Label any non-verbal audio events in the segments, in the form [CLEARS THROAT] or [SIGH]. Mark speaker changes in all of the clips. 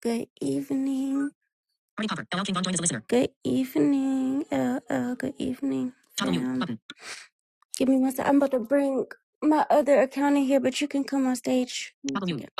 Speaker 1: Good evening. Good evening, LL. Good evening, fam. Give me one sec. I'm about to bring my other account in here, but you can come on stage. One second.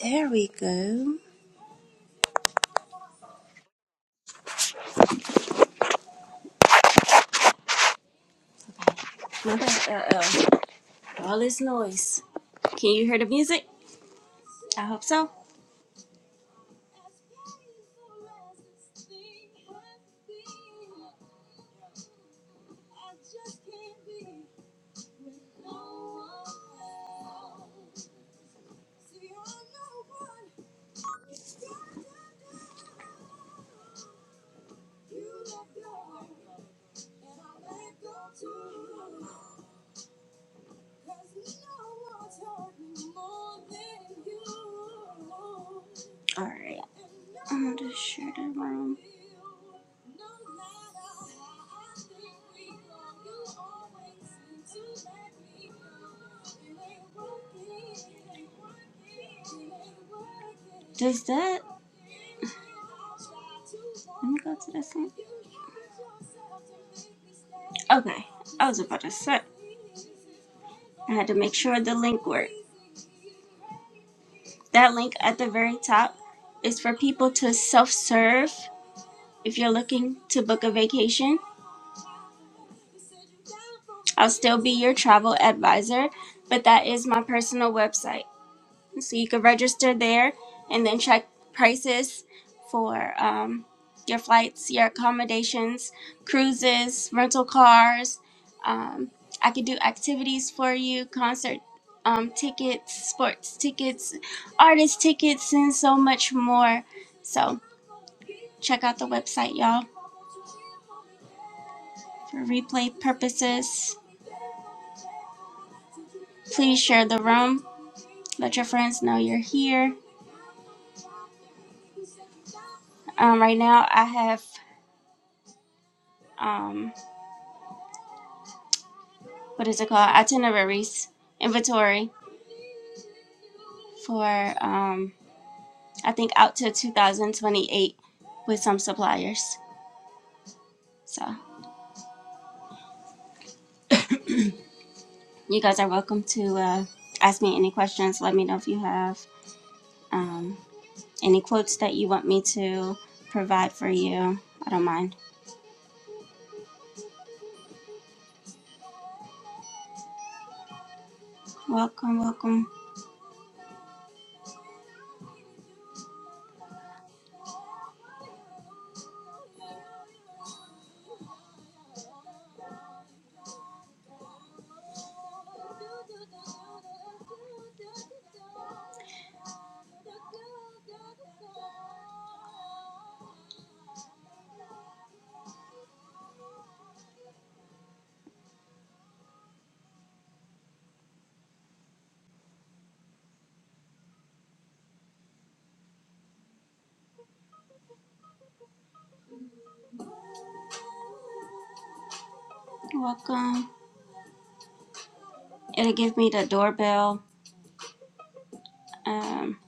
Speaker 2: There we go. My bad. Uh-oh. All this noise. Can you hear the music? I hope so. Alright. Does that... Let me go to this one. Okay. I was about to say. I had to make sure the link worked. That link at the very top is for people to self-serve if you're looking to book a vacation. I'll still be your travel advisor, but that is my personal website. so you could register there and then check prices for um, your flights, your accommodations, cruises, rental cars. Um, I could do activities for you, concert um, tickets, sports tickets, artist tickets, and so much more. So check out the website, y'all, for replay purposes. Please share the room. Let your friends know you're here. Um, right now, I have. um, what is it called itineraries inventory for um I think out to 2028 with some suppliers. So you guys are welcome to uh, ask me any questions. Let me know if you have um, any quotes that you want me to provide for you. I don't mind. Welcome, welcome, welcome. It'll give me the doorbell. Um,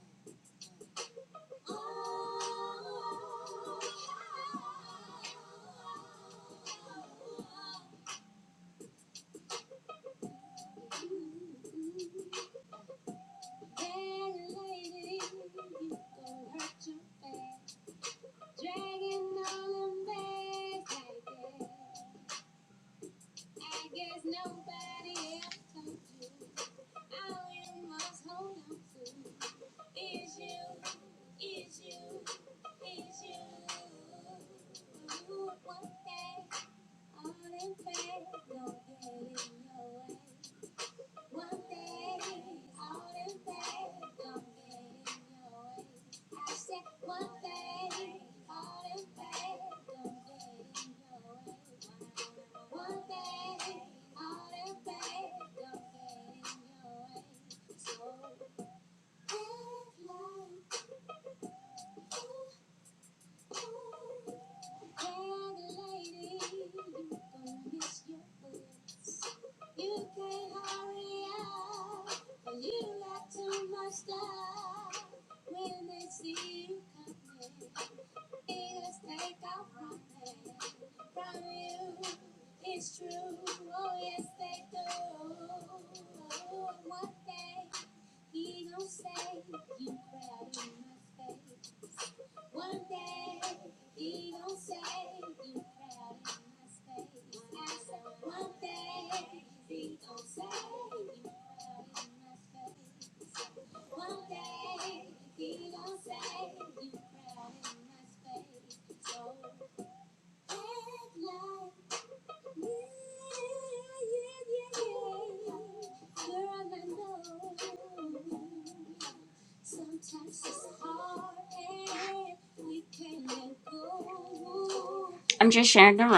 Speaker 2: I'm just sharing the.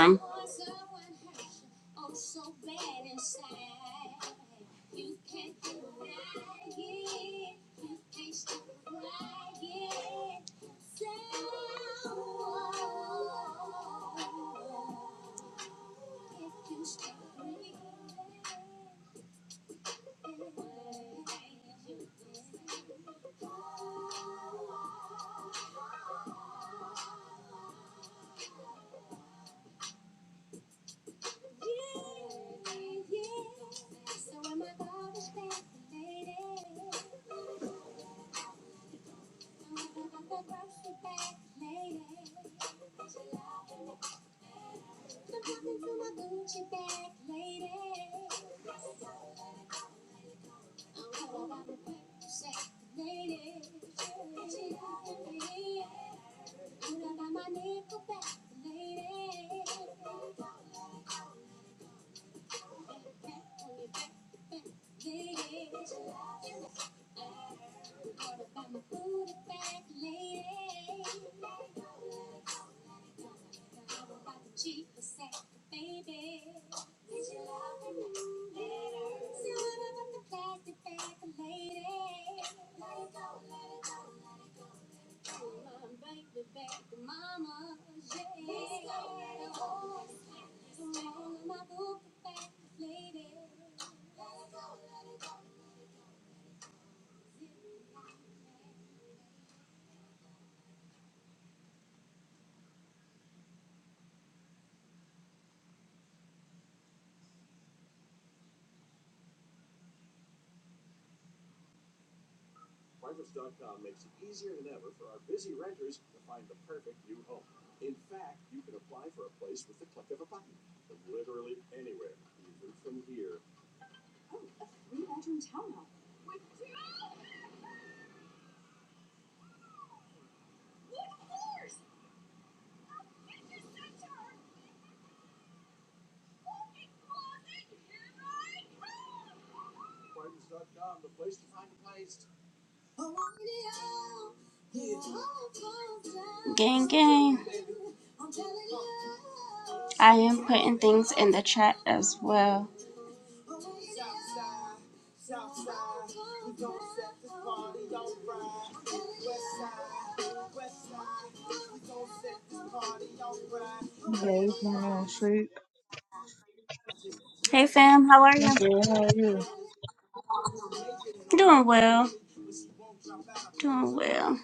Speaker 2: I am putting things in the chat as well.
Speaker 3: Hello, what's going on, Sheik?
Speaker 2: Hey fam, how are
Speaker 3: I'm
Speaker 2: you?
Speaker 3: good. How are you? Have
Speaker 2: Doing well. Doing well.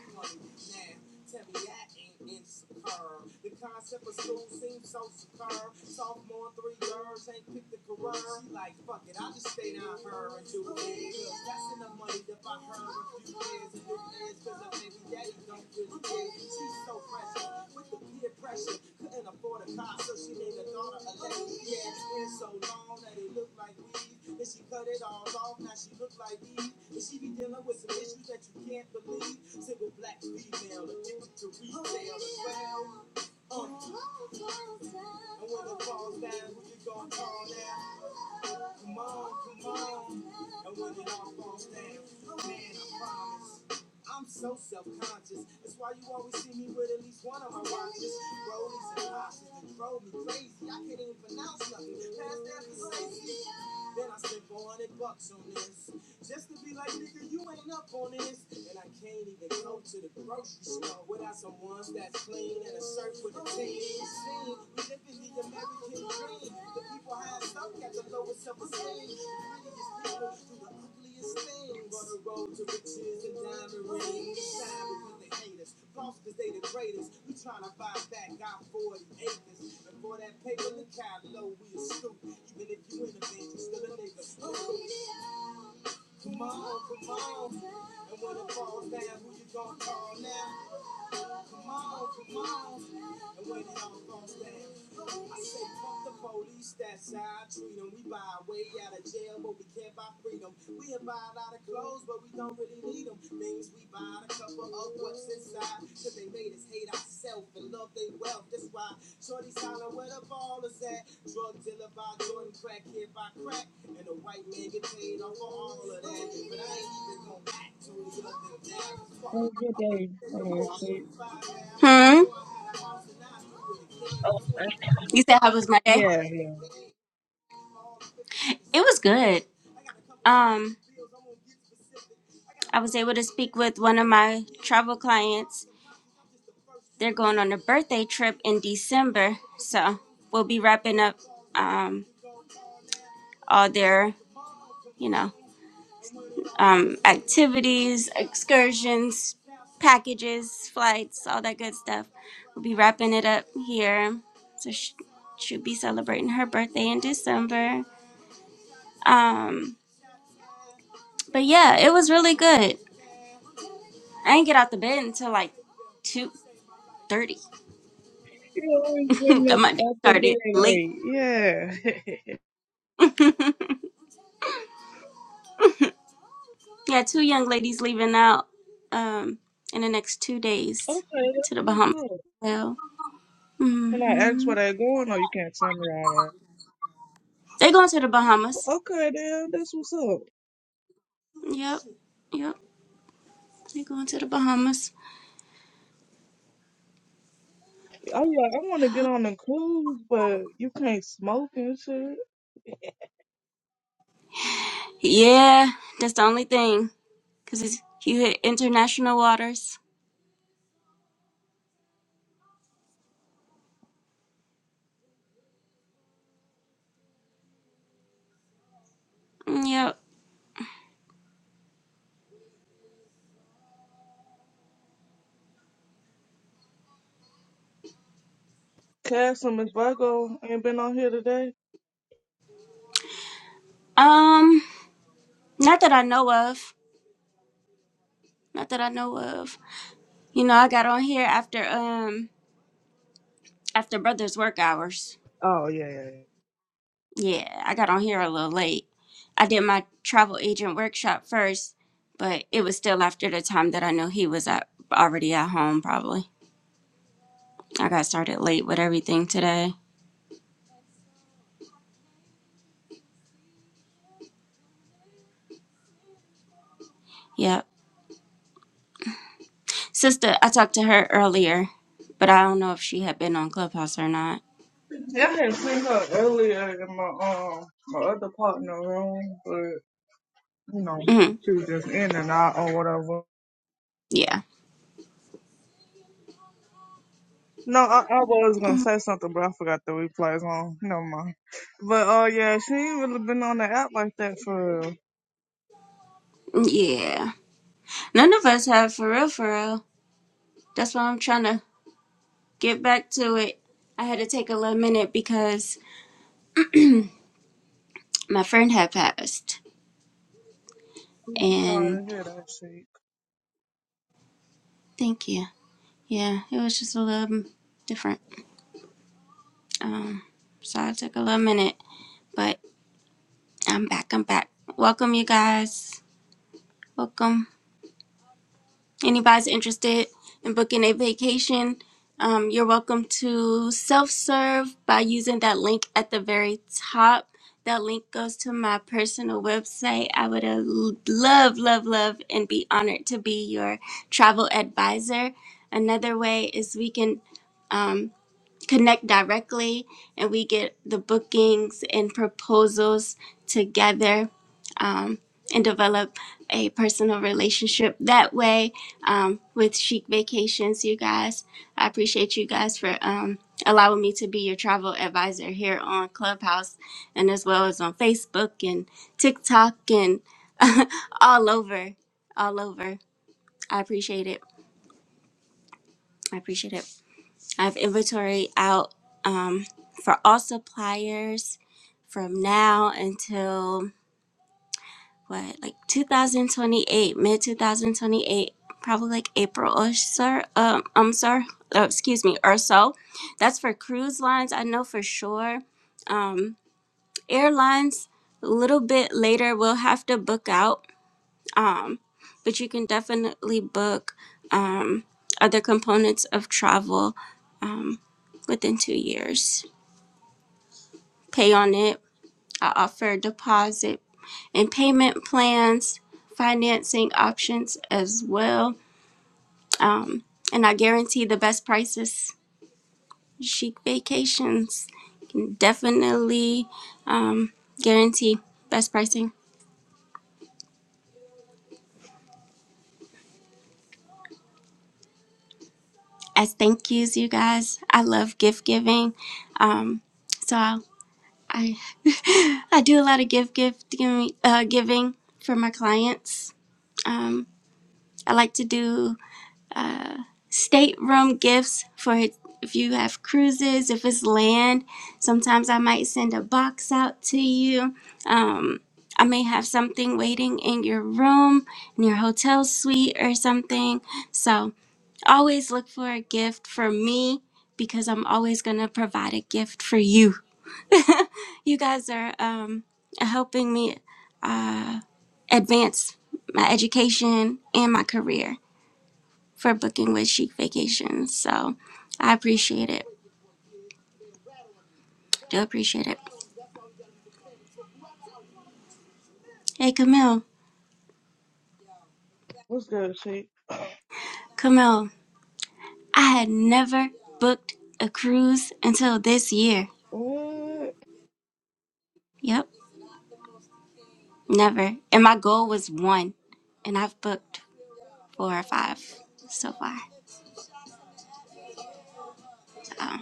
Speaker 3: was your day, uh, Sheik.
Speaker 2: Hmm.
Speaker 3: Oh, I-
Speaker 2: You said how was my day?
Speaker 3: yeah, yeah.
Speaker 2: It was good. Um, I was able to speak with one of my travel clients. They're going on a birthday trip in December, so we'll be wrapping up um, all their, you know, um, activities, excursions, packages, flights, all that good stuff. We'll be wrapping it up here, so sh- she'll be celebrating her birthday in December. Um, but yeah, it was really good. I ain't get out the bed until like two thirty.
Speaker 3: You always
Speaker 2: [LAUGHS]
Speaker 3: bring
Speaker 2: Got
Speaker 3: up
Speaker 2: my day
Speaker 3: at the
Speaker 2: started
Speaker 3: very
Speaker 2: late.
Speaker 3: late. Yeah. [LAUGHS]
Speaker 2: [LAUGHS] yeah, two young ladies leaving out um in the next two days
Speaker 3: okay,
Speaker 2: to
Speaker 3: that's
Speaker 2: the Bahamas.
Speaker 3: what's up.
Speaker 2: Well,
Speaker 3: Can I ask
Speaker 2: hmm
Speaker 3: where they are going, or you can't tell me all
Speaker 2: they going to the
Speaker 3: that?
Speaker 2: Bahamas.
Speaker 3: Okay, damn, that's what's up.
Speaker 2: Yep, yep, they going to the Bahamas.
Speaker 3: I'm like, I want to get on the cruise, but you can't smoke and shit.
Speaker 2: Yeah, that's the only thing because it's you hit international waters. Yep.
Speaker 3: Cass and Miss Virgo ain't been on here today.
Speaker 2: Um, not that I know of. Not that I know of. You know, I got on here after. um. after brother's work hours.
Speaker 3: Oh yeah, yeah,
Speaker 2: Yeah, I got on here a little late. I did my travel agent workshop first, but it was still after the time that I knew he was at, already at home, probably. I got started late with everything today. Yep. Sister, I talked to her earlier, but I don't know if she had been on Clubhouse or not.
Speaker 3: yeah. Yeah, I had seen her earlier in my um my other partner room, you know,
Speaker 2: hmm
Speaker 3: she was just in and out or whatever.
Speaker 2: Yeah.
Speaker 3: No, I, I was gonna say something, but I forgot the replays on. Never mind. But uh, yeah, she ain't really been on the app like that for. real.
Speaker 2: Yeah. None of us have, for real, for real. That's why I'm trying to get back to it. I had to take a little minute because my friend had passed. and.
Speaker 3: Sorry to hear that, sheep.
Speaker 2: Thank you. Yeah, it was just a little different. Um, so I took a little minute, but I'm back. I'm back. Welcome, you guys. Welcome. Anybody's interested in booking a vacation, um, you're welcome to self serve by using that link at the very top. That link goes to my personal website. I would uh, love, love, love, and be honored to be your travel advisor. Another way is we can. Um, connect directly and we get the bookings and proposals together um, and develop a personal relationship that way um, with Chic Vacations, you guys. I appreciate you guys for um, allowing me to be your travel advisor here on Clubhouse and as well as on Facebook and TikTok and [LAUGHS] all over. All over. I appreciate it. I appreciate it. I've inventory out um, for all suppliers from now until what, like 2028, mid 2028, probably like April or so. Um, I'm sorry, oh, excuse me, or so. That's for cruise lines. I know for sure. Um, airlines, a little bit later, we'll have to book out um, but you can definitely book um, other components of travel um, within two years. Pay on it. I offer deposit and payment plans, financing options as well. Um, and I guarantee the best prices. Chic vacations can definitely um, guarantee best pricing. As thank yous, you guys. I love gift giving. Um, so I [LAUGHS] I do a lot of gift gift giving, uh, giving for my clients. Um, I like to do uh, stateroom gifts for it- if you have cruises, if it's land. Sometimes I might send a box out to you. Um, I may have something waiting in your room, in your hotel suite, or something. So always look for a gift for me because I'm always going to provide a gift for you. [LAUGHS] you guys are um, helping me advance my education and my career for booking with Chic Vacations. So I appreciate it. Do appreciate it. Hey, Camille.
Speaker 3: What's good, sheep?
Speaker 2: Camille, I had never booked a cruise until this year.
Speaker 3: What?
Speaker 2: Yep, never. And my goal was one, and I've booked four or five so far. So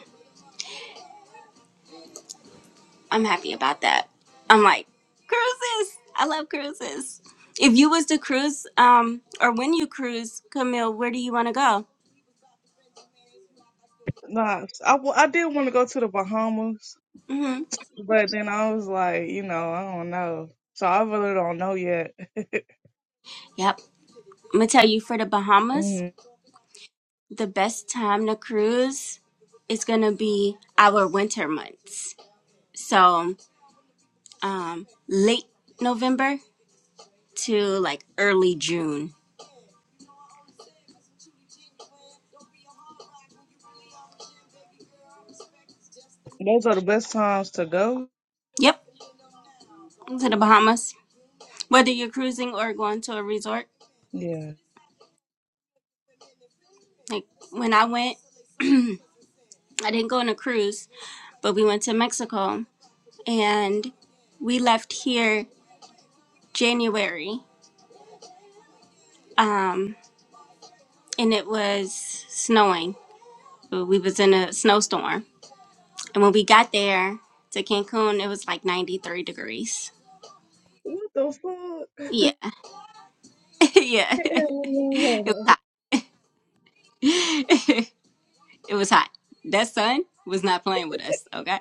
Speaker 2: I'm happy about that. I'm like, cruises. I love cruises. If you was to cruise, um, or when you cruise, Camille, where do you want to go?
Speaker 3: Nah, I, w- I did want to go to the Bahamas,
Speaker 2: hmm
Speaker 3: but then I was like, you know, I don't know. So I really don't know yet.
Speaker 2: Yep. I'm gonna tell you for the Bahamas,
Speaker 3: Mm,
Speaker 2: the best time to cruise is gonna be our winter months. So, um, late November to like early June.
Speaker 3: those are the best times to go.
Speaker 2: Yep, to the Bahamas. Whether you're cruising or going to a resort,
Speaker 3: Yeah.
Speaker 2: like when I went, [CLEARS THROAT] I didn't go on a cruise but we went to Mexico and we left here January. Um, and it was snowing. We was in a snowstorm. And when we got there to Cancun, it was like 93 degrees.
Speaker 3: What the
Speaker 2: Yeah.
Speaker 3: fuck?
Speaker 2: [LAUGHS] yeah. [LAUGHS] it was
Speaker 3: [LAUGHS]
Speaker 2: hot. [LAUGHS] it was hot. That sun was not playing with us, okay?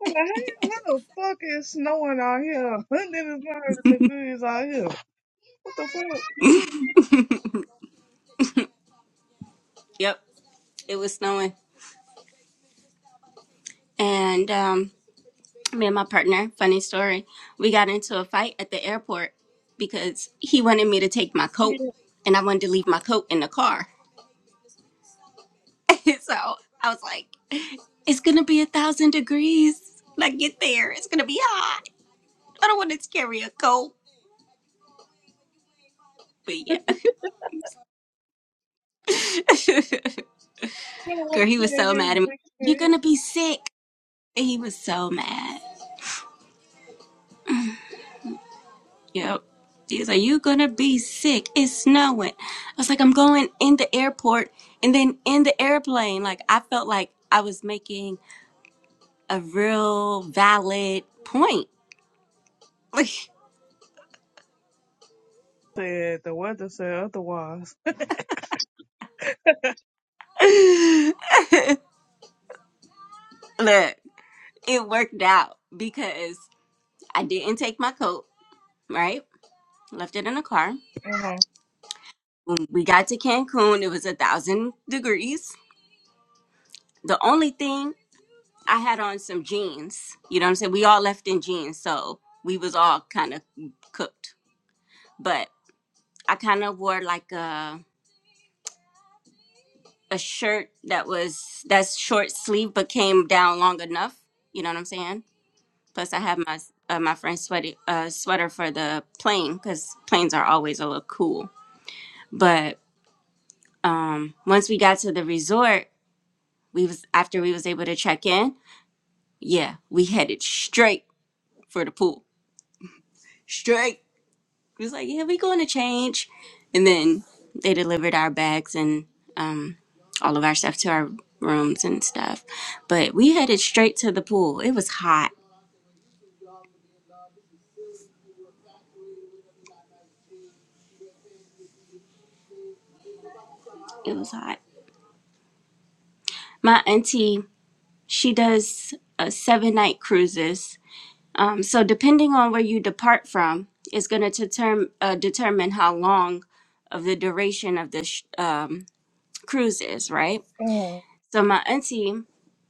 Speaker 3: What the heck? How the fuck is snowing out here? [LAUGHS] 109 degrees out here. What the fuck?
Speaker 2: [LAUGHS] yep. It was snowing. And um me and my partner, funny story, we got into a fight at the airport because he wanted me to take my
Speaker 3: Yeah, [LAUGHS]
Speaker 2: coat and I wanted to leave my coat in the car. [LAUGHS] so I was like, it's going to be a thousand degrees when I get there. It's going to be hot. I don't want to carry a coat. But yeah.
Speaker 3: I don't
Speaker 2: [LAUGHS]
Speaker 3: want
Speaker 2: Girl,
Speaker 3: to
Speaker 2: he was
Speaker 3: play
Speaker 2: so mad at
Speaker 3: against
Speaker 2: me.
Speaker 3: big
Speaker 2: You're
Speaker 3: shit.
Speaker 2: going to be sick. He was so mad. Yep. He's like, you gonna be sick. It's snowing. I was like, I'm going in the airport and then in the airplane. Like, I felt like I was making a real valid point. [LAUGHS]
Speaker 3: Said the weather said otherwise.
Speaker 2: Look, it worked out because I didn't take my coat, right? Left it in the car.
Speaker 3: Uh-huh.
Speaker 2: When we got to Cancun, it was a thousand degrees. The only thing I had on some jeans. You know what I'm saying? We all left in jeans, so we was all kind of cooked. But I kind of wore like a a shirt that was that's short sleeve but came down long enough. You know what I'm saying? Plus, I had my uh, my friend's sweaty uh, sweater for the plane because planes are always a little cool. But um, once we got to the resort, we was after we was able to check in. Yeah, we headed straight for the pool. Straight. He was like, "Yeah, we going to change," and then they delivered our bags and um, all of our stuff to our rooms and stuff. But we headed straight to the pool. It was hot. It was hot. My auntie, she does uh, seven night cruises. Um, so depending on where you depart from, is going to determine uh, determine how long of the duration of the sh- um, cruise is, right?
Speaker 3: Uh-huh.
Speaker 2: So my auntie,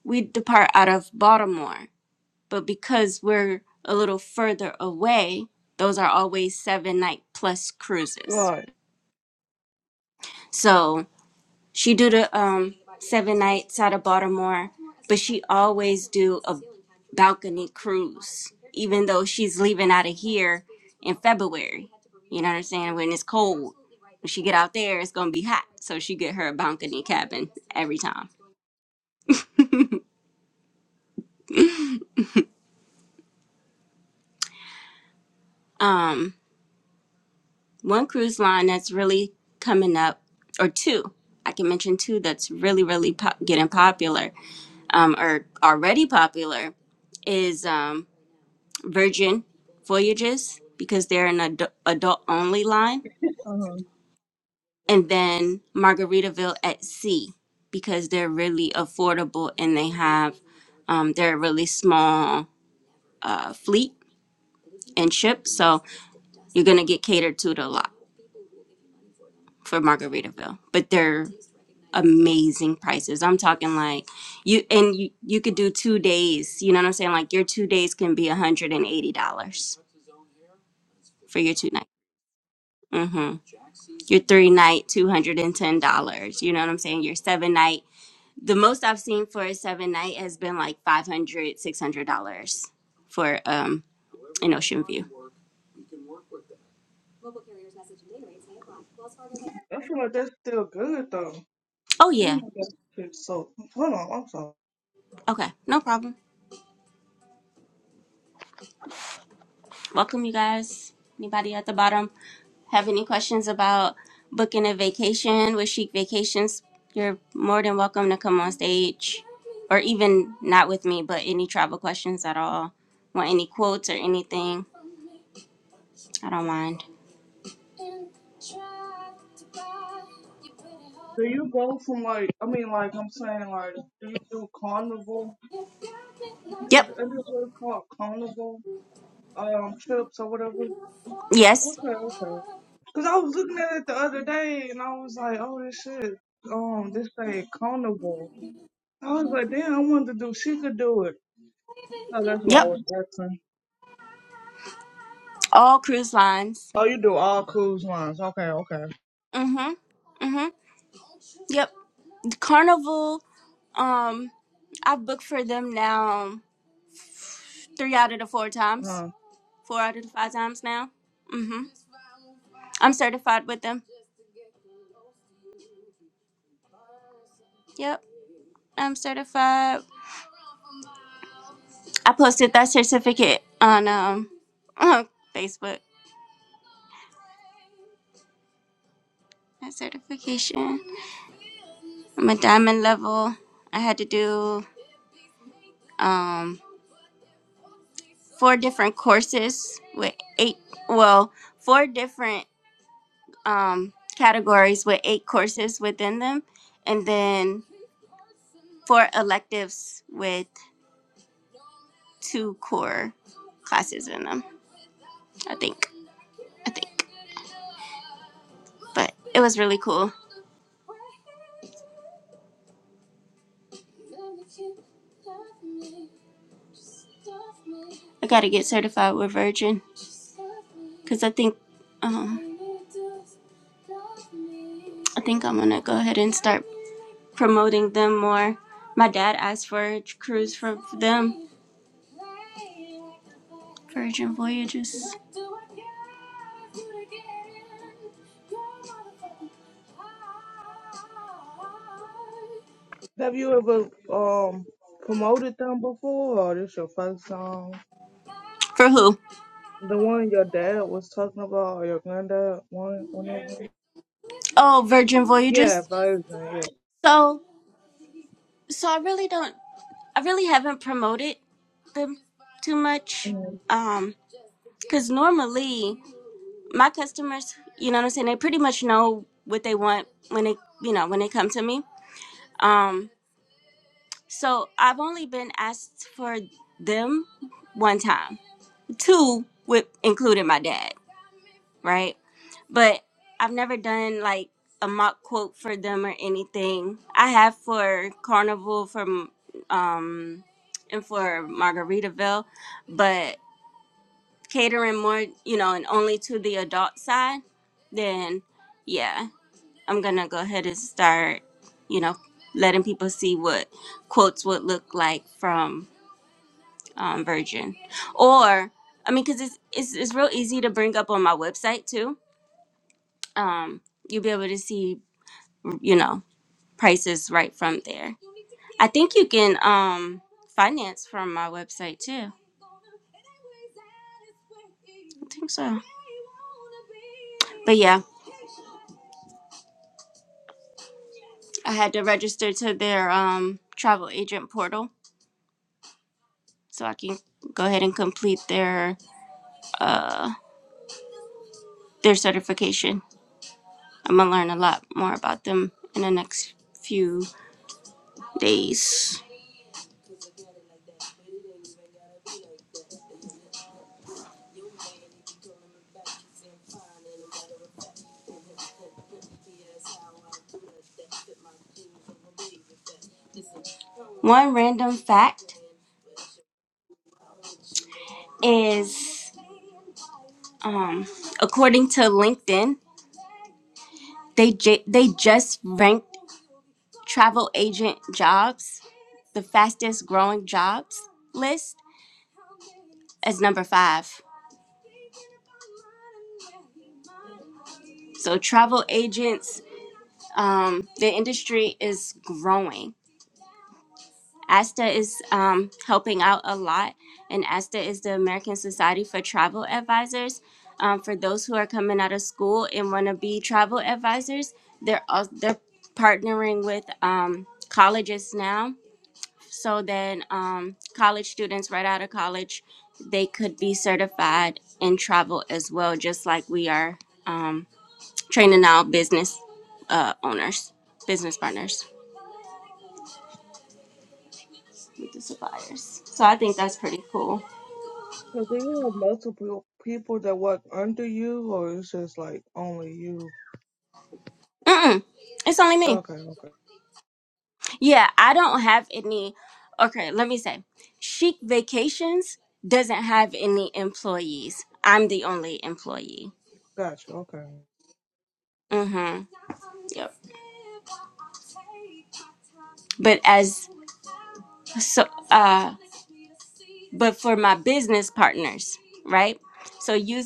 Speaker 2: we depart out of Baltimore but because we're a little further away, those are always seven night plus cruises.
Speaker 3: Right.
Speaker 2: So she do the um seven nights out of Baltimore, but she always do a balcony cruise, even though she's leaving out of here in February. You know what I'm saying? When it's cold, when she get out there, it's gonna be hot. So she get her a balcony cabin every time. Um, one cruise line that's really coming up, or two. I can mention two that's really, really pop- getting popular, um, or already popular, is um, Virgin Voyages because they're an adu- adult only line,
Speaker 3: Uh-huh.
Speaker 2: and then Margaritaville at Sea because they're really affordable and they have um, they're a really small uh, fleet and ship, so you're gonna get catered to it a lot. for Margaritaville, but they're amazing prices. I'm talking like you and you, you could do two days. You know what I'm saying? Like your two days can be one hundred and eighty dollars for your two night. Mm-hmm. Your three night, two hundred and ten dollars. You know what I'm saying? Your seven night. The most I've seen for a seven night has been like five hundred, six hundred dollars for um an ocean view.
Speaker 3: I feel like that's still good though.
Speaker 2: Oh
Speaker 3: I don't
Speaker 2: yeah.
Speaker 3: So hold on, I'm sorry.
Speaker 2: Okay. No problem. Welcome you guys. Anybody at the bottom? have any questions about booking a vacation with Chic Vacations, you're more than welcome to come on stage or even not with me, but any travel questions at all. Want any quotes or anything? I don't mind.
Speaker 3: Do you go from like I mean like I'm saying like do you do carnival? Is
Speaker 2: Yep.
Speaker 3: is it what's called carnival um trips or whatever?
Speaker 2: Yes.
Speaker 3: Okay, okay. Cause I was looking at it the other day and I was like, oh, this shit, um, this thing carnival. I was like, damn, I wanted to do. She could do it. So that's why I
Speaker 2: Yep.
Speaker 3: was asking.
Speaker 2: All cruise lines.
Speaker 3: Oh, you do all cruise lines. Okay, okay.
Speaker 2: Mm-hmm. Mm-hmm. Yep. Carnival. Um, I've booked for them now three out of the four times.
Speaker 3: Uh,
Speaker 2: Four out of the five times now. Mm-hmm. I'm certified with them. Yep. I'm certified I posted that certificate on um on Facebook. That certification. I'm a diamond level. I had to do um four different courses with eight well, four different um categories with eight courses within them and then four electives with two core classes in them, I think. But was really cool. I got to get certified with Virgin cuz I think uh, I think I'm going to go ahead and promote more My dad asked for a cruise for them. Virgin Voyages.
Speaker 3: have you ever um promoted them before, or this your first song?
Speaker 2: For who?
Speaker 3: The one your dad was talking about, or your granddad, one, one of them?
Speaker 2: Oh, Virgin
Speaker 3: Yeah,
Speaker 2: Voyages.
Speaker 3: version, yeah.
Speaker 2: So, so I really don't. I really haven't promoted them too much. Um, cause normally my customers, you know what I'm saying, they pretty much know what they want when they, you know, when they come to me. Um, so I've only been asked for them one time, two with including my dad, right? but I've never done like a mock quote for them or anything. I have for Carnival from um and for Margaritaville, but catering more, you know, and only to the adult side, then yeah, I'm gonna go ahead and start, you know, letting people see what quotes would look like from um, Virgin, or I mean, because it's, it's it's real easy to bring up on my website too. Um, you'll be able to see, you know, prices right from there. I think you can um finance from my website too. I think so. But yeah, I had to register to their um travel agent portal so I can go ahead and complete their uh their certification. I'm gonna learn a lot more about them in the next few days. One random fact is um according to LinkedIn, they j- they just ranked travel agent jobs the fastest growing jobs list as number five. So travel agents, um, the industry is growing. ASTA is um, helping out a lot, and ASTA is the American Society for Travel Advisors. Um, for those who are coming out of school and want to be travel advisors, they're al- they're partnering with um, colleges now so then um, college students right out of college they could be certified in travel as well just like we are um, training now business uh, owners business partners with the suppliers so i think that's pretty cool
Speaker 3: So do you have multiple people that work under you, or it's just like only you?
Speaker 2: Mm-mm, it's only me
Speaker 3: Okay, okay.
Speaker 2: yeah i don't have any okay let me say chic vacations doesn't have any employees i'm the only employee
Speaker 3: Gotcha, okay.
Speaker 2: Mm-hmm. Yep. But as so uh but for my business partners, right? So you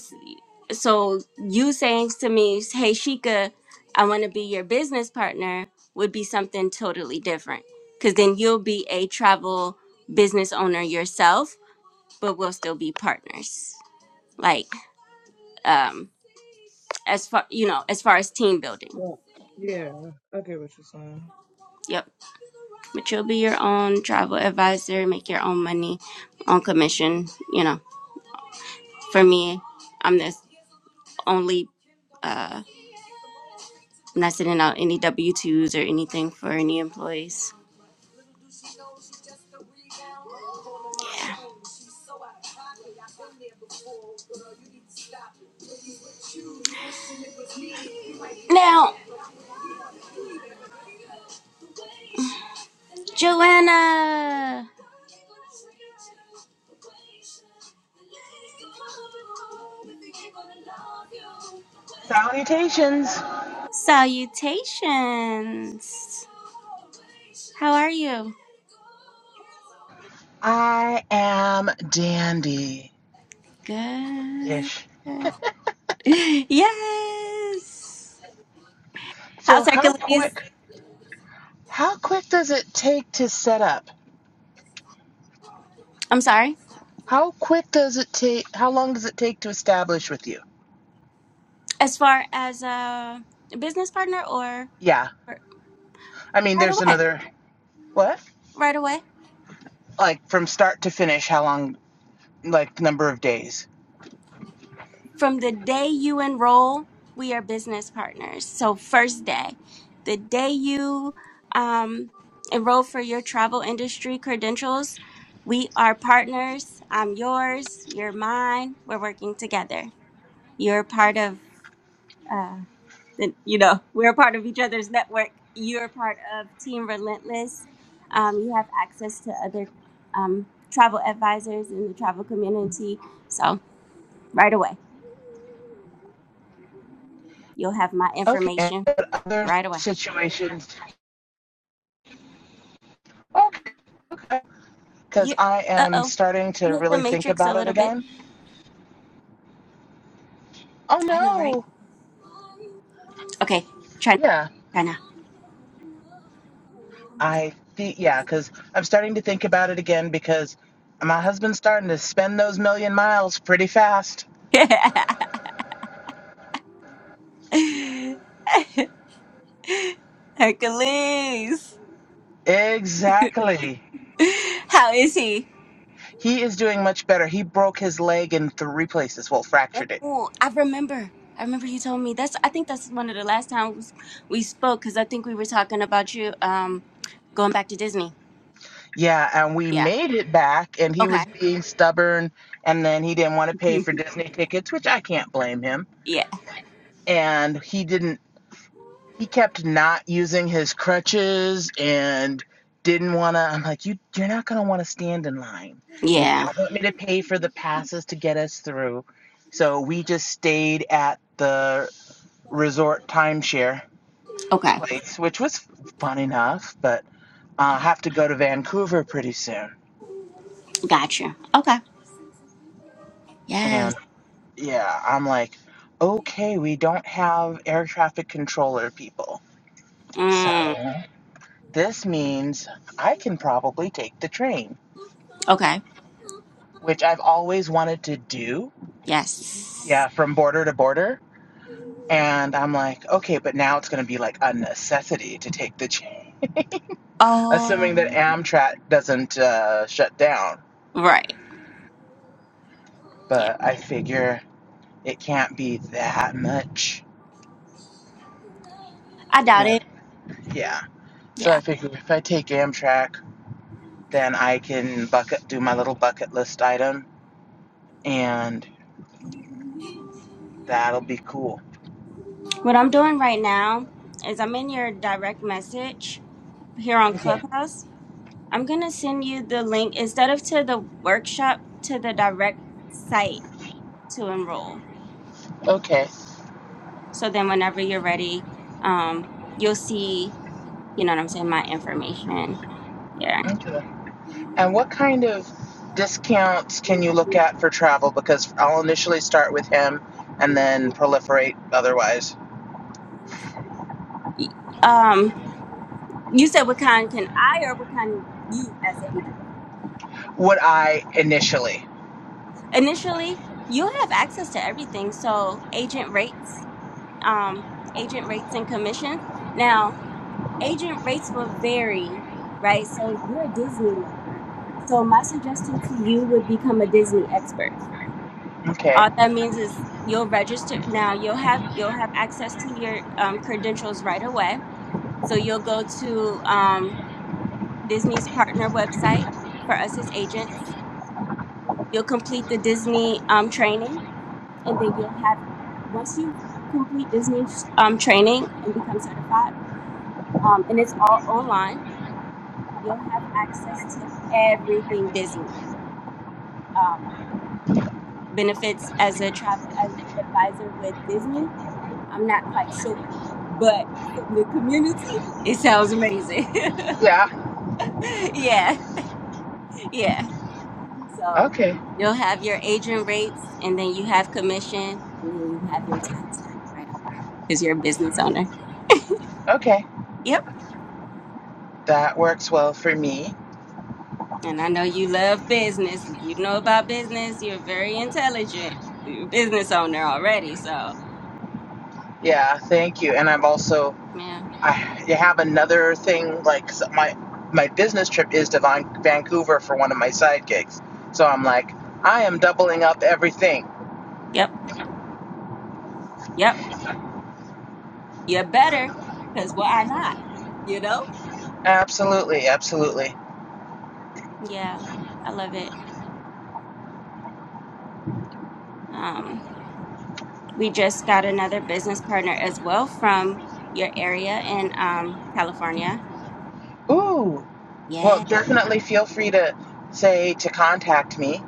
Speaker 2: so you saying to me, "Hey Shika, I want to be your business partner" would be something totally different cuz then you'll be a travel business owner yourself, but we'll still be partners. Like um as far you know, as far as team building.
Speaker 3: Yeah. Yeah, I get what you're saying.
Speaker 2: Yep. But you'll be your own travel advisor, make your own money, own commission. You know, for me, I'm the only. Uh, I'm not sending out any W twos or anything for any employees. Now, Joanna,
Speaker 4: Salutations.
Speaker 2: salutations. How are you?
Speaker 4: I am dandy
Speaker 2: Good. [LAUGHS]
Speaker 4: ish.
Speaker 2: Yes. How's
Speaker 4: So how
Speaker 2: Hercules?
Speaker 4: quick how quick does it take to set up?
Speaker 2: I'm sorry.
Speaker 4: How quick does it take how long does it take to establish with you?
Speaker 2: As far as uh, a business partner or
Speaker 4: Yeah.
Speaker 2: or
Speaker 4: I mean
Speaker 2: right
Speaker 4: there's
Speaker 2: away?
Speaker 4: another what?
Speaker 2: Right away.
Speaker 4: Like from start to finish, how long like number of days.
Speaker 2: From the day you enroll, we are business partners. So, first day, the day you um, enroll for your travel industry credentials, we are partners. I'm yours, you're mine. We're working together. You're part of, uh, the, you know, we're a part of each other's network. You're part of Team Relentless. Um, you have access to other um, travel advisors in the travel community. So, right away, you'll have my
Speaker 4: Okay. And
Speaker 2: information
Speaker 4: other
Speaker 2: right away.
Speaker 4: situations. Okay. Okay. Cause
Speaker 2: You,
Speaker 4: I
Speaker 2: uh
Speaker 4: am
Speaker 2: oh,
Speaker 4: starting
Speaker 2: you
Speaker 4: to
Speaker 2: hit the
Speaker 4: really think
Speaker 2: matrix a
Speaker 4: about it
Speaker 2: little bit.
Speaker 4: again. Oh
Speaker 2: I know, right?
Speaker 4: no.
Speaker 2: Okay, try,
Speaker 4: Yeah.
Speaker 2: try now.
Speaker 4: I think, yeah, because I'm starting to think about it again because my husband's starting to spend those million miles pretty fast.
Speaker 2: [LAUGHS] Hercules,
Speaker 4: Exactly.
Speaker 2: how is he?
Speaker 4: He is doing much better. He broke his leg in three places, well, fractured it.
Speaker 2: Oh, I remember. I remember you told me that's. I think that's one of the last times we spoke because I think we were talking about you um going back to Disney.
Speaker 4: Yeah, and we
Speaker 2: Yeah.
Speaker 4: made it back, and he
Speaker 2: Okay.
Speaker 4: was being stubborn, and then he didn't want to pay for Disney tickets, which I can't blame him.
Speaker 2: [LAUGHS] yeah.
Speaker 4: And he didn't he kept not using his crutches and didn't want to i'm like you you're not going to want to stand in line and you
Speaker 2: Yeah.
Speaker 4: don't want me to pay for the passes to get us through so we just stayed at the resort timeshare
Speaker 2: Okay.
Speaker 4: place which was fun enough but i uh, have to go to vancouver pretty soon
Speaker 2: Sure. Okay. Yes.
Speaker 4: and yeah i'm like okay we don't have air traffic controller people so
Speaker 2: Mm.
Speaker 4: this means i can probably take the train
Speaker 2: Okay.
Speaker 4: which I've always wanted to do.
Speaker 2: Yes.
Speaker 4: Yeah, from border to border. And I'm like, okay, but now it's going to be like a necessity to take the train, assuming
Speaker 2: Oh.
Speaker 4: that Amtrak doesn't uh, shut down.
Speaker 2: Right. Yeah.
Speaker 4: But I figure it can't be that much.
Speaker 2: I
Speaker 4: You
Speaker 2: doubt
Speaker 4: know,
Speaker 2: it.
Speaker 4: yeah. So I
Speaker 2: Yeah.
Speaker 4: figure if I take Amtrak, then I can bucket do my little bucket list item, and that'll be cool.
Speaker 2: What I'm doing right now is I'm in your direct message here on
Speaker 4: Okay.
Speaker 2: Clubhouse. I'm going to send you the link instead of to the workshop to the direct site to enroll.
Speaker 4: Okay.
Speaker 2: So then whenever you're ready, um you'll see, you know what I'm saying, my information. Yeah.
Speaker 4: Okay. And what kind of discounts can you look at for travel? Because I'll initially start with him and then proliferate otherwise.
Speaker 2: Um you said what kind can I or what kind you as an agent?
Speaker 4: Would I initially?
Speaker 2: Initially, you have access to everything. So agent rates, um agent rates and commission. Now, agent rates will vary, right? So you're a Disney lover. So my suggestion to you would become a Disney expert.
Speaker 4: Okay.
Speaker 2: All that means is you'll register now. You'll have you'll have access to your um, credentials right away. So you'll go to um, Disney's partner website for us as agents. You'll complete the Disney um, training, and then you'll have once you complete Disney um, training and become certified, um, and it's all online you'll have access to everything Disney. Um, benefits as a travel as advisor with Disney, I'm not quite sure, but from the community, it sounds amazing.
Speaker 4: Yeah.
Speaker 2: [LAUGHS] yeah, yeah. So
Speaker 4: Okay.
Speaker 2: you'll have your agent rates, and then you have commission, and then you have your tax write off because you're a business owner.
Speaker 4: Okay.
Speaker 2: Yep.
Speaker 4: That works well for me.
Speaker 2: And I know you love business. You know about business. You're very intelligent. You're a business owner already. So,
Speaker 4: Yeah. Thank you. And I've also,
Speaker 2: man.
Speaker 4: I you have another thing like so my my business trip is to Van- Vancouver for one of my side gigs. So I'm like, I am doubling up everything.
Speaker 2: Yep. Yep. You better, cause why not? You know?
Speaker 4: Absolutely. Absolutely.
Speaker 2: Yeah, I love it. Um, we just got another business partner as well from your area in um California.
Speaker 4: Ooh. Well,
Speaker 2: Yeah.
Speaker 4: definitely feel free to say to contact me.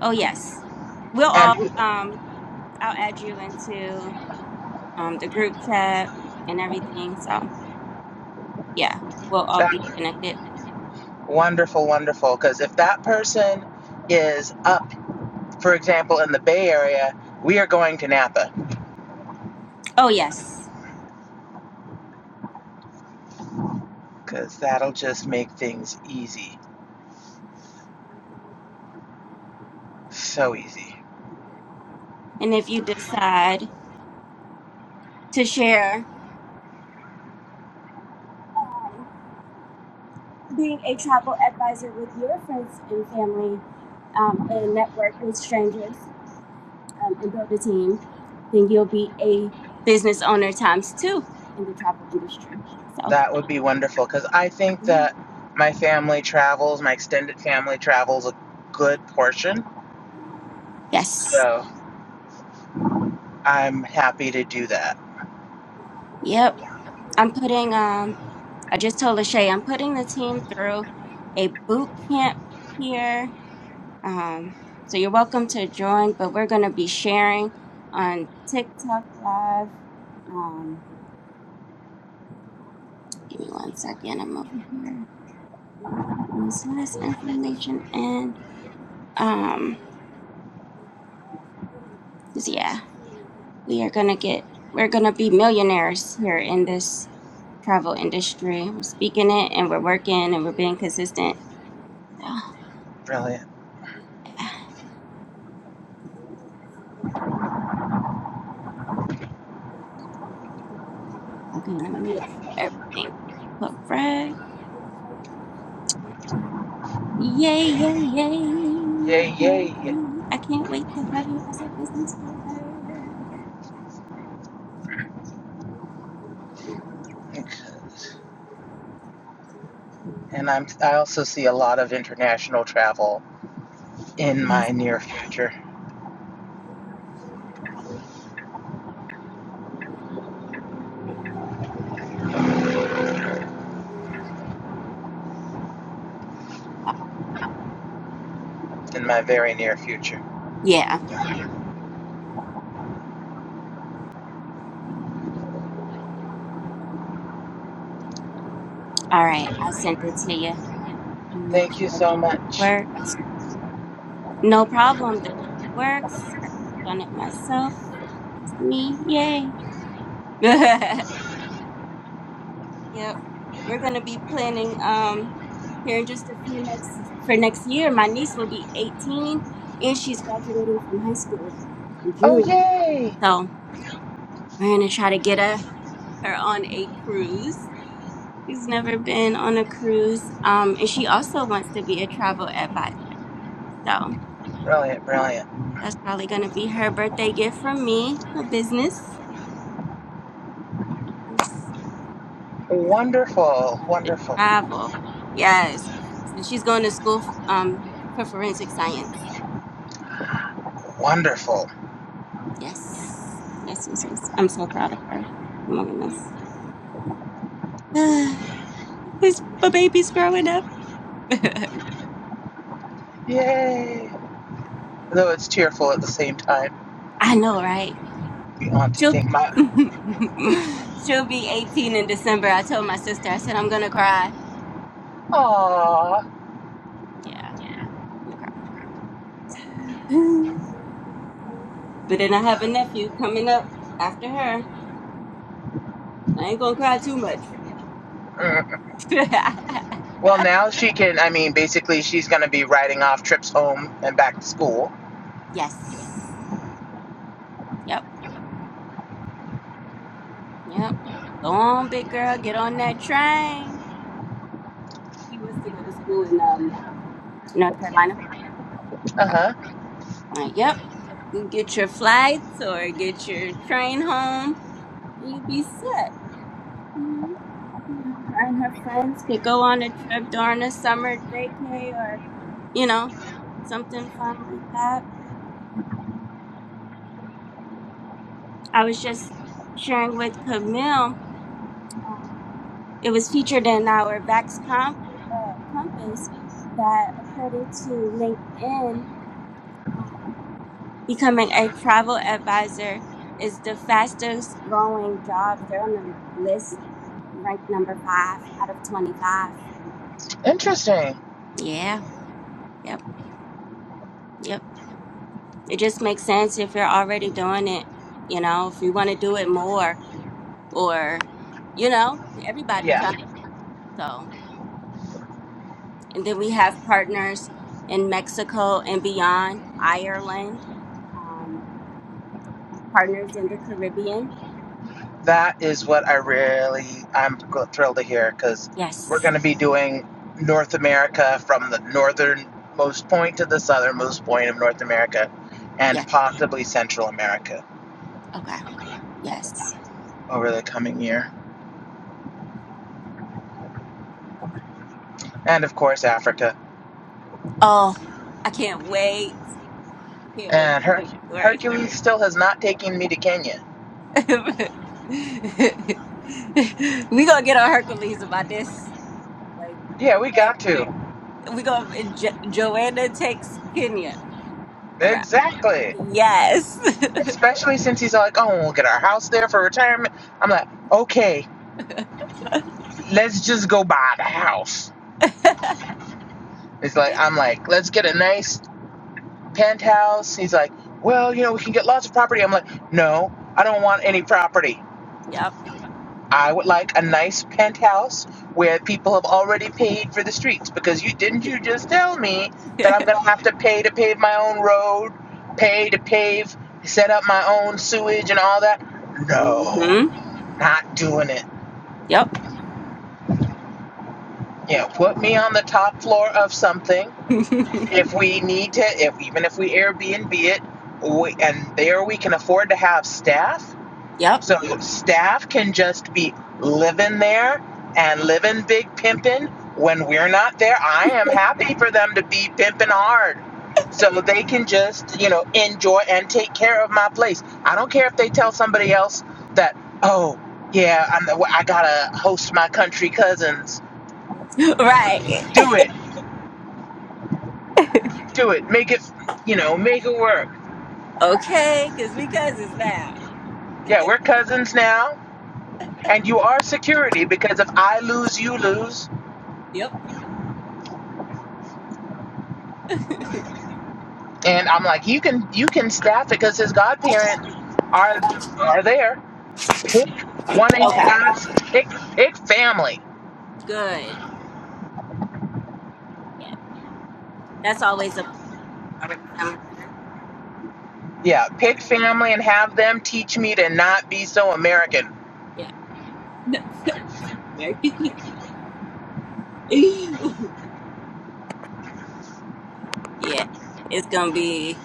Speaker 2: Oh yes. We'll
Speaker 4: And
Speaker 2: all um I'll add you into um the group chat and everything. So yeah, we'll all be
Speaker 4: that
Speaker 2: connected.
Speaker 4: wonderful, wonderful. Because if that person is up, for example, in the Bay Area, we are going to Napa
Speaker 2: Oh yes.
Speaker 4: because that'll just make things easy. So easy.
Speaker 2: And if you decide to share um, being a travel advisor with your friends and family, um, and network with strangers um, and build a team, then you'll be a business owner times two in the travel industry. So,
Speaker 4: That would be wonderful because I think that my family travels, my extended family travels a good portion.
Speaker 2: yes.
Speaker 4: So I'm happy to do that.
Speaker 2: Yep. I'm putting, um, I just told Lachey, I'm putting the team through a boot camp here. Um, so you're welcome to join, but we're going to be sharing on TikTok Live. Um, give me one second. I'm over here. putting This last information in. Um, 'cause yeah. we are gonna get we're gonna be millionaires here in this travel industry. We're speaking it and we're working and we're being consistent. So,
Speaker 4: Brilliant.
Speaker 2: okay, let me make sure everything correct. Yay, yay, yay. I
Speaker 4: Yay,
Speaker 2: can't
Speaker 4: yay. [LAUGHS]
Speaker 2: wait. I can't wait to have you as a business partner.
Speaker 4: Because And I'm, I also see a lot of international travel in my near future,
Speaker 2: Uh,
Speaker 4: in my very near future.
Speaker 2: Yeah. All right. I sent it to you. Let me Make
Speaker 4: Thank you
Speaker 2: sure the
Speaker 4: so
Speaker 2: link
Speaker 4: much.
Speaker 2: work. No problem. The link works. Done it myself. That is me. Yay. [LAUGHS] Yep. We're gonna be planning um here in just a few next for next year. My niece will be 18 and she's graduating from high school in
Speaker 4: Oh,
Speaker 2: June.
Speaker 4: yay!
Speaker 2: So we're gonna try to get a, her on a cruise. She's never been on a cruise. Um and she also wants to be a travel advisor. So
Speaker 4: Brilliant, brilliant.
Speaker 2: that's probably gonna be her birthday gift from me, her business. About
Speaker 4: Wonderful, wonderful,
Speaker 2: Travel. Yes. She's going to school um for forensic science.
Speaker 4: wonderful.
Speaker 2: Yes. Yes, yes, yes. I'm so proud of her. Oh my goodness. [SIGHS] This my baby's growing up. [LAUGHS]
Speaker 4: Yay! Though it's tearful at the same time.
Speaker 2: I know, right?
Speaker 4: The auntie
Speaker 2: She'll
Speaker 4: thing. My,
Speaker 2: [LAUGHS] she'll be 18 in December. I told my sister, I said I'm gonna cry.
Speaker 4: aww.
Speaker 2: Yeah, I'm gonna cry. [SIGHS] But then I have a nephew coming up after her. I ain't gonna cry too much.
Speaker 4: Mm. [LAUGHS]
Speaker 2: [LAUGHS]
Speaker 4: Well, now she can, I mean, basically she's going to be riding off trips home and back to school.
Speaker 2: yes. Yep. Yep. Go on, big girl. Get on that train. She was to go to school in um North Carolina
Speaker 4: Uh huh.
Speaker 2: Like, yep, you get your flights or get your train home, and you be set. You know, yeah, her and her friends could go on a trip during a summer vacay or, you know, something fun like that. I was just sharing with Camille. Um, it was featured in our Vax Comp uh, Compass that, according to LinkedIn. Um, Becoming a travel advisor is the fastest growing job. They're on the list ranked number five out of 25.
Speaker 4: Interesting.
Speaker 2: Yeah, yep, yep. It just makes sense if you're already doing it, you know, if you want to do it more or, you know, everybody
Speaker 4: Yeah.
Speaker 2: travels. So, and then we have partners in Mexico and beyond, Ireland, um, partners in the Caribbean.
Speaker 4: That is what I really I'm thrilled to hear because
Speaker 2: Yes,
Speaker 4: we're going to be doing North America from the northernmost point to the southernmost point of North America, and
Speaker 2: yes,
Speaker 4: possibly Central America
Speaker 2: okay, yes.
Speaker 4: over the coming year, and of course Africa.
Speaker 2: Oh, I can't wait. I can't wait.
Speaker 4: And Her-
Speaker 2: Right.
Speaker 4: Hercules still has not taken me to Kenya.
Speaker 2: [LAUGHS] we gonna get on Hercules about this. Like,
Speaker 4: Yeah, we
Speaker 2: okay,
Speaker 4: got to
Speaker 2: we gonna jo- Joanna takes Kenya around.
Speaker 4: exactly,
Speaker 2: Yes.
Speaker 4: especially since he's like, oh, we'll get our house there for retirement. I'm like, okay, let's just go buy the house.
Speaker 2: [LAUGHS]
Speaker 4: It's like I'm like, let's get a nice penthouse. He's like, well, you know, we can get lots of property. I'm like, no, I don't want any property.
Speaker 2: yep.
Speaker 4: I would like a nice penthouse where people have already paid for the streets because you didn't you just tell me
Speaker 2: [LAUGHS]
Speaker 4: that I'm gonna have to pay to pave my own road, pay to pave, set up my own sewage and all that? No,
Speaker 2: mhm.
Speaker 4: not doing it.
Speaker 2: Yep.
Speaker 4: You know, put me on the top floor of something.
Speaker 2: [LAUGHS]
Speaker 4: If we need to, if even if we Airbnb it, we, and there we can afford to have staff
Speaker 2: yep.
Speaker 4: So staff can just be living there and living big pimping. When we're not there, I am happy for them to be pimping hard. So they can just, you know, enjoy and take care of my place. I don't care if they tell somebody else that, oh, yeah, I'm the, I gotta host my country cousins.
Speaker 2: Right.
Speaker 4: Do it, do it, make it, you know, make it work.
Speaker 2: Okay, cause we cousins now.
Speaker 4: Yeah, we're cousins now, and you are security because if I lose, you lose.
Speaker 2: Yep.
Speaker 4: And I'm like, you can you can staff it because his godparents are are there. Pick one of you
Speaker 2: Okay.
Speaker 4: guys. Pick pick family.
Speaker 2: Good. Yeah. That's always a plus. Already family
Speaker 4: Yeah, pick family and have them teach me to not be so American.
Speaker 2: there. Right. [LAUGHS] yeah. It's gonna be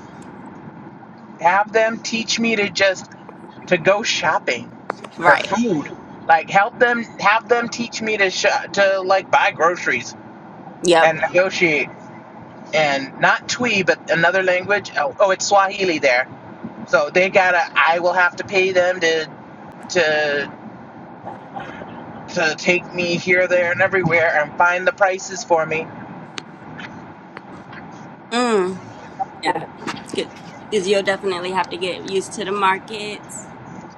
Speaker 4: Have them teach me to just to go shopping for
Speaker 2: right.
Speaker 4: food. Like help them have them teach me to shop, to like buy groceries
Speaker 2: Yep.
Speaker 4: and negotiate and not Twi but another language. Oh, oh, it's Swahili there. So they gotta. I will have to pay them to. to to take me here, there, and everywhere and find the prices for me.
Speaker 2: Mm. Yeah. It's good. Because you'll definitely have to get used to the markets.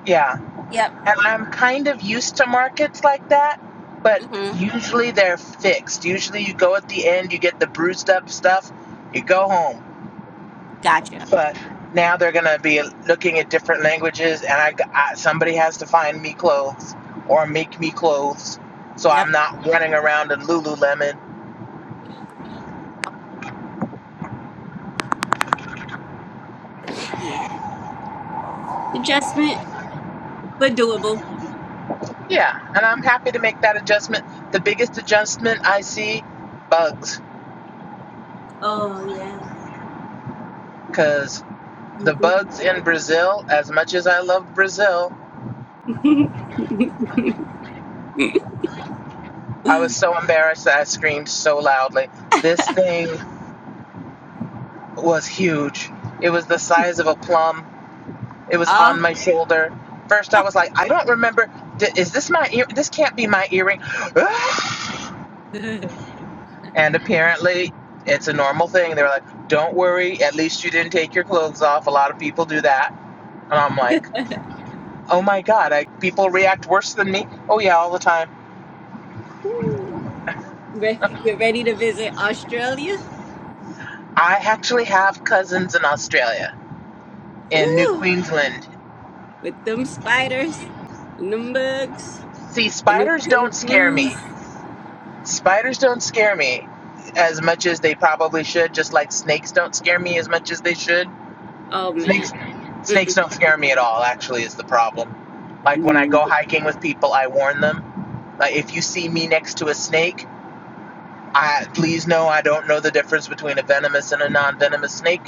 Speaker 4: Yeah,
Speaker 2: Yep.
Speaker 4: and I'm kind of used to markets like that, but
Speaker 2: Mm-hmm.
Speaker 4: usually they're fixed. Usually you go at the end, you get the bruised up stuff, you go home.
Speaker 2: Gotcha.
Speaker 4: But now they're gonna be looking at different languages, and I, I somebody has to find me clothes or make me clothes, so
Speaker 2: Yep.
Speaker 4: I'm not running around in Lululemon.
Speaker 2: Adjustment, but doable.
Speaker 4: Yeah, and I'm happy to make that adjustment. The biggest adjustment I see, bugs
Speaker 2: Oh, yeah.
Speaker 4: because the
Speaker 2: Mm,
Speaker 4: bugs in Brazil, as much as I love Brazil,
Speaker 2: think- [LAUGHS]
Speaker 4: I was so embarrassed that I screamed so loudly. This thing was huge. It was the size of a plum. It was on my shoulder. First, I was like, I don't remember. Is this my ear? This can't be my earring. [SIGHS] [GASPS] And apparently, it's a normal thing. They were like, don't worry. At least you didn't take your clothes off. A lot of people do that. And I'm like, oh my God, I, people react worse than me. Oh, yeah, all the time.
Speaker 2: Ooh. Re- You're ready to visit Australia?
Speaker 4: I actually have cousins in Australia, in New
Speaker 2: Ooh.
Speaker 4: Queensland.
Speaker 2: With them spiders and them bugs
Speaker 4: See,
Speaker 2: and them
Speaker 4: spiders don't scare me.
Speaker 2: kangaroos.
Speaker 4: Spiders don't scare me as much as they probably should, just like snakes don't scare me as much as they should.
Speaker 2: Oh, man.
Speaker 4: Snakes
Speaker 2: Mm-mm.
Speaker 4: snakes don't scare me at all, actually, is the problem. Like when I
Speaker 2: Mm.
Speaker 4: go hiking with people, I warn them. Like if you see me next to a snake, I please know I don't know the difference between a venomous and a non-venomous snake.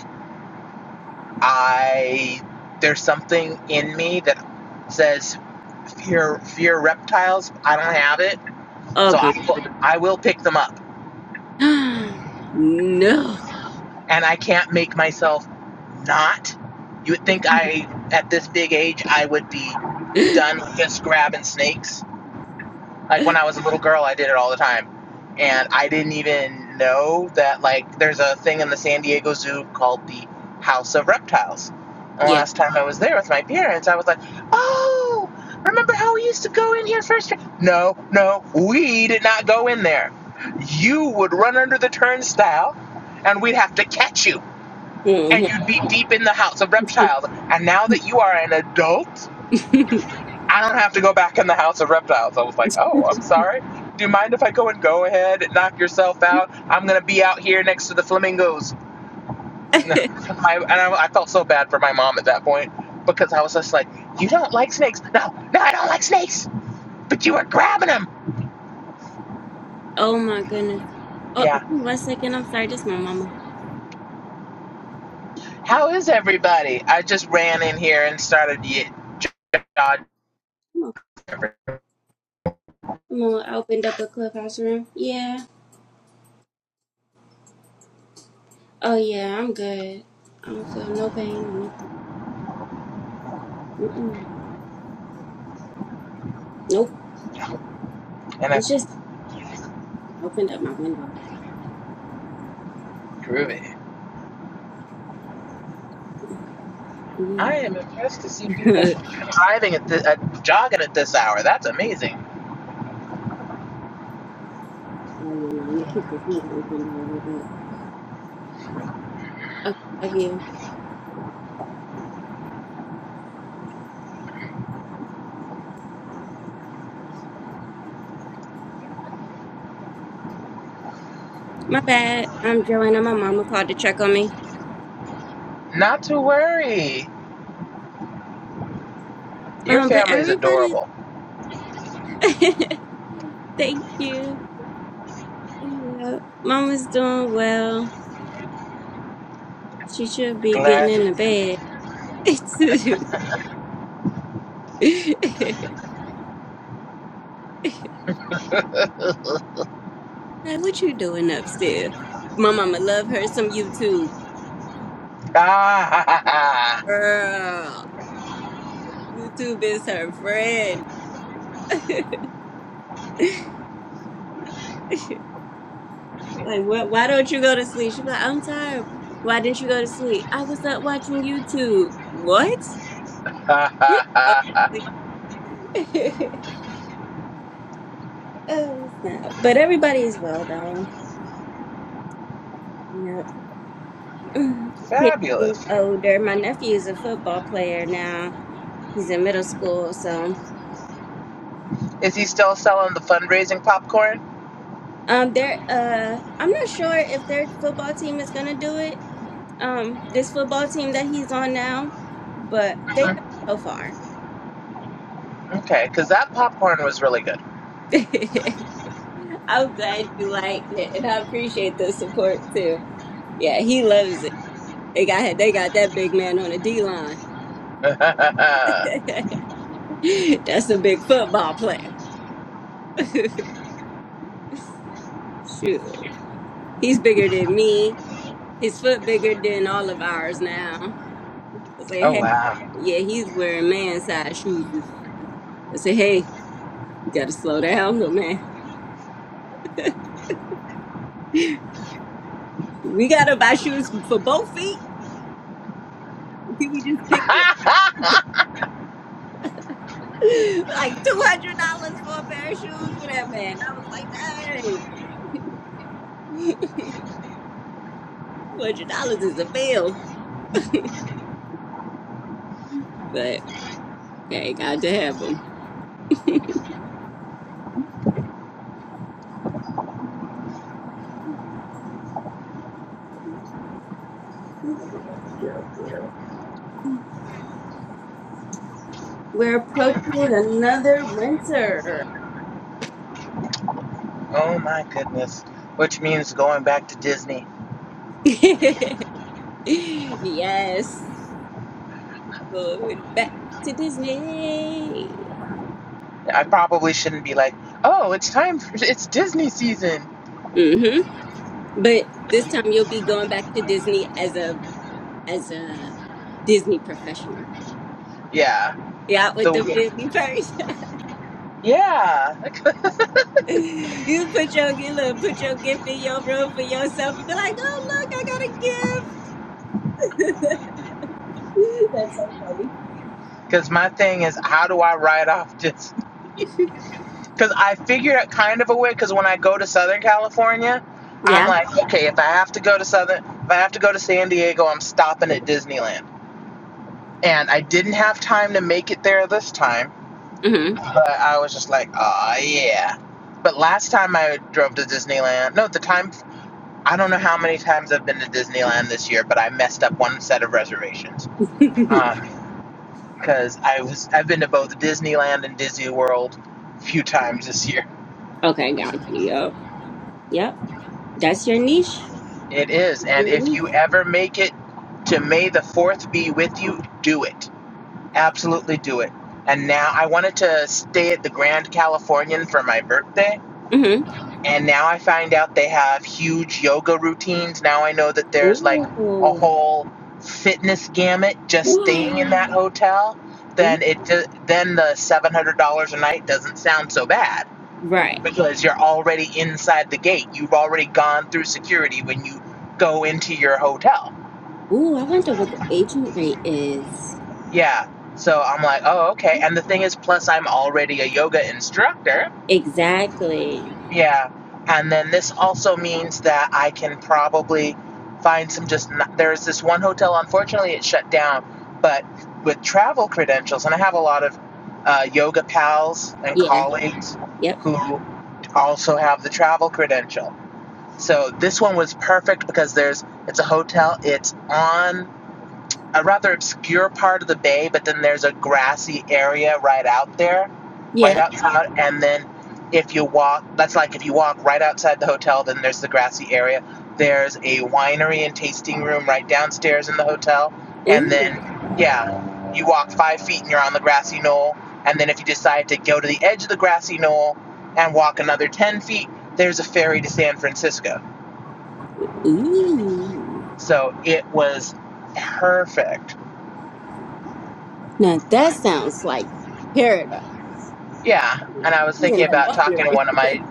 Speaker 4: I there's something in me that says fear fear reptiles. I don't have it,
Speaker 2: Oh,
Speaker 4: so
Speaker 2: my.
Speaker 4: I will, I will pick them up,
Speaker 2: [GASPS] no.
Speaker 4: and I can't make myself not. You would think I at this big age I would be done just grabbing snakes Like when I was a little girl, I did it all the time. And I didn't even know that, like, there's a thing in the San Diego Zoo called the House of Reptiles. And the
Speaker 2: Yeah.
Speaker 4: last time I was there with my parents, I was like, oh, remember how we used to go in here first? No, no, we did not go in there. You would run under the turnstile, and we'd have to catch you. And
Speaker 2: Mhm.
Speaker 4: you'd be deep in the House of Reptiles. And now that you are an adult,
Speaker 2: [LAUGHS]
Speaker 4: I don't have to go back in the house of reptiles. I was like, oh, I'm sorry. Do you mind if I go and go ahead and knock yourself out? I'm gonna be out here next to the flamingos. [LAUGHS] my, and I, I felt so bad for my mom at that point because I was just like, you don't like snakes? No, no, I don't like snakes. But you were grabbing them.
Speaker 2: oh, my goodness. Oh,
Speaker 4: Yeah.
Speaker 2: one second. I'm sorry. Just my mama.
Speaker 4: How is everybody? I just ran in here and started ye- dodging
Speaker 2: Mama opened up a clubhouse room. Yeah. Oh, yeah. I'm good. I don't feel no pain or nothing. Nope.
Speaker 4: and I
Speaker 2: It's just I opened up my window.
Speaker 4: drove it. I am impressed to see
Speaker 2: God. [LAUGHS] oh,
Speaker 4: people
Speaker 2: yeah.
Speaker 4: driving at the, uh, jogging at this hour. That's amazing.
Speaker 2: No, I'm going to keep this window open, though, a little bit. Okay. Love you. My bad. I'm Joanna. My mama called to check on me.
Speaker 4: Not to worry. Your
Speaker 2: Um, But
Speaker 4: family is
Speaker 2: everybody,
Speaker 4: adorable.
Speaker 2: [LAUGHS] thank you. Yeah. Mama's doing well. She should be getting in the
Speaker 4: Glad.
Speaker 2: bed. [LAUGHS]
Speaker 4: [LAUGHS]
Speaker 2: Like, what you doing upstairs? My mama love her some YouTube. Girl, YouTube is her friend. [LAUGHS] like, what? Why don't you go to sleep? She be like, I'm tired. Why didn't you go to sleep? I was up watching YouTube. What? You don't- [LAUGHS] oh snap! But everybody's well though. Yep. [LAUGHS] Mm. Kids getting
Speaker 4: Fabulous.
Speaker 2: older. My nephew is a football player now. He's in middle school, so
Speaker 4: Is he still selling the fundraising popcorn?
Speaker 2: um, they're uh, I'm not sure if their football team is gonna do it um this football team that he's on now, but they haven't
Speaker 4: Mhm.
Speaker 2: so far.
Speaker 4: Okay, because that popcorn was really good.
Speaker 2: [LAUGHS] I'm glad you liked it, and I appreciate the support too. Yeah, he loves it. They got they got that big man on the D line.
Speaker 4: [LAUGHS]
Speaker 2: [LAUGHS]
Speaker 4: oh,
Speaker 2: That's a big football player. [LAUGHS] Shoot, he's bigger than me. His foot bigger than all of ours now. I say, hey,
Speaker 4: wow.
Speaker 2: yeah, he's wearing man size shoes. I say, hey, gotta slow down, little man. We gotta buy shoes for both feet. Can we just
Speaker 4: [LAUGHS]
Speaker 2: pick one? [LAUGHS] Like two hundred dollars for a pair of shoes for that man. I was like, dang, [LAUGHS] two hundred dollars is a bill, but hey, got to have them. We're approaching another winter.
Speaker 4: oh, my goodness. Which means going back to Disney.
Speaker 2: [LAUGHS] yes, going back to Disney.
Speaker 4: I probably shouldn't be like, oh, it's time for it's Disney season.
Speaker 2: hmm But this time you'll be going back to Disney as a as a Disney professional.
Speaker 4: Yeah.
Speaker 2: Yeah, with the
Speaker 4: The
Speaker 2: Disney purse.
Speaker 4: Yeah.
Speaker 2: [LAUGHS] you put your you look, put your gift in your room for yourself and be like, oh look, I got a gift. [LAUGHS]
Speaker 4: Because [LAUGHS] my thing is, how do I write off just. Because I figured out kind of a way, because when I go to Southern California, I'm
Speaker 2: yeah.
Speaker 4: like, okay, if I have to go to Southern, if I have to go to San Diego, I'm stopping at Disneyland. And I didn't have time to make it there this time,
Speaker 2: Mm-hmm.
Speaker 4: but I was just like, oh, yeah. But last time I drove to Disneyland, no, the time, I don't know how many times I've been to Disneyland this year, but I messed up one set of reservations. Uh, because I was I've been to both Disneyland and Disney World a few times this year.
Speaker 2: Okay, got you. Yep. Yep. That's your niche.
Speaker 4: It is, and
Speaker 2: Your
Speaker 4: if
Speaker 2: niche.
Speaker 4: you ever make it to May the Fourth be with you, do it. Absolutely do it. And now I wanted to stay at the Grand Californian for my birthday,
Speaker 2: Mm-hmm.
Speaker 4: and now I find out they have huge yoga routines. Now I know that there's like a
Speaker 2: Ooh.
Speaker 4: whole fitness gamut just staying in that
Speaker 2: Ooh.
Speaker 4: hotel.
Speaker 2: Ooh.
Speaker 4: Then it then the seven hundred dollars a night doesn't sound so bad
Speaker 2: Right.
Speaker 4: because you're already inside the gate. You've already gone through security when you go into your hotel.
Speaker 2: Ooh, I wonder what the agent rate is.
Speaker 4: Yeah. So I'm like, oh, okay. And the thing is, plus I'm already a yoga instructor.
Speaker 2: Exactly.
Speaker 4: Yeah. And then this also means that I can probably find some just, there's this one hotel, unfortunately, it shut down, but with travel credentials, and I have a lot of uh, yoga pals and
Speaker 2: Yeah.
Speaker 4: colleagues
Speaker 2: Yep.
Speaker 4: who also have the travel credential. So this one was perfect because there's it's a hotel. It's on a rather obscure part of the bay, but then there's a grassy area right out there, right
Speaker 2: Yeah.
Speaker 4: outside. And then if you walk, that's like if you walk right outside the hotel, then there's the grassy area. There's a winery and tasting room right downstairs in the hotel. And
Speaker 2: Ooh.
Speaker 4: then yeah, you walk five feet and you're on the grassy knoll. And then if you decide to go to the edge of the grassy knoll and walk another ten feet, there's a ferry to San Francisco.
Speaker 2: Ooh.
Speaker 4: So it was perfect.
Speaker 2: Now that sounds like paradise.
Speaker 4: Yeah. And I was
Speaker 2: He in
Speaker 4: thinking
Speaker 2: that
Speaker 4: about talking to
Speaker 2: winery.
Speaker 4: one of my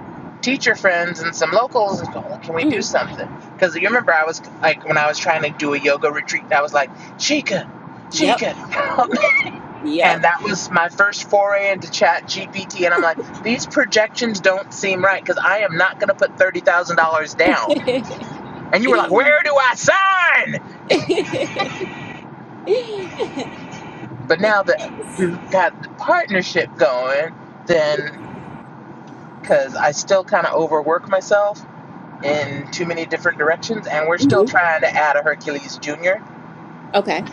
Speaker 4: teacher friends and some locals and going, can we do
Speaker 2: Mm.
Speaker 4: something? Because you remember I was like, when I was trying to do a yoga retreat, I was like, Chica,
Speaker 2: Yep.
Speaker 4: Chica, help
Speaker 2: Yep.
Speaker 4: me.
Speaker 2: Yep.
Speaker 4: And
Speaker 2: [LAUGHS]
Speaker 4: that was my first foray into chat GPT. And I'm like, these projections don't seem right because I am not going to put $30,000 down. And you were like, where do I sign? But now that we've got the partnership going, then because I still kind of overwork myself in too many different directions, and we're still
Speaker 2: hmm
Speaker 4: trying to add a Hercules Jr.
Speaker 2: Okay.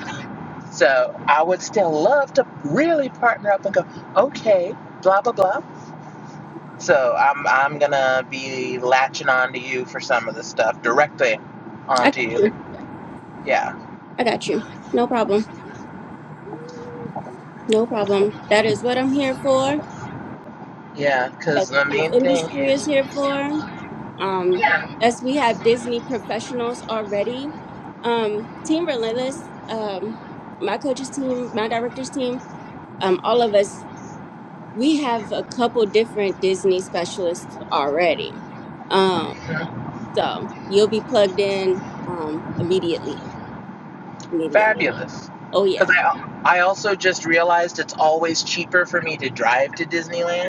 Speaker 4: So I would still love to really partner up and go, okay, blah blah blah. So I'm I'm gonna be latching on to you for some of the stuff directly
Speaker 2: I got
Speaker 4: onto you.
Speaker 2: you.
Speaker 4: Yeah,
Speaker 2: I got you. No problem. No problem. That is what I'm here for.
Speaker 4: yeah,
Speaker 2: That's
Speaker 4: because
Speaker 2: what
Speaker 4: the
Speaker 2: this
Speaker 4: main thing
Speaker 2: industry is
Speaker 4: is
Speaker 2: here for. Um,
Speaker 4: yeah,
Speaker 2: that's we have Disney professionals already. Um, Team Relentless, um, my coach's team, my director's team, um, all of us we have a couple different Disney specialists already. Um, so you'll be plugged in um, immediately. Immediately.
Speaker 4: fabulous.
Speaker 2: Oh, yeah.
Speaker 4: Because I I also just realized it's always cheaper for me to drive to Disneyland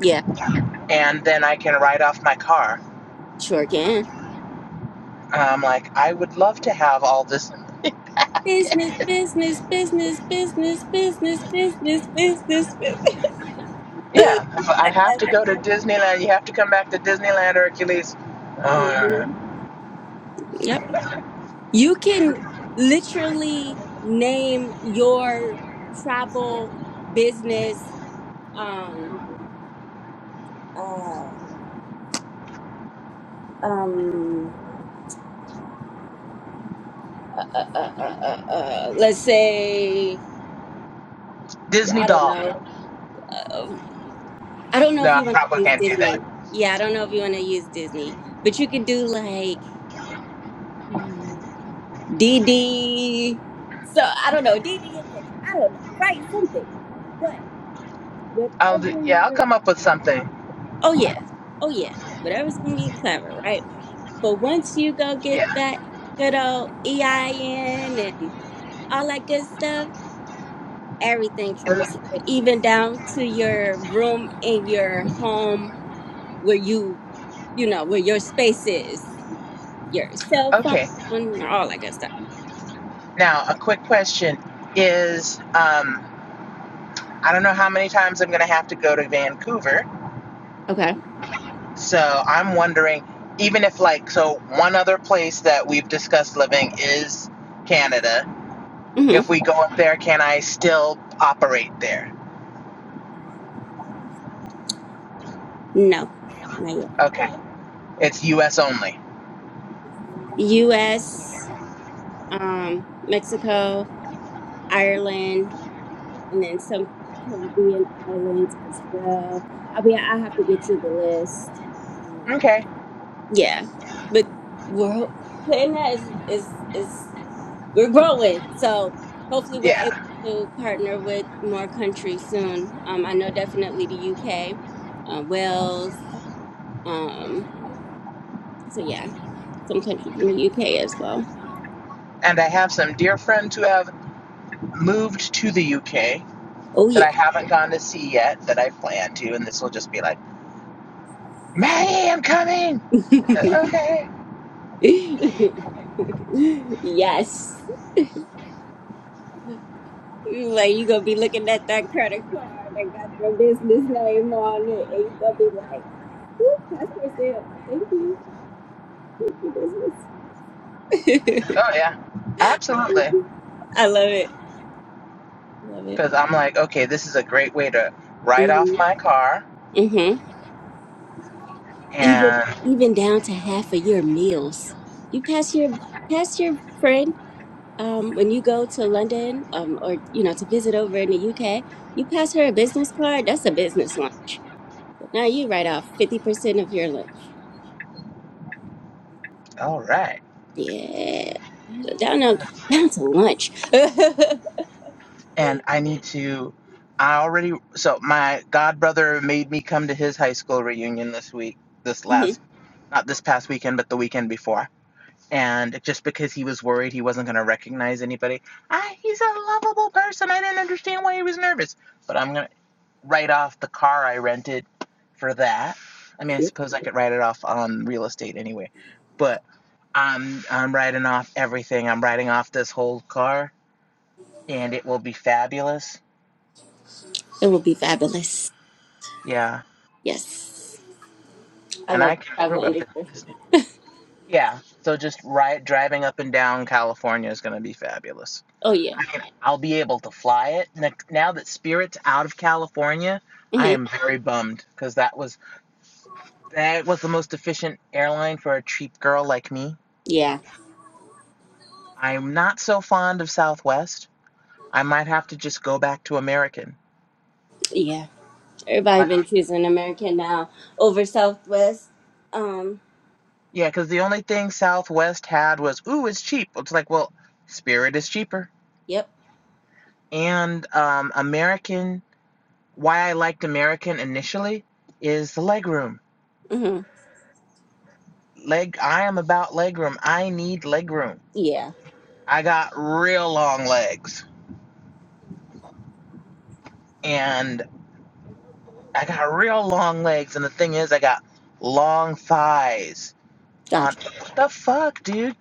Speaker 2: Yeah,
Speaker 4: and then I can write off my car.
Speaker 2: sure can.
Speaker 4: I'm like, I would love to have all this.
Speaker 2: Business, business, business, business, business, business, business, business. [LAUGHS]
Speaker 4: Yeah, if I have
Speaker 2: yes.
Speaker 4: to go to Disneyland. You have to come back to Disneyland, Hercules. Oh, no,
Speaker 2: hmm
Speaker 4: no.
Speaker 2: Yep. You can literally name your travel business um, uh, um, uh, uh, uh, uh, uh, let's say
Speaker 4: Disney
Speaker 2: I don't
Speaker 4: doll.
Speaker 2: know. Um, I don't know
Speaker 4: No,
Speaker 2: if
Speaker 4: I
Speaker 2: you want to
Speaker 4: probably
Speaker 2: use
Speaker 4: can't do that.
Speaker 2: Disney. Yeah, I don't know if you want to use Disney, but you could do like uh, DD. So I don't know DD Adventure. I don't know. Write something, but
Speaker 4: I'll do,
Speaker 2: whatever
Speaker 4: yeah, I'll
Speaker 2: you.
Speaker 4: come up with something.
Speaker 2: Oh yeah, oh yeah. Whatever's gonna be clever, right? But once you go get
Speaker 4: Yeah.
Speaker 2: that good old EIN and all that good stuff everything transferred, even down to your room in your home where you, you know, where your space is, your cell
Speaker 4: Okay.
Speaker 2: phone, all that good stuff.
Speaker 4: Now, a quick question is, um, I don't know how many times I'm going to have to go to Vancouver.
Speaker 2: Okay.
Speaker 4: So I'm wondering, even if like, so one other place that we've discussed living is Canada
Speaker 2: Mm-hmm.
Speaker 4: If we go up there, can I still operate there?
Speaker 2: No, not yet.
Speaker 4: Okay. It's US only.
Speaker 2: U.S., um, Mexico, Ireland, and then some Caribbean islands as well. I'll be. I have to get you the list. Um,
Speaker 4: Okay.
Speaker 2: yeah, but world putting that is is is. we're growing. So hopefully we're able
Speaker 4: Yeah.
Speaker 2: to partner with more countries soon. Um, I know definitely the UK, uh, Wales. Um, so yeah, some countries in the UK as well.
Speaker 4: And I have some dear friends who have moved to the UK
Speaker 2: Oh
Speaker 4: that I
Speaker 2: yeah.
Speaker 4: haven't gone to see yet that I plan to, and this will just be like, Maddie, I'm coming. Uh,
Speaker 2: [LAUGHS]
Speaker 4: Okay.
Speaker 2: yes. Like you gonna be looking at that credit card that got your business name on it, and you gonna be like, "Whoop, passport stamp! Thank you, thank you, business."
Speaker 4: Oh, yeah. Absolutely.
Speaker 2: [LAUGHS] I love it. Love it.
Speaker 4: Because I'm like, okay, this is a great way to write off
Speaker 2: Mhm.
Speaker 4: my car.
Speaker 2: Mhm. even
Speaker 4: And
Speaker 2: even down to half of your meals. You pass your pass your friend um, when you go to London um, or you know to visit over in the UK. You pass her a business card. That's a business lunch. So now you write off fifty percent of your lunch.
Speaker 4: all right.
Speaker 2: Yeah, So down on, down to lunch. [LAUGHS]
Speaker 4: and I need to. I already so my god brother made me come to his high school reunion this week, this
Speaker 2: hmm
Speaker 4: last, not this past weekend, but the weekend before. And just because he was worried he wasn't going to recognize anybody, I, he's a lovable person. I didn't understand why he was nervous. But I'm going to write off the car I rented for that. I mean, I
Speaker 2: Yep,
Speaker 4: suppose I could write it off on real estate anyway. But I'm I'm writing off everything. I'm writing off this whole car, and it will be fabulous
Speaker 2: it will be fabulous.
Speaker 4: Yeah,
Speaker 2: Yes, I
Speaker 4: and
Speaker 2: love
Speaker 4: I can
Speaker 2: the travel
Speaker 4: prove up.
Speaker 2: industry.
Speaker 4: This. Yeah, so just ri driving up and down California is going to be fabulous.
Speaker 2: Oh yeah,
Speaker 4: I mean, I'll be able to fly it N- now that Spirit's out of California. I
Speaker 2: hmm
Speaker 4: am very bummed because that was that was the most efficient airline for a cheap girl like me.
Speaker 2: yeah,
Speaker 4: I'm not so fond of Southwest. I might have to just go back to American.
Speaker 2: yeah. Everybody
Speaker 4: Like,
Speaker 2: been choosing American now over Southwest. Um.
Speaker 4: yeah, because the only thing Southwest had was, ooh, it's cheap. It's like, well, Spirit is cheaper,
Speaker 2: Yep.
Speaker 4: and um, American why I liked American initially is the legroom.
Speaker 2: Mm-hmm.
Speaker 4: Leg I am about legroom. I need legroom.
Speaker 2: Yeah.
Speaker 4: I got real long legs and I got real long legs and the thing is I got long thighs. On
Speaker 2: Gotcha.
Speaker 4: what the fuck, dude?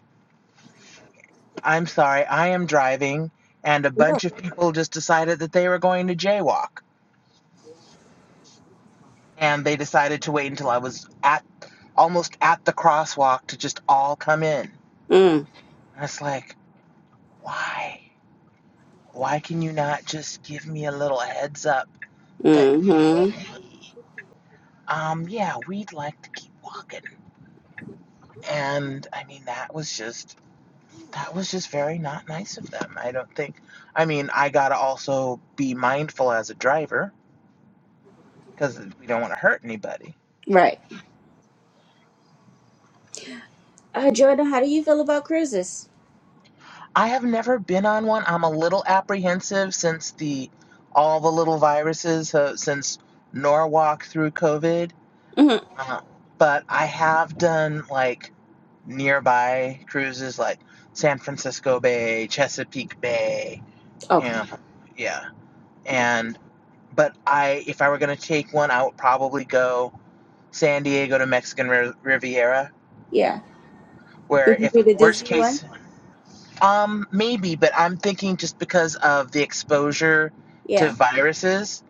Speaker 4: I'm sorry. I am driving and a
Speaker 2: Yep.
Speaker 4: bunch of people just decided that they were going to jaywalk and they decided to wait until I was at almost at the crosswalk to just all come in.
Speaker 2: Mm.
Speaker 4: And it's like, why? Why can you not just give me a little heads up that,
Speaker 2: Mm-hmm.
Speaker 4: um, yeah, we'd like to keep walking? And I mean, that was just, that was just very not nice of them. I don't think, I mean, I gotta also be mindful as a driver because we don't want to hurt anybody.
Speaker 2: Right. Uh, Jordan, how do you feel about cruises?
Speaker 4: I have never been on one. I'm a little apprehensive since the, all the little viruses, uh, since Norwalk through COVID.
Speaker 2: Mm-hmm.
Speaker 4: Uh, but I have done like nearby cruises like San Francisco Bay, Chesapeake Bay, you know,
Speaker 2: Okay.
Speaker 4: yeah. And but I, if I were going to take one, I would probably go San Diego to Mexican Riviera,
Speaker 2: Yeah.
Speaker 4: where
Speaker 2: Would you
Speaker 4: if
Speaker 2: do the
Speaker 4: worst
Speaker 2: Disney one?
Speaker 4: case, um, maybe, but I'm thinking just because of the exposure to
Speaker 2: Yeah.
Speaker 4: viruses.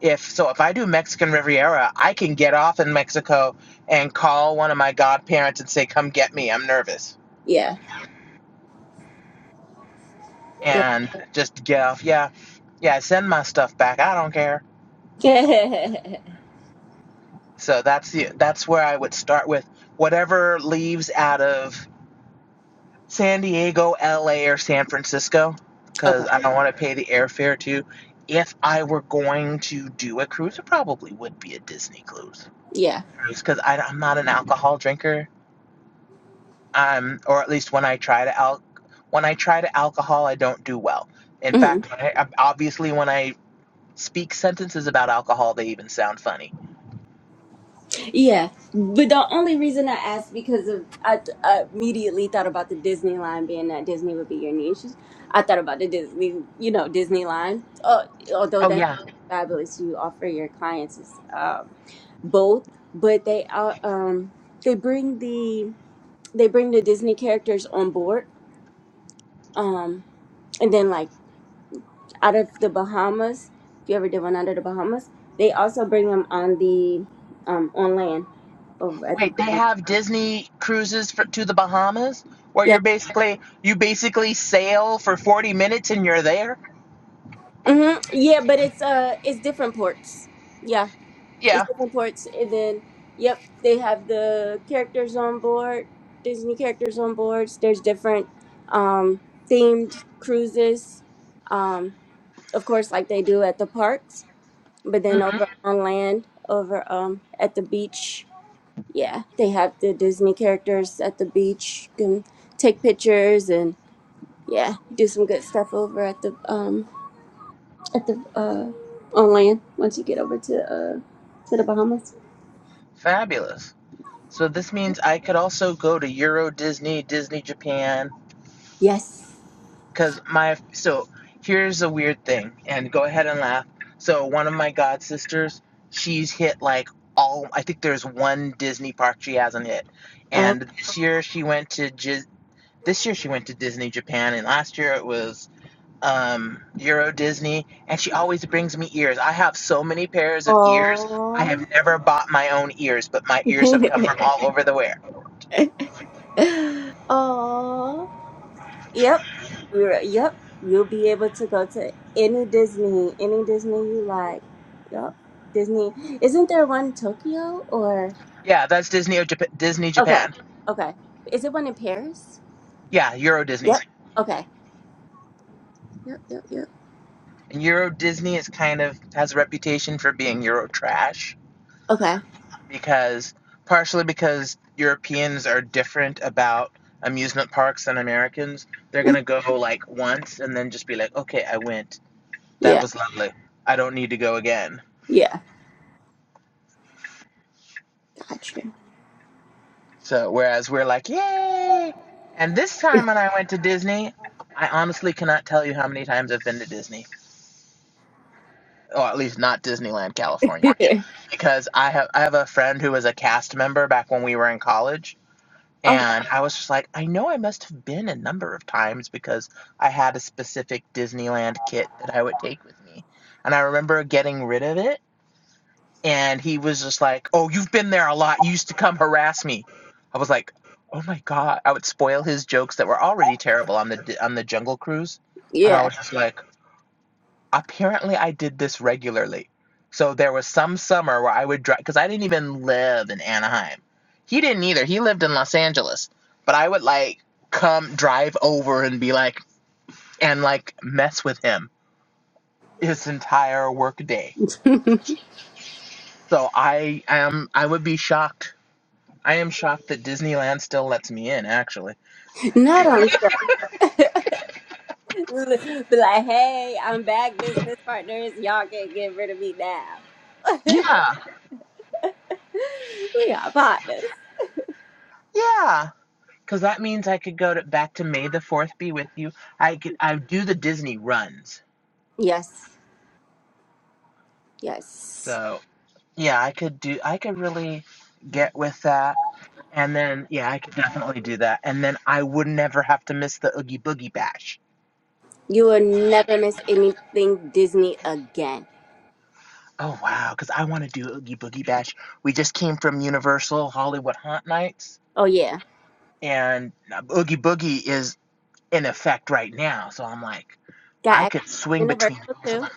Speaker 4: If so, if I do Mexican Riviera, I can get off in Mexico and call one of my godparents and say, "Come get me. I'm nervous."
Speaker 2: Yeah.
Speaker 4: and just get off. Yeah, yeah. Send my stuff back. I don't care.
Speaker 2: Yeah. [LAUGHS]
Speaker 4: So that's the that's where I would start with whatever leaves out of San Diego, L.A., or San Francisco, because I don't want to pay the airfare to. If I were going to do a cruise, it probably would be a Disney cruise,
Speaker 2: yeah.
Speaker 4: because I'm not an alcohol drinker. Um, or at least when I try to al- when I try to alcohol, I don't do well. In
Speaker 2: Hmm.
Speaker 4: fact, I, obviously, when I speak sentences about alcohol they even sound funny
Speaker 2: Yeah, but the only reason I asked because of I, I immediately thought about the Disney line being that Disney would be your niche. I thought about the Disney, you know, Disney line. Uh, although
Speaker 4: oh
Speaker 2: that's
Speaker 4: yeah
Speaker 2: fabulous, you offer your clients is, um, both, but they are um, they bring the they bring the Disney characters on board. Um, and then like out of the Bahamas, if you ever did one under the Bahamas, they also bring them on the um, on land over at.
Speaker 4: wait they
Speaker 2: um,
Speaker 4: have disney cruises for, to the bahamas where
Speaker 2: yeah,
Speaker 4: you're basically you basically sail for 40 minutes and you're there
Speaker 2: hmm Yeah, but it's uh it's different ports. Yeah, it's
Speaker 4: yeah
Speaker 2: different ports, and then yep, they have the characters on board, Disney characters on boards. There's different um themed cruises, um of course like they do at the parks, but then
Speaker 4: hmm
Speaker 2: over on land, over um at the beach, yeah, they have the Disney characters at the beach. You can take pictures and yeah, do some good stuff over at the um at the uh on land once you get over to uh to the Bahamas.
Speaker 4: fabulous so this means i could also go to euro disney disney japan
Speaker 2: Yes.
Speaker 4: because my so here's a weird thing and go ahead and laugh so one of my god sisters she's hit like all i think there's one disney park she hasn't hit and this year she went to This year she went to Disney Japan, and last year it was um, Euro Disney, and she always brings me ears. I have so many pairs of ears. I
Speaker 2: Oh,
Speaker 4: have never bought my own ears, but my ears have come from all over the world.
Speaker 2: oh. [LAUGHS] Yep. You're yep. You'll be able to go to any Disney, any Disney you like. Yep. Disney. Isn't there one in Tokyo or
Speaker 4: Yeah, that's Disney Disney
Speaker 2: Okay.
Speaker 4: Japan.
Speaker 2: Okay. Is it one in Paris?
Speaker 4: Yeah, Euro Disney.
Speaker 2: Yep. Okay. Yep, yep, yep.
Speaker 4: And Euro Disney is kind of has a reputation for being Euro trash
Speaker 2: Okay.
Speaker 4: because partially because Europeans are different about amusement parks than Americans. They're
Speaker 2: [LAUGHS]
Speaker 4: gonna go like once and then just be like, okay, I went. That
Speaker 2: Yeah.
Speaker 4: was lovely. I don't need to go again.
Speaker 2: Yeah. Gotcha.
Speaker 4: So, whereas we're like, yay! And this time when I went to Disney, I honestly cannot tell you how many times I've been to Disney, or at least not Disneyland, California,
Speaker 2: [LAUGHS]
Speaker 4: because I have I have a friend who was a cast member back when we were in college,
Speaker 2: okay.
Speaker 4: and I was just like, I know I must have been a number of times because I had a specific Disneyland kit that I would take with me, and I remember getting rid of it and he was just like, "Oh, you've been there a lot. You used to come harass me." I was like, "Oh my god!" I would spoil his jokes that were already terrible on the on the Jungle Cruise, and I
Speaker 2: Yeah.
Speaker 4: was just like, "Apparently, I did this regularly." So there was some summer where I would drive because I didn't even live in Anaheim. He didn't either. He lived in Los Angeles, but I would like come drive over and be like and like mess with him his entire work day. So I am I would be shocked I am shocked that Disneyland still lets me in, actually.
Speaker 2: Not on. Be like, hey, I'm back, business partners. Y'all can't get rid of me now. [LAUGHS]
Speaker 4: Yeah.
Speaker 2: we are partners.
Speaker 4: Yeah, because that means I could go to, back to May the Fourth. Be with you. I could. I do the Disney runs.
Speaker 2: Yes, yes.
Speaker 4: So yeah, I could do. I could really get with that. And then yeah, I could definitely do that. And then I would never have to miss the Oogie Boogie Bash.
Speaker 2: You will never miss anything Disney again.
Speaker 4: Oh wow, because I want to do Oogie Boogie Bash. We just came from Universal Hollywood Haunt Nights,
Speaker 2: Oh yeah,
Speaker 4: and uh, Oogie Boogie is in effect right now. So I'm like,
Speaker 2: got
Speaker 4: I
Speaker 2: access
Speaker 4: could
Speaker 2: to
Speaker 4: swing between
Speaker 2: Universal
Speaker 4: both of
Speaker 2: too.
Speaker 4: them.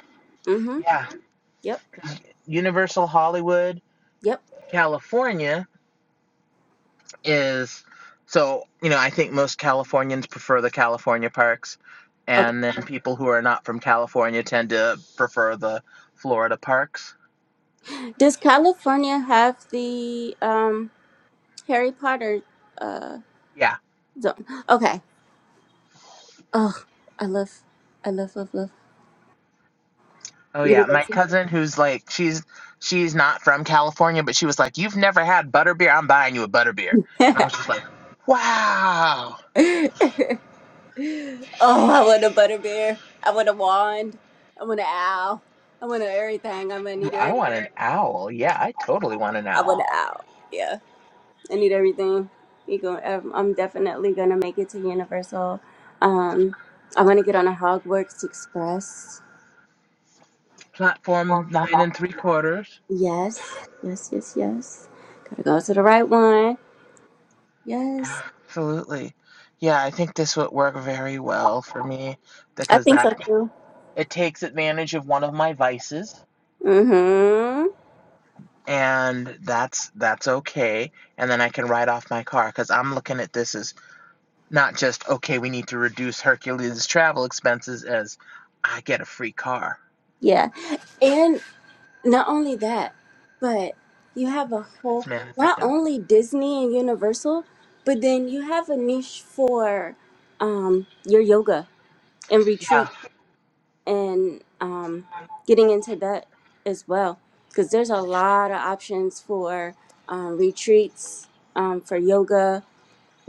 Speaker 2: Mm-hmm.
Speaker 4: Yeah,
Speaker 2: Yep,
Speaker 4: Universal Hollywood,
Speaker 2: yep.
Speaker 4: California is so you know I think most Californians prefer the California parks,
Speaker 2: Okay.
Speaker 4: and then people who are not from California tend to prefer the Florida parks.
Speaker 2: Does California have the um Harry Potter uh
Speaker 4: Yeah.
Speaker 2: zone? Okay. Oh, I love, I love, love, love
Speaker 4: Oh yeah, my
Speaker 2: Universal.
Speaker 4: cousin who's like she's she's not from California, but she was like, "You've never had butterbeer? I'm buying you a butterbeer." And I was just like, "Wow,
Speaker 2: [LAUGHS] [LAUGHS] Oh, I want a butterbeer. I want a wand. I want an owl. I want a everything. I'm gonna need
Speaker 4: I
Speaker 2: everything.
Speaker 4: want an owl. Yeah, I totally want an
Speaker 2: I want
Speaker 4: owl."
Speaker 2: an owl. Yeah, I need everything. You go. um, I'm definitely gonna make it to Universal. Um, I want to get on a Hogwarts Express.
Speaker 4: Platform nine and three quarters.
Speaker 2: Yes, yes, yes, yes. Gotta go to the right one. Yes,
Speaker 4: Absolutely. Yeah, I think this would work very well for me
Speaker 2: I
Speaker 4: because
Speaker 2: think so
Speaker 4: that
Speaker 2: too.
Speaker 4: it takes advantage of one of my vices
Speaker 2: Mm-hmm.
Speaker 4: and that's that's okay and then I can write off my car cuz I'm looking at this as not just okay, we need to reduce Hercules travel expenses as I get a free car.
Speaker 2: Yeah. and. Not only that, but you have a whole,
Speaker 4: This man is a
Speaker 2: not
Speaker 4: gentleman.
Speaker 2: only Disney and Universal, but then you have a niche for um, your yoga and
Speaker 4: Yeah,
Speaker 2: retreat and um, getting into that as well. Because there's a lot of options for um, retreats, um, for yoga,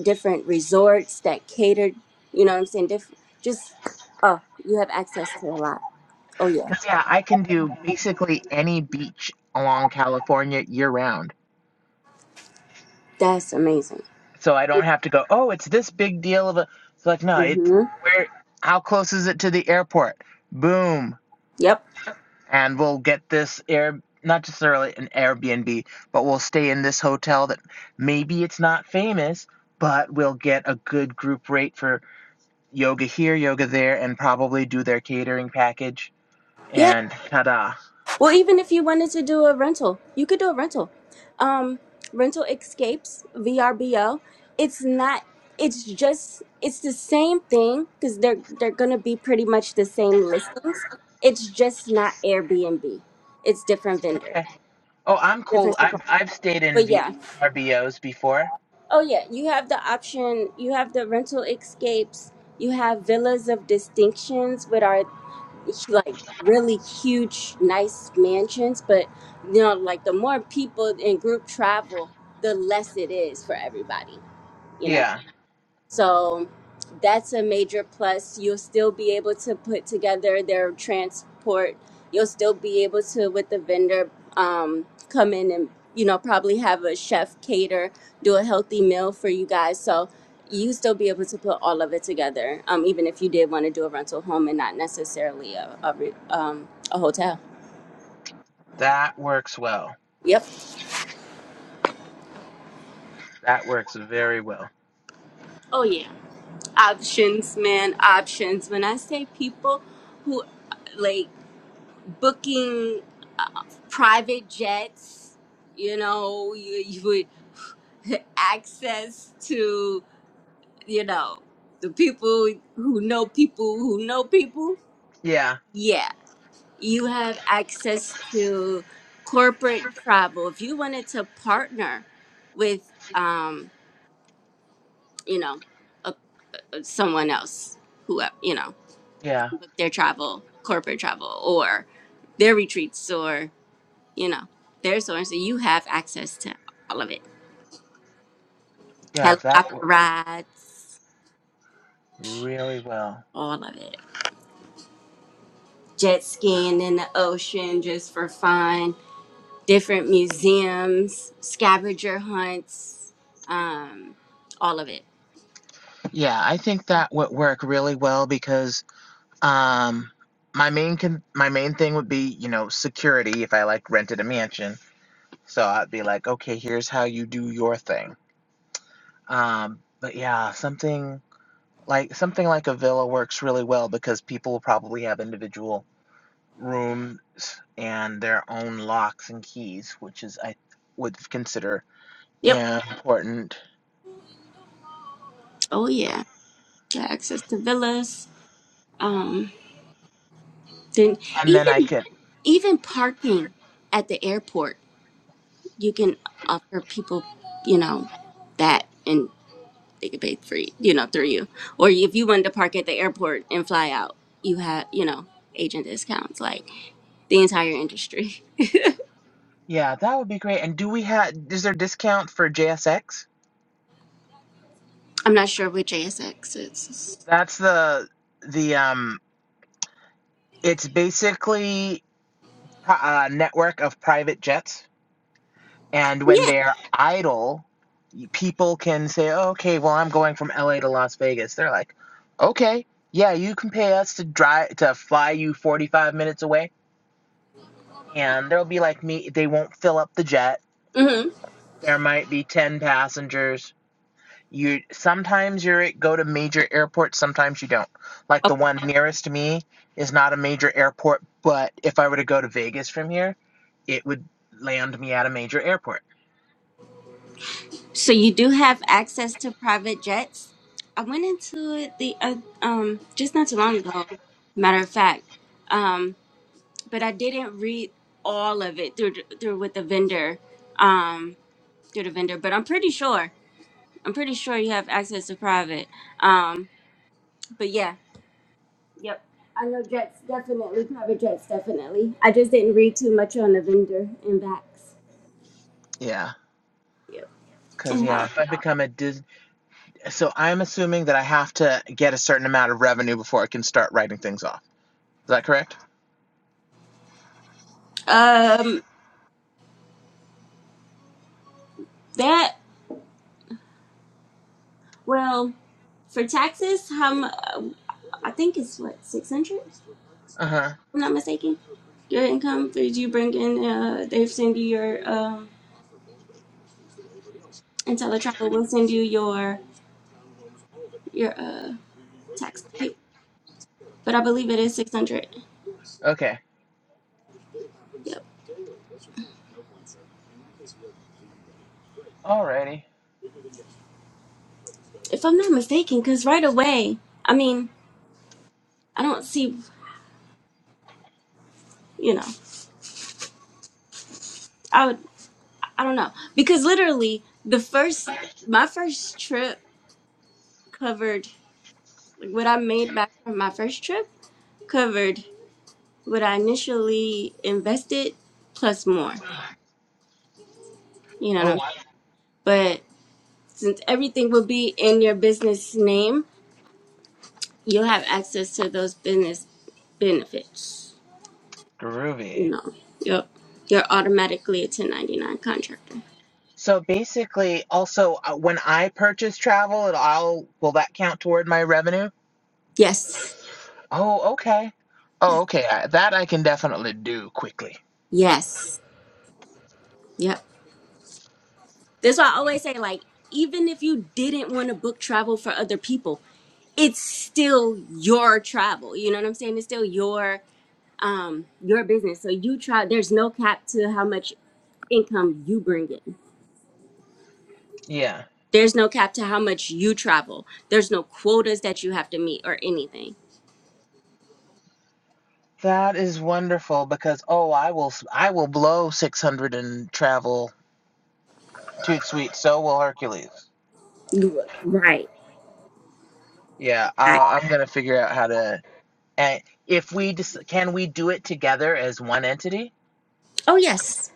Speaker 2: different resorts that cater, you know what I'm saying? Diff- just, oh, you have access to a lot. Oh, yeah.
Speaker 4: cuz yeah, I can do basically any beach along California year round.
Speaker 2: That's amazing.
Speaker 4: so I don't have to go. Oh, it's this big deal of a. It's like no, It's
Speaker 2: Mm-hmm.
Speaker 4: where how close is it to the airport? Boom,
Speaker 2: Yep.
Speaker 4: and we'll get this air not just necessarily an Airbnb, but we'll stay in this hotel that maybe it's not famous, but we'll get a good group rate for yoga here, yoga there, and probably do their catering package.
Speaker 2: Yeah.
Speaker 4: And ta-da!
Speaker 2: Well, even if you wanted to do a rental, you could do a rental. Um, rental escapes VRBO. It's not. It's just. It's the same thing because they're they're gonna be pretty much the same listings. It's just not Airbnb. It's different vendors,
Speaker 4: Okay. Oh, I'm cool.
Speaker 2: different supply.
Speaker 4: I've I've stayed in
Speaker 2: But
Speaker 4: v-
Speaker 2: yeah.
Speaker 4: RBOs before.
Speaker 2: Oh yeah. You have the option. You have the rental escapes. You have villas of distinctions, which are like really huge nice mansions but you know like the more people in group travel the less it is for everybody You know.
Speaker 4: Yeah,
Speaker 2: So that's a major plus. You'll still be able to put together their transport. You'll still be able to, with the vendor, um, come in and you know probably have a chef cater, do a healthy meal for you guys. So you still be able to put all of it together, um, even if you did want to do a rental home and not necessarily a a, re- um, a hotel.
Speaker 4: that works well.
Speaker 2: Yep.
Speaker 4: That works very well.
Speaker 2: Oh yeah. Options, man. Options. When I say people who like booking uh, private jets, you know, you, you would [LAUGHS] access to, you know, the people who know people who know people.
Speaker 4: Yeah,
Speaker 2: Yeah, you have access to corporate travel. If you wanted to partner with, um, you know, a, a- someone else who, uh, you know,
Speaker 4: yeah,
Speaker 2: their travel, corporate travel, or their retreats, or. you know, there's so so you have access to all of it.
Speaker 4: yeah, that would
Speaker 2: Helicopter
Speaker 4: work
Speaker 2: rides,
Speaker 4: really well.
Speaker 2: all of it. Jet skiing in the ocean just for fun. Different museums, scavenger hunts, um, all of it.
Speaker 4: Yeah, I think that would work really well because um my main con- my main thing would be, you know, security if I like rented a mansion. So I'd be like, okay, here's how you do your thing. Um but yeah, something like something like a villa works really well because people will probably have individual rooms and their own locks and keys, which is I would consider
Speaker 2: Yep.
Speaker 4: important.
Speaker 2: Oh yeah. Got access to villas. Um, then
Speaker 4: And then I
Speaker 2: even
Speaker 4: could.
Speaker 2: even parking at the airport, you can offer people, you know, that. and. they could pay for you, you know through you. Or if you wanted to park at the airport and fly out, you have you know agent discounts like the entire industry.
Speaker 4: Yeah, that would be great. And do we have is there discount for JSX?
Speaker 2: [LAUGHS] I'm not sure what JSX is.
Speaker 4: That's the the um it's basically uh, a network of private jets and when
Speaker 2: Yeah.
Speaker 4: they're idle, people can say, oh, "Okay, well I'm going from LA to Las Vegas." They're like, "Okay, yeah, you can pay us to drive to fly you 45 minutes away." And there'll be like me they won't fill up the jet.
Speaker 2: hmm
Speaker 4: There might be 10 passengers You sometimes you go to major airports, sometimes you don't. Like the one nearest to me is not a major airport, but if I were to go to Vegas from here, it would land me at a major airport.
Speaker 2: So you do have access to private jets. I went into it the uh, um just not too long ago. Matter of fact, um, but I didn't read all of it through through with the vendor um through the vendor. But I'm pretty sure I'm pretty sure you have access to private. Um, but yeah. I just didn't read too much on the vendor and vax.
Speaker 4: Yeah. Cause yeah, if I become a Dis- so I'm assuming that I have to get a certain amount of revenue before I can start writing things off. Is that correct?
Speaker 2: Um, that well for taxes, how mu- I think it's what six hundred. If
Speaker 4: Uh huh.
Speaker 2: I'm not mistaken. Your income for you bring in, uh, they send you your um, Intelli will send you your your uh tax paper, but I believe it is six hundred.
Speaker 4: Okay.
Speaker 2: Yep,
Speaker 4: Alrighty.
Speaker 2: if I'm not mistaken, because right away, I mean, I don't see, you know, I would, I don't know, because literally the first my first trip covered Like, what I made back from my first trip covered what I initially invested plus more. You know what
Speaker 4: Oh,
Speaker 2: I'm saying? But since everything will be in your business name, you'll have access to those business benefits. You
Speaker 4: groovy.
Speaker 2: know, you're, you're automatically a 1099 contractor.
Speaker 4: So basically, also uh, when I purchase travel, it'll I'll, will that count toward my revenue?
Speaker 2: Yes.
Speaker 4: Oh, okay. Oh, okay. I, that I can definitely do quickly.
Speaker 2: Yes. Yep. That's why I always say, like, even if you didn't want to book travel for other people, it's still your travel. You know what I'm saying? It's still your um your business so you try there's no cap to how much income you bring in
Speaker 4: Yeah.
Speaker 2: there's no cap to how much you travel there's no quotas that you have to meet or anything
Speaker 4: That is wonderful because oh, I will s- I will blow 600 and travel toot sweet. So will Hercules.
Speaker 2: You- right
Speaker 4: Yeah,
Speaker 2: right
Speaker 4: I, I'm gonna figure out how to. And if we dis- can we do it together as one entity?
Speaker 2: oh yes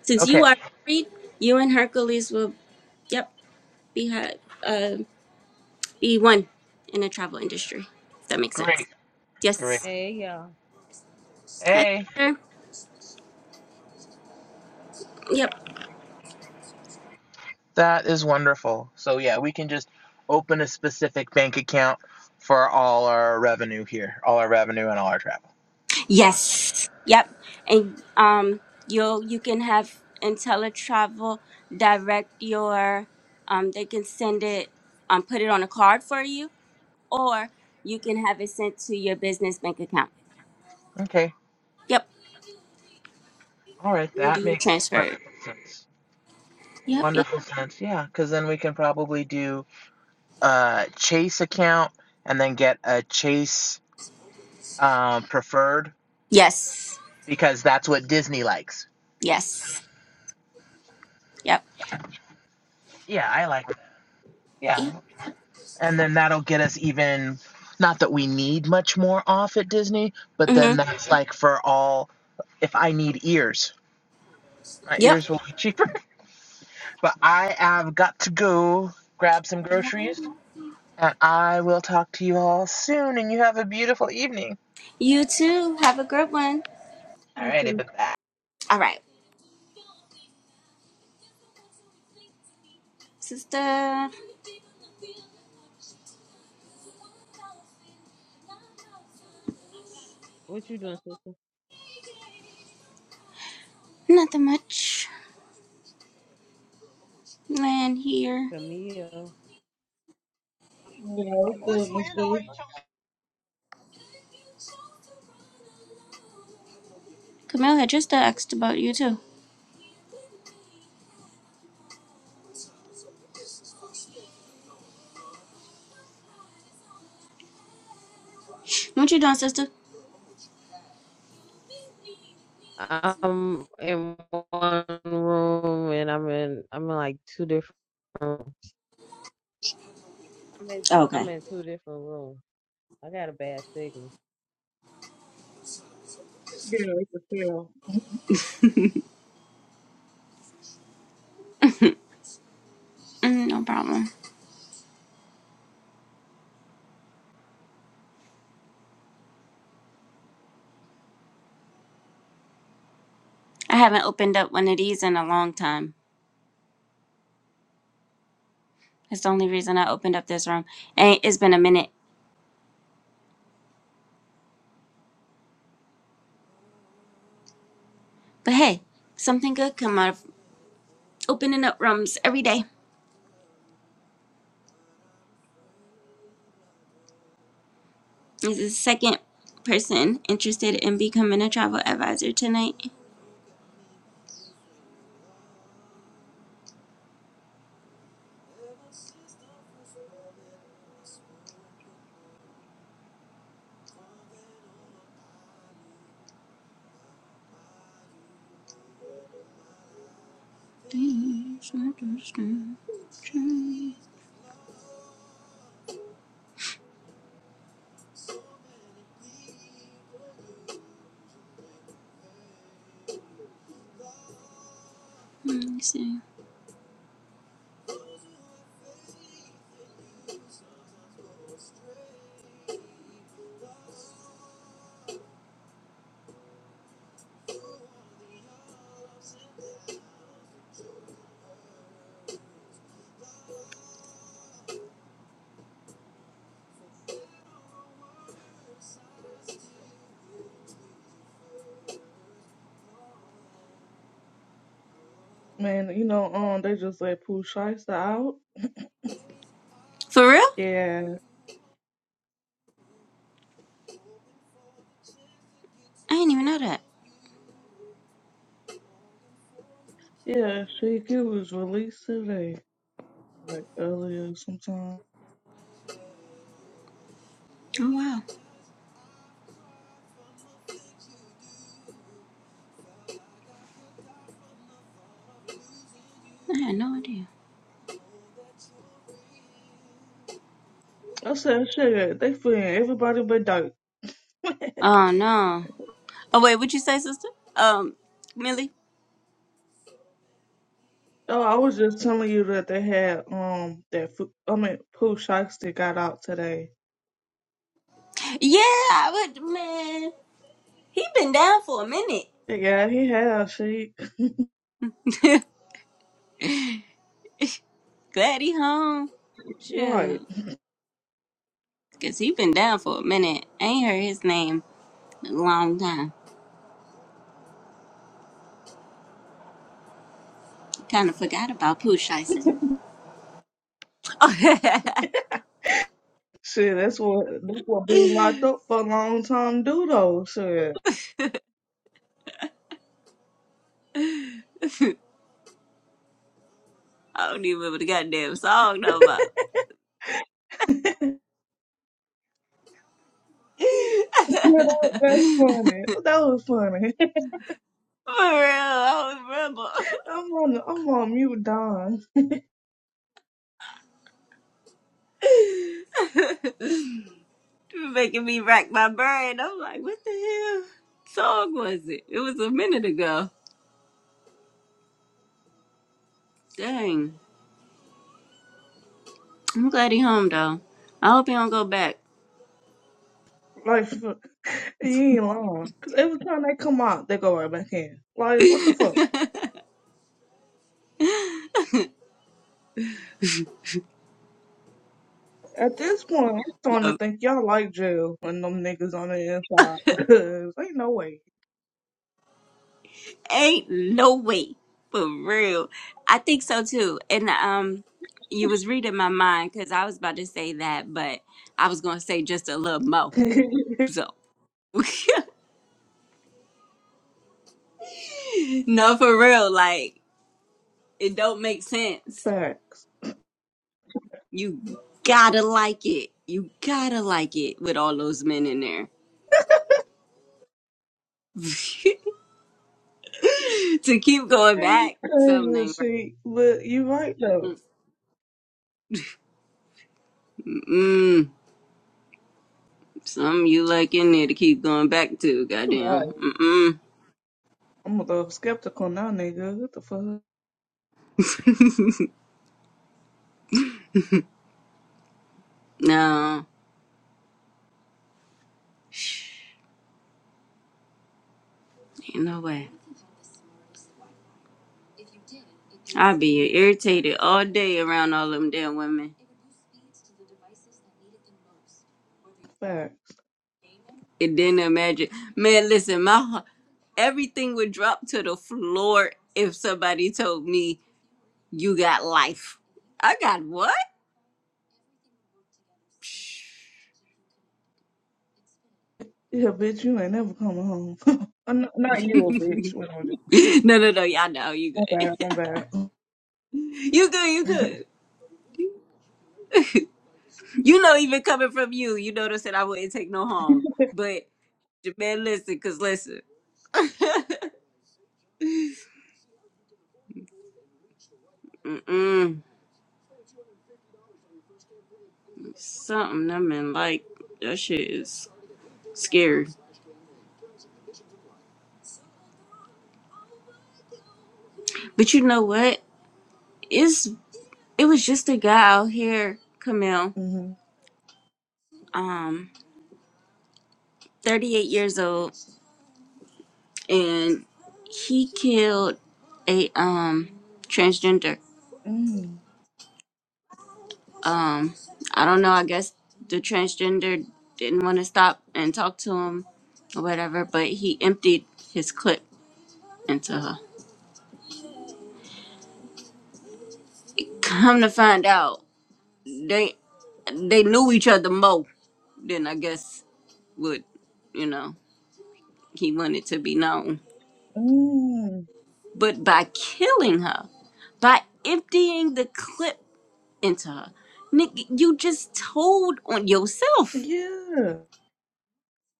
Speaker 2: since
Speaker 4: Okay,
Speaker 2: you are married you and hercules will yep be ha- uh be one in the travel industry if that makes sense
Speaker 4: great, great.
Speaker 2: yes
Speaker 5: Hey y'all,
Speaker 2: Hi,
Speaker 4: Hey,
Speaker 2: sir. yep
Speaker 4: that is wonderful. So yeah, we can just open a specific bank account for all our revenue here, all our revenue and all our travel.
Speaker 2: Yes. Yep. And um, you you can have IntelliTravel direct your um, they can send it um, put it on a card for you, or you can have it sent to your business bank account.
Speaker 4: Okay,
Speaker 2: Yep.
Speaker 4: All right,
Speaker 2: And do
Speaker 4: that
Speaker 2: your
Speaker 4: makes
Speaker 2: transfer.
Speaker 4: wonderful sense.
Speaker 2: Yep. Yep.
Speaker 4: Wonderful sense. Yeah, because then we can probably do a Chase account and then get a Chase um, preferred
Speaker 2: Yes.
Speaker 4: because that's what Disney likes.
Speaker 2: Yes. Yep.
Speaker 4: Yeah, I like that. Yeah,
Speaker 2: Yep.
Speaker 4: and then that'll get us even. Not that we need much more off at Disney, but
Speaker 2: Mm-hmm.
Speaker 4: then that's like for all. If I need ears, my
Speaker 2: Yep.
Speaker 4: ears will be cheaper. [LAUGHS] But I have got to go grab some groceries. And I will talk to you all soon, and you have a beautiful evening.
Speaker 2: You too. Have a good one.
Speaker 3: You
Speaker 4: Alrighty,
Speaker 3: too.
Speaker 4: bye bye.
Speaker 2: All right, sister.
Speaker 5: what you doing, sister?
Speaker 2: Nothing much. Land here.
Speaker 5: Camille.
Speaker 3: You know, it's good, Miss B.
Speaker 2: Camille had just asked about you too. What you doing, sister?
Speaker 5: I'm in one room and I'm in I'm in like two different rooms. I'm in
Speaker 2: Okay.
Speaker 5: I'm in two different rooms. I got a bad signal.
Speaker 3: Yeah, it's a feel.
Speaker 2: Mm, no problem. I haven't opened up one of these in a long time. That's the only reason I opened up this room. And it's been a minute. But hey, something good come out of opening up rooms every day. This is the second person interested in becoming a travel advisor tonight.
Speaker 3: Man, you know, um, they just let Pooh Shiesty out.
Speaker 2: For real?
Speaker 3: Yeah,
Speaker 2: I had that.
Speaker 3: yeah, she was released today, like earlier sometime.
Speaker 2: Oh wow. I had no idea.
Speaker 3: I said, shit, they feeling everybody but Dyke.
Speaker 2: Um oh wait, which um Millie?
Speaker 3: Oh, I was just telling you that they had, um, that, Fu- I mean, Pooh Shiesty got out today.
Speaker 2: Yeah, I would man. He been down for a minute.
Speaker 3: Yeah, he had, she,
Speaker 2: [LAUGHS] Glad he home.
Speaker 3: [LAUGHS] right.
Speaker 2: Shoot. Cause he been down for a minute. Ain't heard his name in a long time. Kind of forgot about Pooh Shiesty. [LAUGHS] I
Speaker 3: Shit, that's what that's what being locked up for a long time do though. Shit,
Speaker 2: don't even remember the goddamn song no more.
Speaker 3: [LAUGHS] yeah,
Speaker 2: [LAUGHS]
Speaker 3: that, that's funny. That was funny. [LAUGHS]
Speaker 2: I'm
Speaker 3: I'm on I'm on mute, Don.
Speaker 2: like, mm, I hope him back.
Speaker 3: Like [LAUGHS] for- you ain't lying. 'Cause every time they come out, they go right back in. Like what the fuck? At this point, I'm starting to think y'all like jail when them niggas on the inside [LAUGHS] because ain't no way.
Speaker 2: Ain't no way, for real. I think so too. And um, you was reading my mind because I was about to say that, but I was gonna say just a little mo.
Speaker 3: [LAUGHS]
Speaker 2: So no, for real, like it don't make sense.
Speaker 3: Facts.
Speaker 2: You gotta like it. You gotta like it with all those men in there. [LAUGHS] to keep going
Speaker 3: Ain't
Speaker 2: back, something
Speaker 3: crazy
Speaker 2: ain't
Speaker 3: shit, but you right though.
Speaker 2: right. Mm, mm, something you like in there to keep going back to, goddamn.
Speaker 3: Like,
Speaker 2: Mm-mm.
Speaker 3: I'm a little skeptical now, nigga. What the fuck?
Speaker 2: [LAUGHS] no, ain't no way. I'd be irritated all day around all them damn women.
Speaker 3: Fact.
Speaker 2: And then imagine, man, listen, my heart- everything would drop to the floor if somebody told me you got life. I got what?
Speaker 3: Yeah, bitch, you ain't never coming home. [LAUGHS] Uh, n- Not you,
Speaker 2: [LAUGHS]
Speaker 3: a bitch. Wait, I'm
Speaker 2: [LAUGHS] no, no, no. Y'all know you
Speaker 3: my bad,
Speaker 2: good.
Speaker 3: my bad.
Speaker 2: [LAUGHS] you good. You good. You know, even coming from you, you know what I said. I wouldn't take no harm. But man, listen, cause listen, [LAUGHS] Mm-mm. something I mean, like that shit is scary. But you know what? It's it was just a guy out here, Camille,
Speaker 3: Mm-hmm.
Speaker 2: um, 38 years old, and he killed a um transgender.
Speaker 3: Mm.
Speaker 2: Um, I don't know. I guess the transgender didn't want to stop and talk to him or whatever, but he emptied his clip into her. Come to find out, they they knew each other more than I guess would you know he wanted to be known.
Speaker 3: Mm.
Speaker 2: But by killing her, by emptying the clip into her, Nick, you just told on yourself.
Speaker 3: Yeah.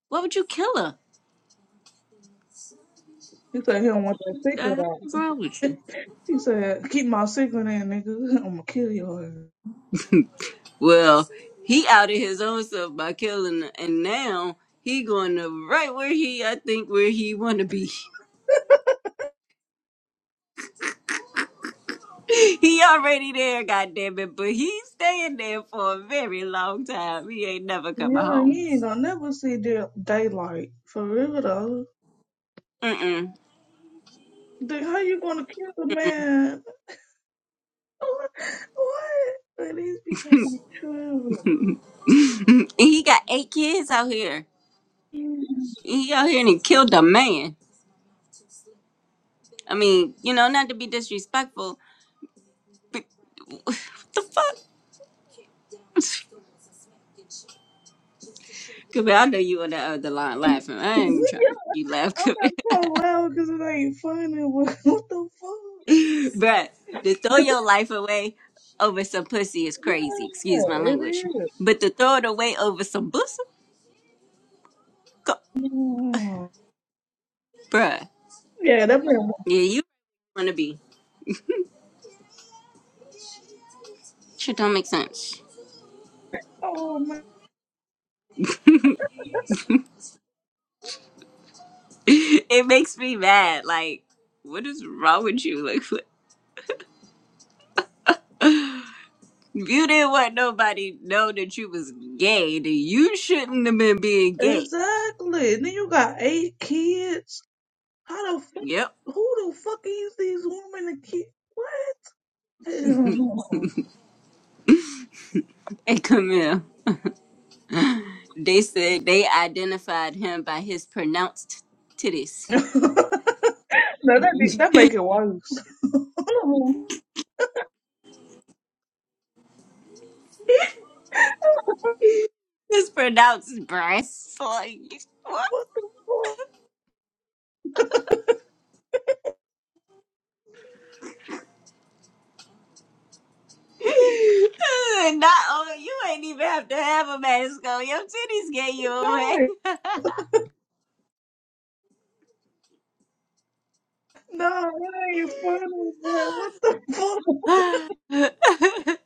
Speaker 2: Why would you kill her?
Speaker 3: He said he don't want that
Speaker 2: The
Speaker 3: secret
Speaker 2: hell's
Speaker 3: out.
Speaker 2: wrong with
Speaker 3: [LAUGHS]
Speaker 2: you?
Speaker 3: He said, keep my secret in, nigga. [LAUGHS] I'm gonna kill you.
Speaker 2: [LAUGHS] Well, he outed his own self by killing, her, and now he going to right where he, I think, where he want to be. [LAUGHS] He already there, goddamn it, but he's staying there for a very long time. He ain't never coming
Speaker 3: Yeah,
Speaker 2: home.
Speaker 3: he ain't gonna never see the daylight. For real, though.
Speaker 2: Mm-mm.
Speaker 3: Dude, how you gonna kill a man? [LAUGHS] What? What? These people be tripping.
Speaker 2: And he got eight kids out here. And He out here and he killed a man. I mean, you know, not to be disrespectful, but what the fuck? [LAUGHS] Cause I know you on that other line laughing. I ain't even
Speaker 3: [LAUGHS]
Speaker 2: trying to make you laugh. [LAUGHS]
Speaker 3: I'm not
Speaker 2: Cause
Speaker 3: so loud because it ain't funny, but [LAUGHS] what the fuck?
Speaker 2: [LAUGHS] Bruh, to throw your life away over some pussy is crazy.
Speaker 3: Yeah,
Speaker 2: Excuse my
Speaker 3: it
Speaker 2: language. But to throw it away over some pussy, co-
Speaker 3: is. Mm.
Speaker 2: bruh.
Speaker 3: Yeah, that been.
Speaker 2: Yeah, you.
Speaker 3: Oh man,
Speaker 2: [LAUGHS] It makes me mad. Like, what is wrong with you? Like, what, if you didn't want nobody to know that you was gay, then you shouldn't have been being gay.
Speaker 3: exactly. And then you got eight kids. How the fuck?
Speaker 2: Yep. [LAUGHS]
Speaker 3: Who the fuck is these women and kids? What? Hell no.
Speaker 2: And Camille, they said they identified him by his pronounced titties.
Speaker 3: [LAUGHS] no, that be, that make it worse. [LAUGHS] Oh,
Speaker 2: His pronounced breasts. Like, what? Not oh, you ain't even have to have a mask on. Your titties get you away.
Speaker 3: no, no, it ain't funny. But what the fuck?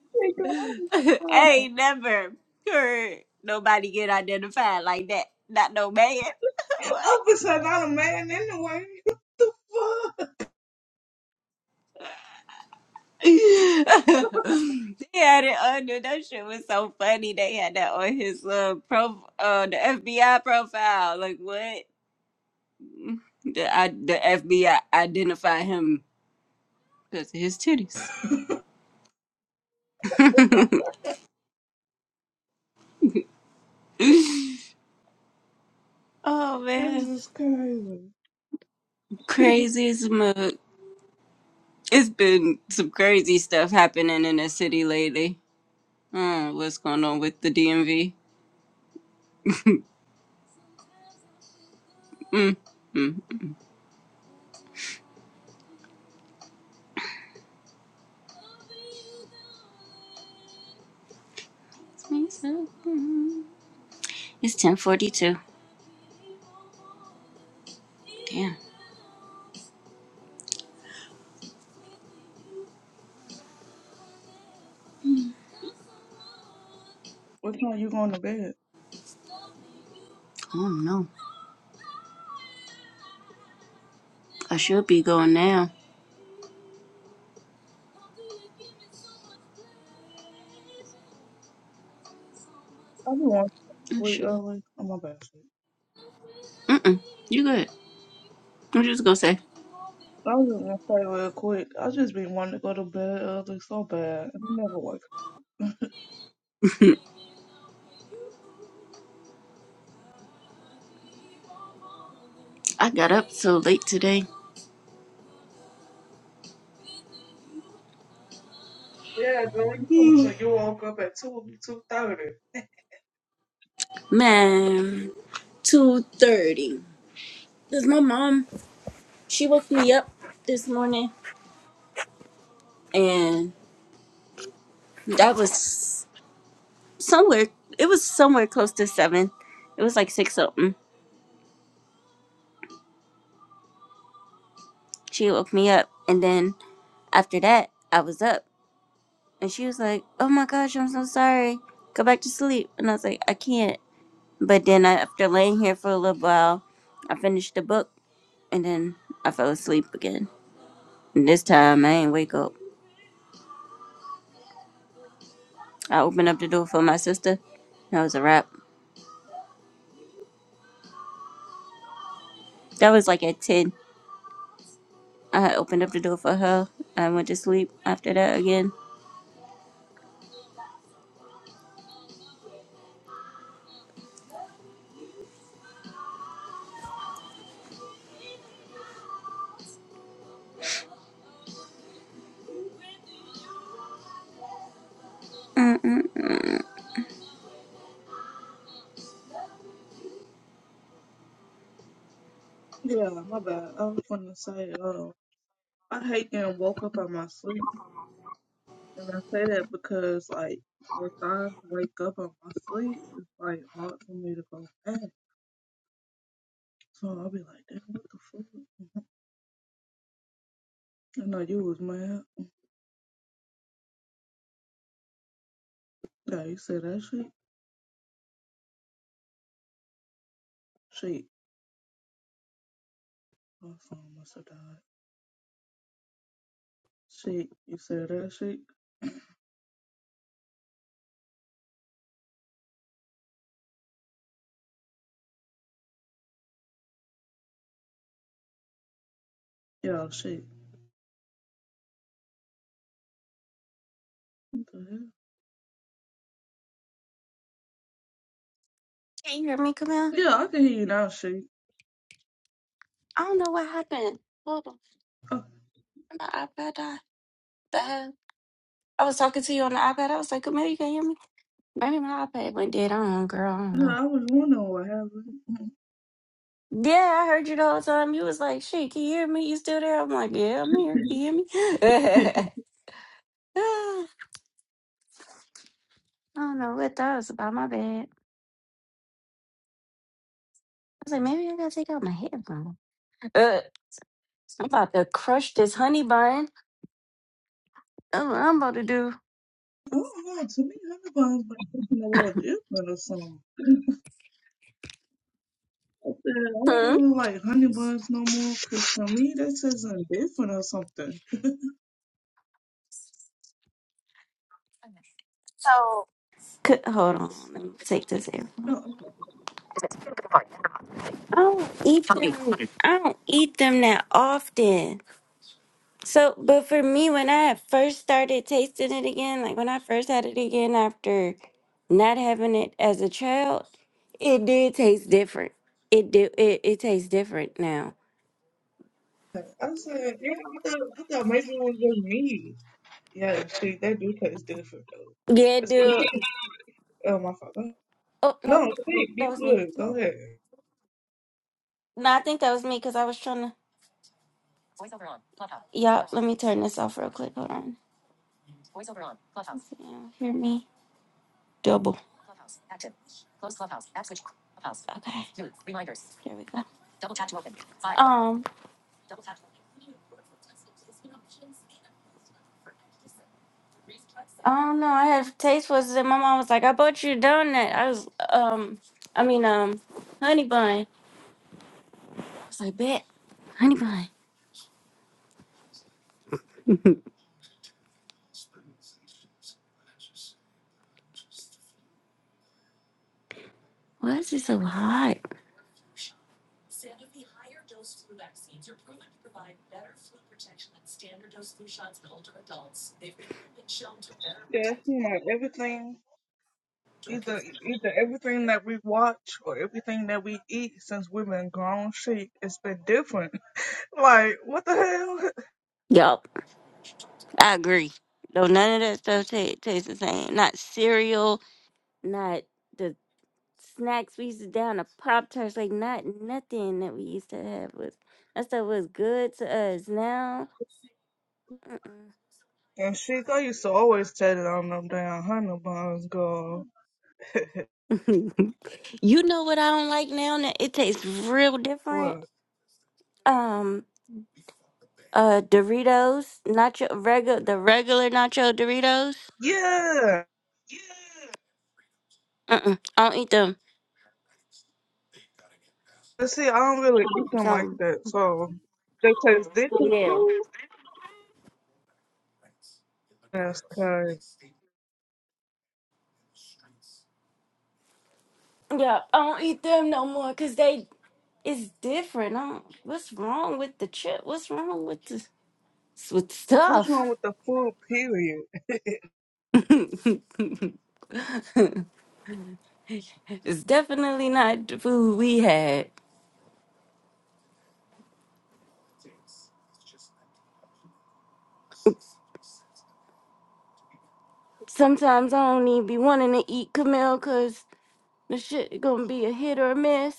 Speaker 3: [LAUGHS] Nigga,
Speaker 2: [LAUGHS] ain't never heard nobody get identified like that. Not no man. [LAUGHS]
Speaker 3: I'm
Speaker 2: What?
Speaker 3: I'm beside not a man anyway. [LAUGHS]
Speaker 2: they had it under that shit was so funny. They had that on his uh prof uh the FBI profile. Like what? The I, the FBI identify him because of his titties. [LAUGHS] Oh
Speaker 3: This
Speaker 2: man,
Speaker 3: is crazy.
Speaker 2: crazy as a mug. It's been some crazy stuff happening in the city lately. Mm, what's going on with the DMV? It's ten forty two.
Speaker 3: What time you going to bed?
Speaker 2: Oh no, I should be going now.
Speaker 3: I just want
Speaker 2: I
Speaker 3: wait
Speaker 2: should.
Speaker 3: early. I'm my bad.
Speaker 2: Mm-mm, you good? I'm just gonna say
Speaker 3: I was just gonna say real quick. I just been wanting to go to bed early so bad. I never wake up.
Speaker 2: I got up so late today.
Speaker 3: Yeah, girl, you told me so you woke up at two two thirty.
Speaker 2: Man, two thirty. Cause my mom, she woke me up this morning, and that was somewhere. It was somewhere close to seven. It was like six something She woke me up, and then after that, I was up, and she was like, "Oh my gosh, I'm so sorry. Go back to sleep." And I was like, "I can't." But then I, after laying here for a little while, I finished the book, and then I fell asleep again. And this time, I ain't wake up. I opened up the door for my sister. That was a wrap. That was like at ten. I had opened up the door for her. I went to sleep after that again.
Speaker 3: Yeah, my bad. I was gonna say, uh, I hate getting woke up out my sleep, and I say that because like when I wake up out my sleep, it's like hard for me to go back. So I'll be like, damn, what the fuck? I know you was mad. Yeah, you said that shit. Shit. My phone must have died. Shit. You said that shit? Yeah, shit. What the hell?
Speaker 1: Can you hear me, Camille?
Speaker 3: Yeah, I can hear you now, shit.
Speaker 1: I don't know what happened. Hold on.
Speaker 3: Oh,
Speaker 1: My iPad died. The hell? I was talking to you on the iPad. I was like, Camille, you can hear me? Maybe my iPad went dead. I don't know, girl. I don't
Speaker 3: yeah,
Speaker 1: know.
Speaker 3: I was wondering what happened.
Speaker 1: Yeah, I heard you the whole time. You was like, shit, can you hear me? You still there? I'm like, yeah, I'm here. Can you hear me? [LAUGHS]
Speaker 3: [LAUGHS]
Speaker 1: I don't know what that was about. My bad. was like, maybe I gotta take out my headphones. Uh, I'm about to crush this honey bun. That's what I'm about to do.
Speaker 3: oh my god, to me, honey buns been taking a little different or something. I said, I don't
Speaker 1: Hmm.
Speaker 3: really like honey buns no more, because to me, that's is different or something.
Speaker 1: So, could, hold on. Let me take this out.
Speaker 3: No, okay.
Speaker 1: I don't eat them. I don't eat them that often. So, but for me, when I had first started tasting it again, like when I first had it again after not having it as a child, it did taste different. It do. It, it tastes different now.
Speaker 3: I said, yeah, I thought, I thought maybe it was just me. Yeah, shit, that do taste different, though.
Speaker 1: Yeah,
Speaker 3: It's
Speaker 1: dude.
Speaker 3: [LAUGHS] oh, my fuck.
Speaker 1: Oh no,
Speaker 3: No, shit,
Speaker 1: that
Speaker 3: you
Speaker 1: was me.
Speaker 3: good. Go ahead.
Speaker 1: No, I think that was me because I was trying to. Yeah, let me turn this off real quick. Hold on. Yeah, hear me? Double. Okay, here we go. Um, I don't know. I had taste was and my mom was like, "I bought you a donut." I was um, I mean um, honey bun. I was like, "Bet, honey bun. Why is it so hot?"
Speaker 3: Yes, you know, everything, either either everything that we watch or everything that we eat since we've been grown, she it's been different. [LAUGHS] Like, what the hell?
Speaker 1: Yup, I agree. Though none of that stuff ta- tastes the same. Not cereal. Not. snacks. We used to down a pop tarts like not nothing that we used to have was that stuff was good to us. Now, mm-mm.
Speaker 3: [LAUGHS] And she, I used to always tell it on them damn honey buns, girl.
Speaker 1: [LAUGHS] you know what I don't like now? That it tastes real different.
Speaker 3: What?
Speaker 1: Um, uh, Doritos, nacho regular the regular nacho Doritos.
Speaker 3: Yeah.
Speaker 1: Mm-mm, I don't eat them.
Speaker 3: But see, I don't really eat them like
Speaker 1: So
Speaker 3: that, so they taste different
Speaker 1: yeah,
Speaker 3: too. That's crazy.
Speaker 1: yeah, I don't eat them no more because they it's different. I don't, what's wrong with the chip? What's wrong with the with
Speaker 3: What's
Speaker 1: stuff?
Speaker 3: wrong with the food, period?
Speaker 1: [LAUGHS] it's definitely not the food we had. Sometimes I don't even be wanting to eat Camille because the shit gonna be a hit or a miss.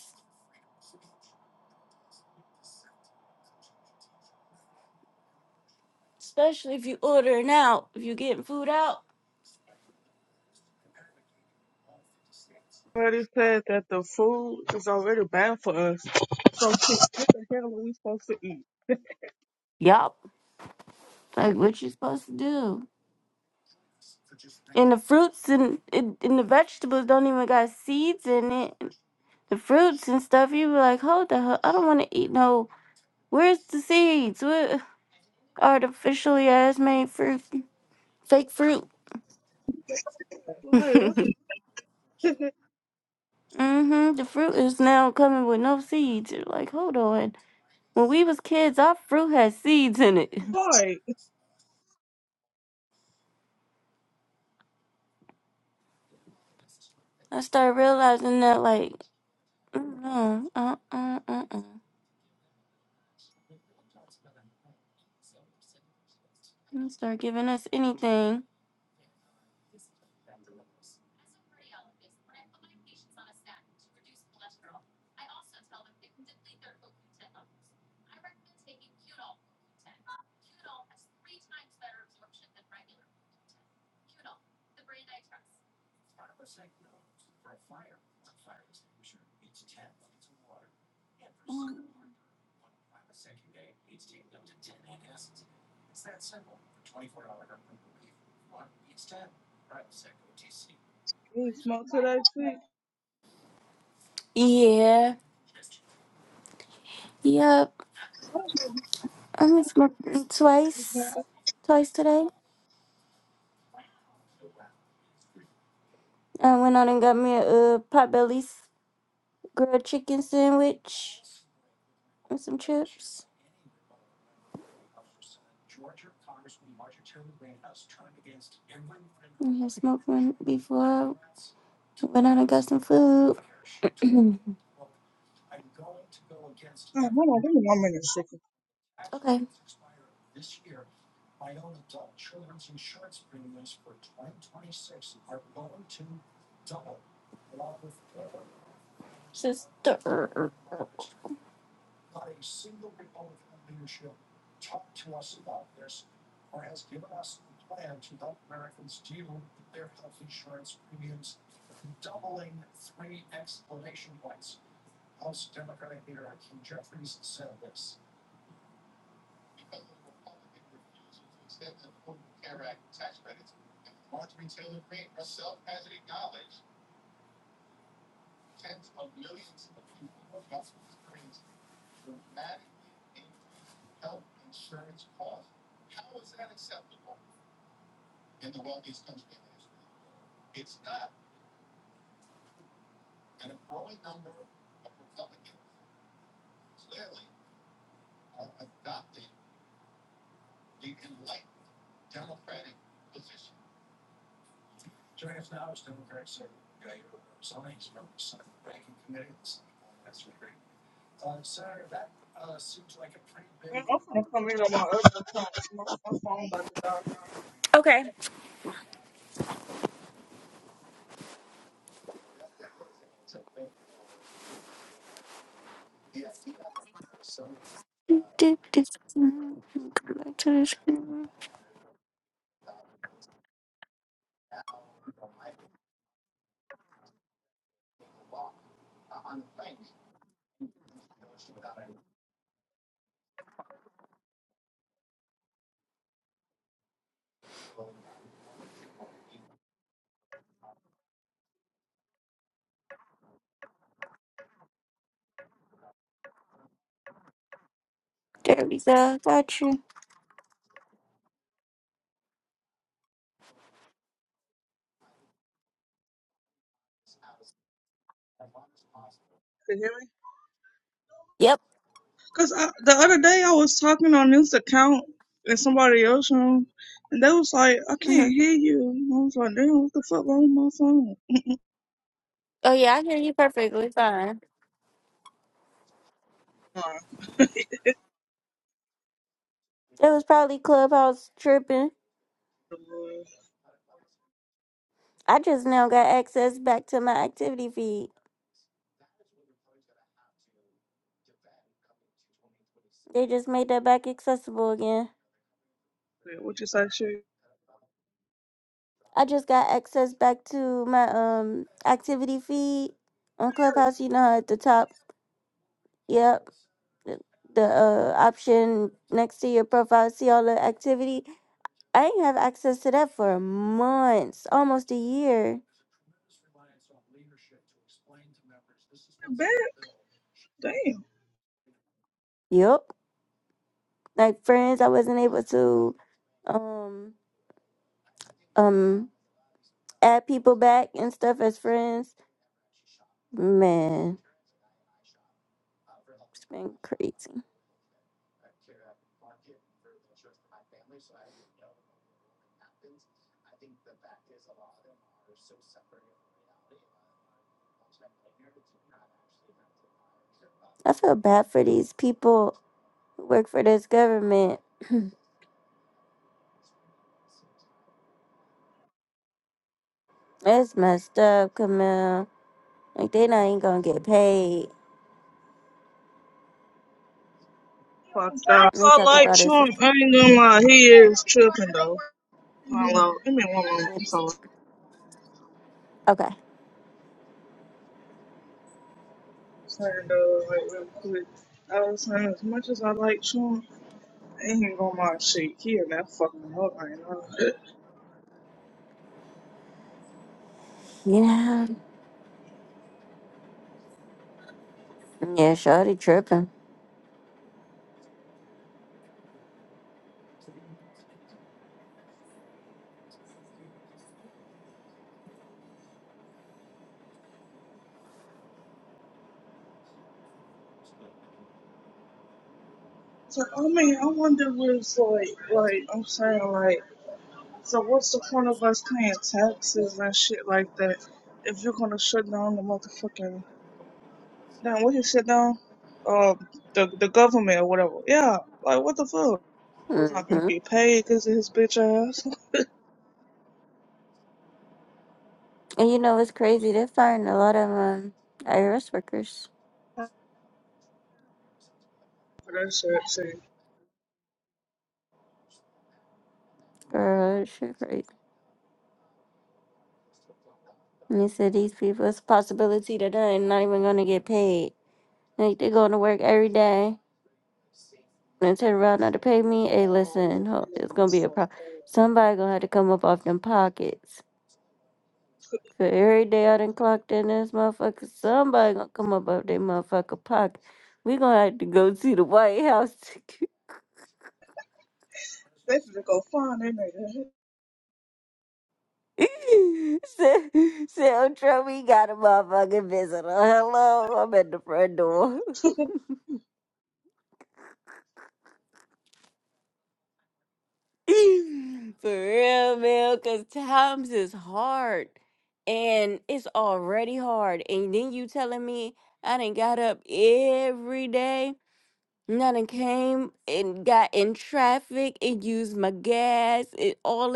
Speaker 1: Especially if you ordering out, if you getting food out.
Speaker 3: Already said that the food is already bad for us. So, [LAUGHS] what the hell are we supposed to eat?
Speaker 1: Yup. Like what you supposed to do. And the fruits and, and and the vegetables don't even got seeds in it. The fruits and stuff, you be like, hold the hell, I don't want to eat no. Where's the seeds? What artificially ass made fruit? Fake fruit.
Speaker 3: Why?
Speaker 1: [LAUGHS]
Speaker 3: What the
Speaker 1: Mm-hmm. The fruit is now coming with no seeds. You're like, hold on. When we was kids, our fruit had seeds in it.
Speaker 3: boy?
Speaker 1: I started realizing that, like, no, uh, uh, uh, uh. Don't start giving us anything.
Speaker 3: You smoke to that shit?
Speaker 1: Yeah. Yep. I made smoking twice,
Speaker 3: Oh,
Speaker 1: twice today. I went out and got me a uh, potbelly's grilled chicken sandwich and some chips. Yes, smoke one before went out and got some food. [CLEARS THROAT]
Speaker 3: hold on, give me one minute, second.
Speaker 1: okay. Sister. Come
Speaker 3: I'm gonna come in on my other phone. My, my phone about to die.
Speaker 1: back to the screen. There we go. Got you.
Speaker 6: Can you hear me?
Speaker 1: Yep.
Speaker 6: Cause I, the other day I was talking on this account and somebody else room, and they was like, "I
Speaker 1: hmm
Speaker 6: can't hear you." I was like, "Damn, what the fuck wrong with my phone?"
Speaker 1: Oh, yeah, I hear you perfectly fine. It was probably Clubhouse tripping.
Speaker 6: [LAUGHS] Uh,
Speaker 1: I just now got access back to my activity feed. They just made that back accessible again.
Speaker 6: what you say, shit?
Speaker 1: I just got access back to my um activity feed on Clubhouse. You know how at the top, yep, the, the uh option next to your profile, see all the activity. I ain't have access to that for months, almost a year.
Speaker 6: Bad, damn.
Speaker 1: Yep, like friends, I wasn't able to. Um, um add people back and stuff as friends. Man, it's been crazy. I feel bad for these people who work for this government. That's messed up, Camille. Like they not even gonna get paid.
Speaker 6: Fucked up.
Speaker 1: They
Speaker 6: I
Speaker 1: talk
Speaker 6: like
Speaker 1: about it.
Speaker 6: Trump. I ain't gonna lie, he is tripping though. Hello, give me one moment. I'm sorry.
Speaker 1: Okay.
Speaker 6: Saying though, like real quick, I was saying as much as I like Trump, I ain't gonna lie, shit. He in that fucking hole right now.
Speaker 1: Yeah. Yeah, Shawty tripping.
Speaker 6: So I mean, I wonder what it's like. Like I'm saying, like, so what's the point of us paying taxes and shit like that if you're gonna shut down the motherfucking damn what you shut down, um, the the government or whatever? Yeah, like what the fuck? Was not gonna
Speaker 1: Mm-hmm.
Speaker 6: get paid because of his bitch ass.
Speaker 1: And you know what's crazy? They're firing a lot of um, IRS workers.
Speaker 6: [LAUGHS] For that shit, see.
Speaker 1: Girl, that shit crazy. And they said these people, it's a possibility that they're not even going to get paid. Like, they're going to work every day and turn around not to pay me. Hey,
Speaker 6: Oh,
Speaker 1: listen,
Speaker 6: look,
Speaker 1: ho- it's
Speaker 6: look,
Speaker 1: going to be
Speaker 6: this
Speaker 1: a
Speaker 6: fucked
Speaker 1: problem.
Speaker 6: up.
Speaker 1: Somebody going to have to come up off them pockets. For every day I done clocked in this motherfucker, somebody going to come up off their motherfucker pocket. We going to have to go to the White House
Speaker 6: They finna go find that
Speaker 1: [LAUGHS] Sil- we got a motherfucking visitor. Hello, I'm at the front door. [LAUGHS]
Speaker 6: nigga.
Speaker 1: For real, man, because times is hard. And it's already hard. And then you telling me I done got up every day. and I done came and got in traffic and used my gas and all.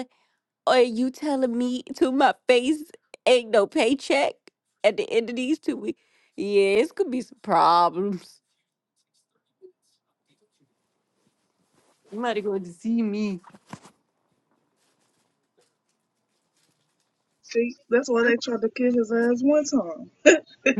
Speaker 1: Are you telling me to my face ain't no paycheck at the end of these two weeks? Yeah, it's gonna be some problems. You might going to see me.
Speaker 6: [LAUGHS] see, that's why they tried to kill his ass one time.
Speaker 1: [LAUGHS]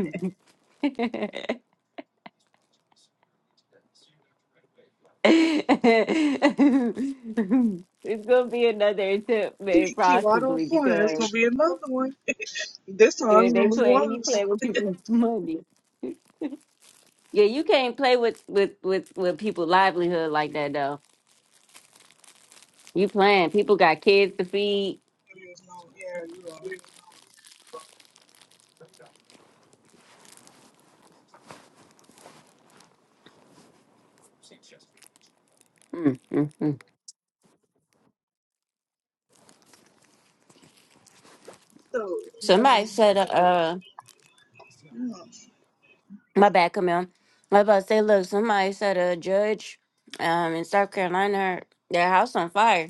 Speaker 1: it's gonna be another attempt, man,
Speaker 6: He keep right on
Speaker 1: possibly
Speaker 6: flying. There's
Speaker 1: because
Speaker 6: gonna be another one. This time
Speaker 1: yeah,
Speaker 6: it's
Speaker 1: they
Speaker 6: gonna be
Speaker 1: play. You
Speaker 6: worse.
Speaker 1: play with people's money. Yeah, you can't play with with with with people's livelihood like that though. You playing? People got kids to feed.
Speaker 6: There's no, yeah, you are.
Speaker 1: Mm, mm, mm.
Speaker 6: So,
Speaker 1: Somebody
Speaker 6: um,
Speaker 1: said, uh,
Speaker 6: yeah.
Speaker 1: My bad, Camille. I was about to say, look, somebody said a judge um, in South Carolina had their house on fire.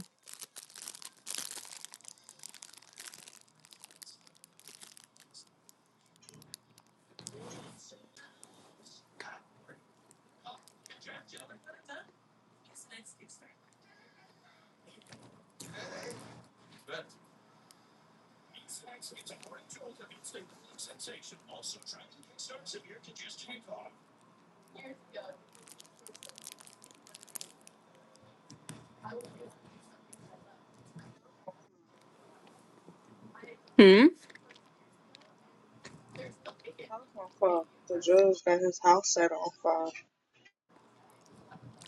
Speaker 1: Hmm?
Speaker 6: House on fire. The judge got his house set on fire.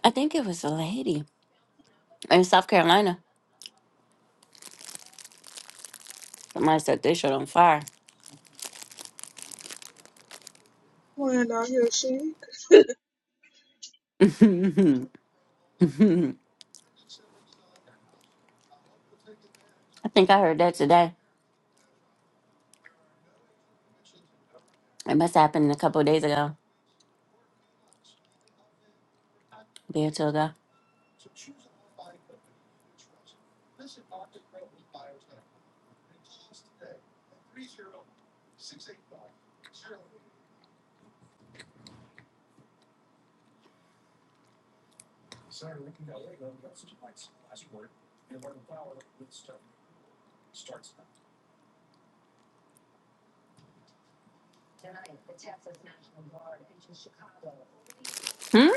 Speaker 1: I think it was a lady in South Carolina. Somebody set their shit on fire.
Speaker 6: When I hear she,
Speaker 1: [LAUGHS] I think I heard that today. It must have happened a couple of days ago, a day or two ago. Hmm?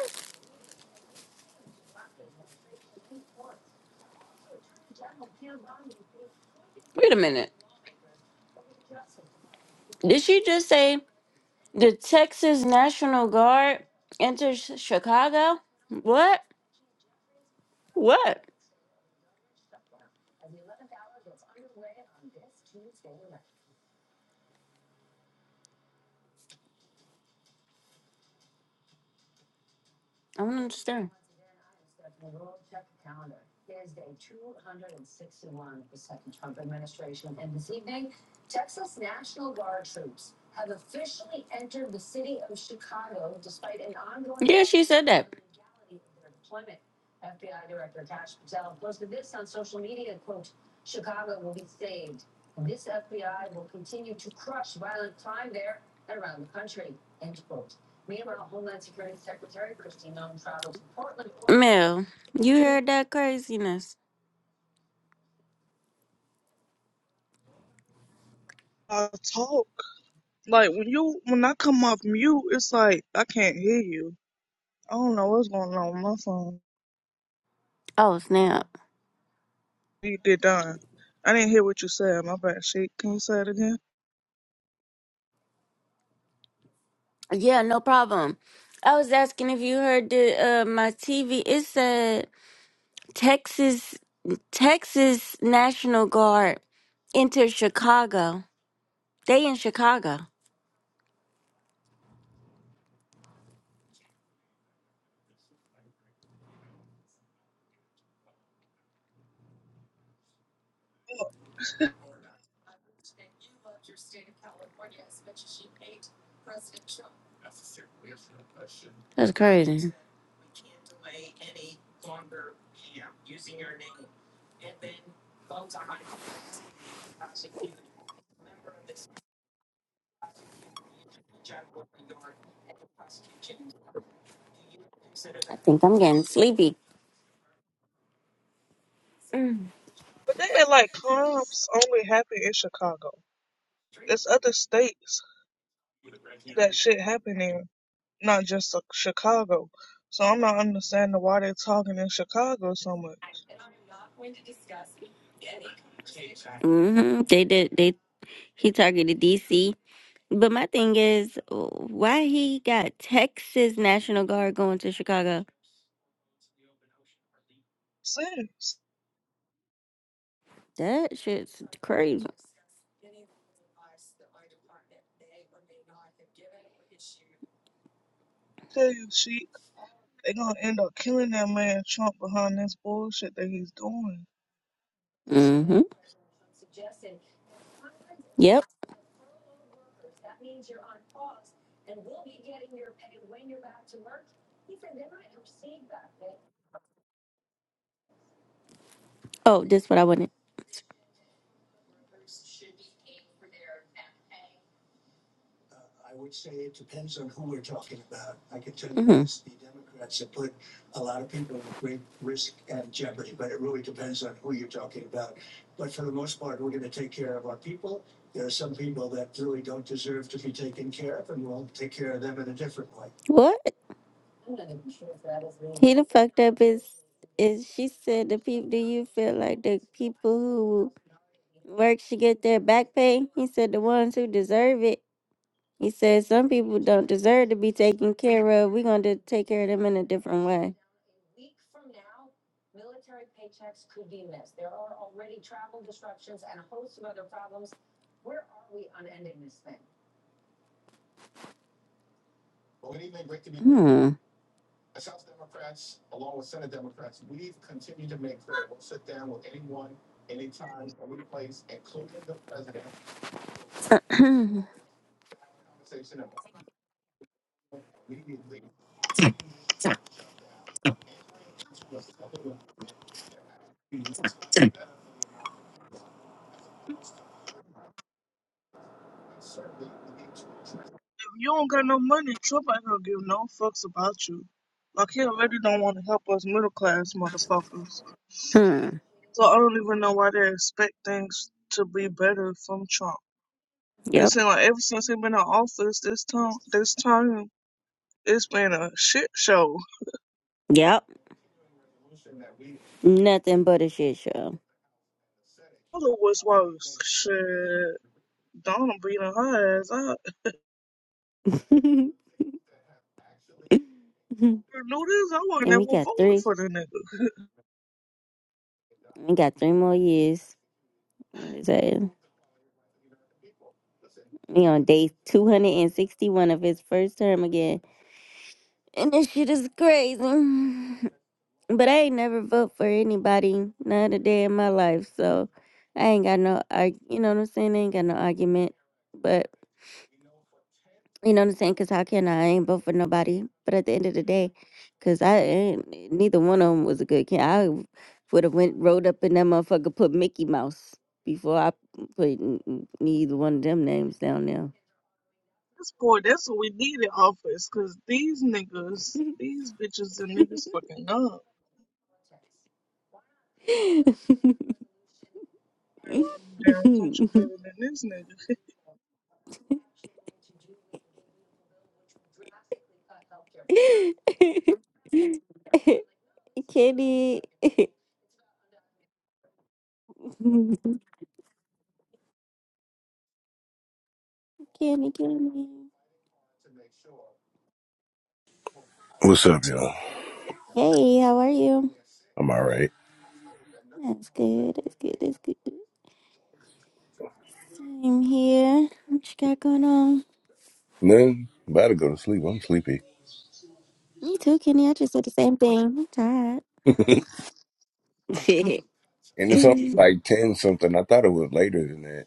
Speaker 1: Wait a minute. Did she just say the Texas National Guard enters Chicago? What? What? I don't understand. Yeah, she said that. Oregon. Mel, you
Speaker 6: she
Speaker 1: heard that craziness?
Speaker 6: uh, talk like when you when I come off mute, it's like I can't hear you. I don't know what's going on with my phone.
Speaker 1: Oh snap!
Speaker 6: You did done. I didn't hear what you said. My bad. She, can you say it again?
Speaker 1: Yeah, no problem. I was asking if you heard the uh, my TV. It said Texas Texas National Guard entered Chicago. They in Chicago.
Speaker 6: Yeah.
Speaker 1: That's crazy. I think I'm getting sleepy.
Speaker 6: But they act like crimes only happen in Chicago. It's other states that shit happening. not just uh, Chicago. So I'm not understanding why they're talking in Chicago so much.
Speaker 1: hmm They did. They he targeted DC. But my thing is, why he got Texas National Guard going to Chicago?
Speaker 6: Since
Speaker 1: That shit's crazy.
Speaker 6: tell you, Sheik, they gonna end up killing that man Trump behind this bullshit that he's doing.
Speaker 1: hmm Yep. Oh, this what I wanted. hmm What? He the fucked up is is she said the people. Do you feel like the people who Work should get their back pay. He said the ones who deserve it. He said some people don't deserve to be taken care of. We're going to take care of them in a different way. Hmm. [CLEARS THROAT]
Speaker 6: If you don't got no money, Trump ain't gonna give no fucks about you. Like he already don't want to help us middle class motherfuckers.
Speaker 1: hmm.
Speaker 6: So I don't even know why they expect things to be better from Trump. It
Speaker 1: Yep.
Speaker 6: seems like ever since he been in office, this time, this time, it's been a shit show.
Speaker 1: Yep. Nothing but a shit show.
Speaker 6: Other was worse. Shit, Donna beating her ass up.
Speaker 1: [LAUGHS] and
Speaker 6: If I knew this, I wouldn't have
Speaker 1: we got
Speaker 6: voted
Speaker 1: three.
Speaker 6: for the nigga. At
Speaker 1: We got three more years. What is that? We on day 261 of his first term again. And this shit is crazy. But I ain't never vote for anybody not a day in my life. So I ain't got no, I you know what I'm saying? I ain't got no argument. But you know what I'm saying? Because how can I? I ain't vote for nobody. But at the end of the day, because I ain't, neither one of them was a good kid. I would have went rolled up in that motherfucker, put Mickey Mouse before I put n- n- neither one of them names down there.
Speaker 6: This boy, that's what we need in office, cause these niggas, these bitches and niggas fucking up.
Speaker 1: [LAUGHS]
Speaker 6: I'm down country better than this nigga.
Speaker 1: [LAUGHS] Kitty. [LAUGHS] [LAUGHS] Kenny, Kenny.
Speaker 7: What's up, y'all?
Speaker 1: Hey, how are you?
Speaker 7: I'm all right.
Speaker 1: That's good. That's good. That's good. Same here. What you got going on?
Speaker 7: Man, about to go to sleep. I'm sleepy.
Speaker 1: Me too, Kenny. I just said the same thing. I'm tired.
Speaker 7: [LAUGHS] and
Speaker 1: [LAUGHS]
Speaker 7: it's only like 10 something. I thought it was later than that.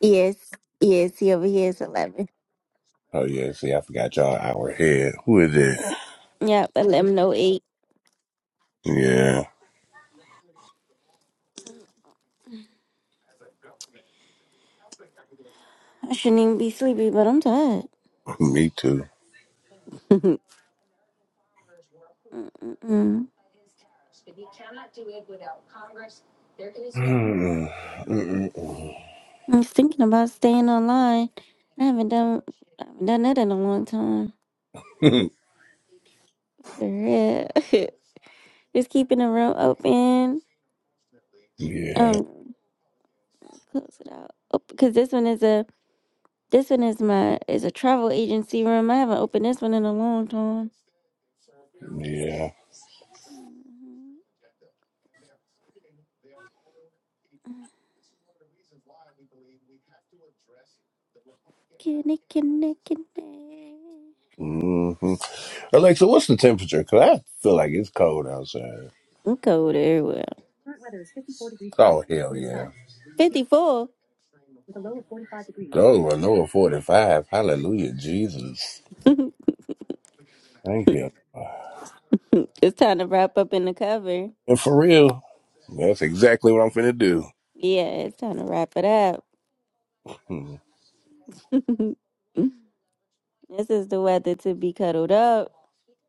Speaker 1: yes. Yes. He over here is 11.
Speaker 7: Oh, yeah. See, I forgot y'all an hour ahead. Who is it?
Speaker 1: Yep, 11.08.
Speaker 7: Yeah,
Speaker 1: I shouldn't even be sleepy, but I'm tired.
Speaker 7: me too.
Speaker 1: [LAUGHS] Mm-mm-mm.
Speaker 7: [LAUGHS] Mm, mm, mm,
Speaker 1: I was thinking about staying online. I haven't done I haven't done that in a long time.
Speaker 7: mm.
Speaker 1: For real. [LAUGHS] Just keeping the room open.
Speaker 7: [LAUGHS] yeah,
Speaker 1: Um Close it out. Oh, because this one is a this one is my is a travel agency room. I haven't opened this one in a long time.
Speaker 7: yeah.
Speaker 1: Mhm. Kitty, kitty, kitty.
Speaker 7: hmm Alexa, what's the temperature? Because I feel like it's cold outside.
Speaker 1: I'm cold everywhere.
Speaker 7: Oh, hell yeah.
Speaker 1: Fifty four.
Speaker 7: Oh, a low of 45. Hallelujah, Jesus.
Speaker 1: [LAUGHS]
Speaker 7: Thank you.
Speaker 1: it's time to wrap up in the cover.
Speaker 7: And for real, that's exactly what I'm finna do.
Speaker 1: Yeah, it's time to wrap it up.
Speaker 7: Hmm.
Speaker 1: [LAUGHS] this is the weather to be cuddled up,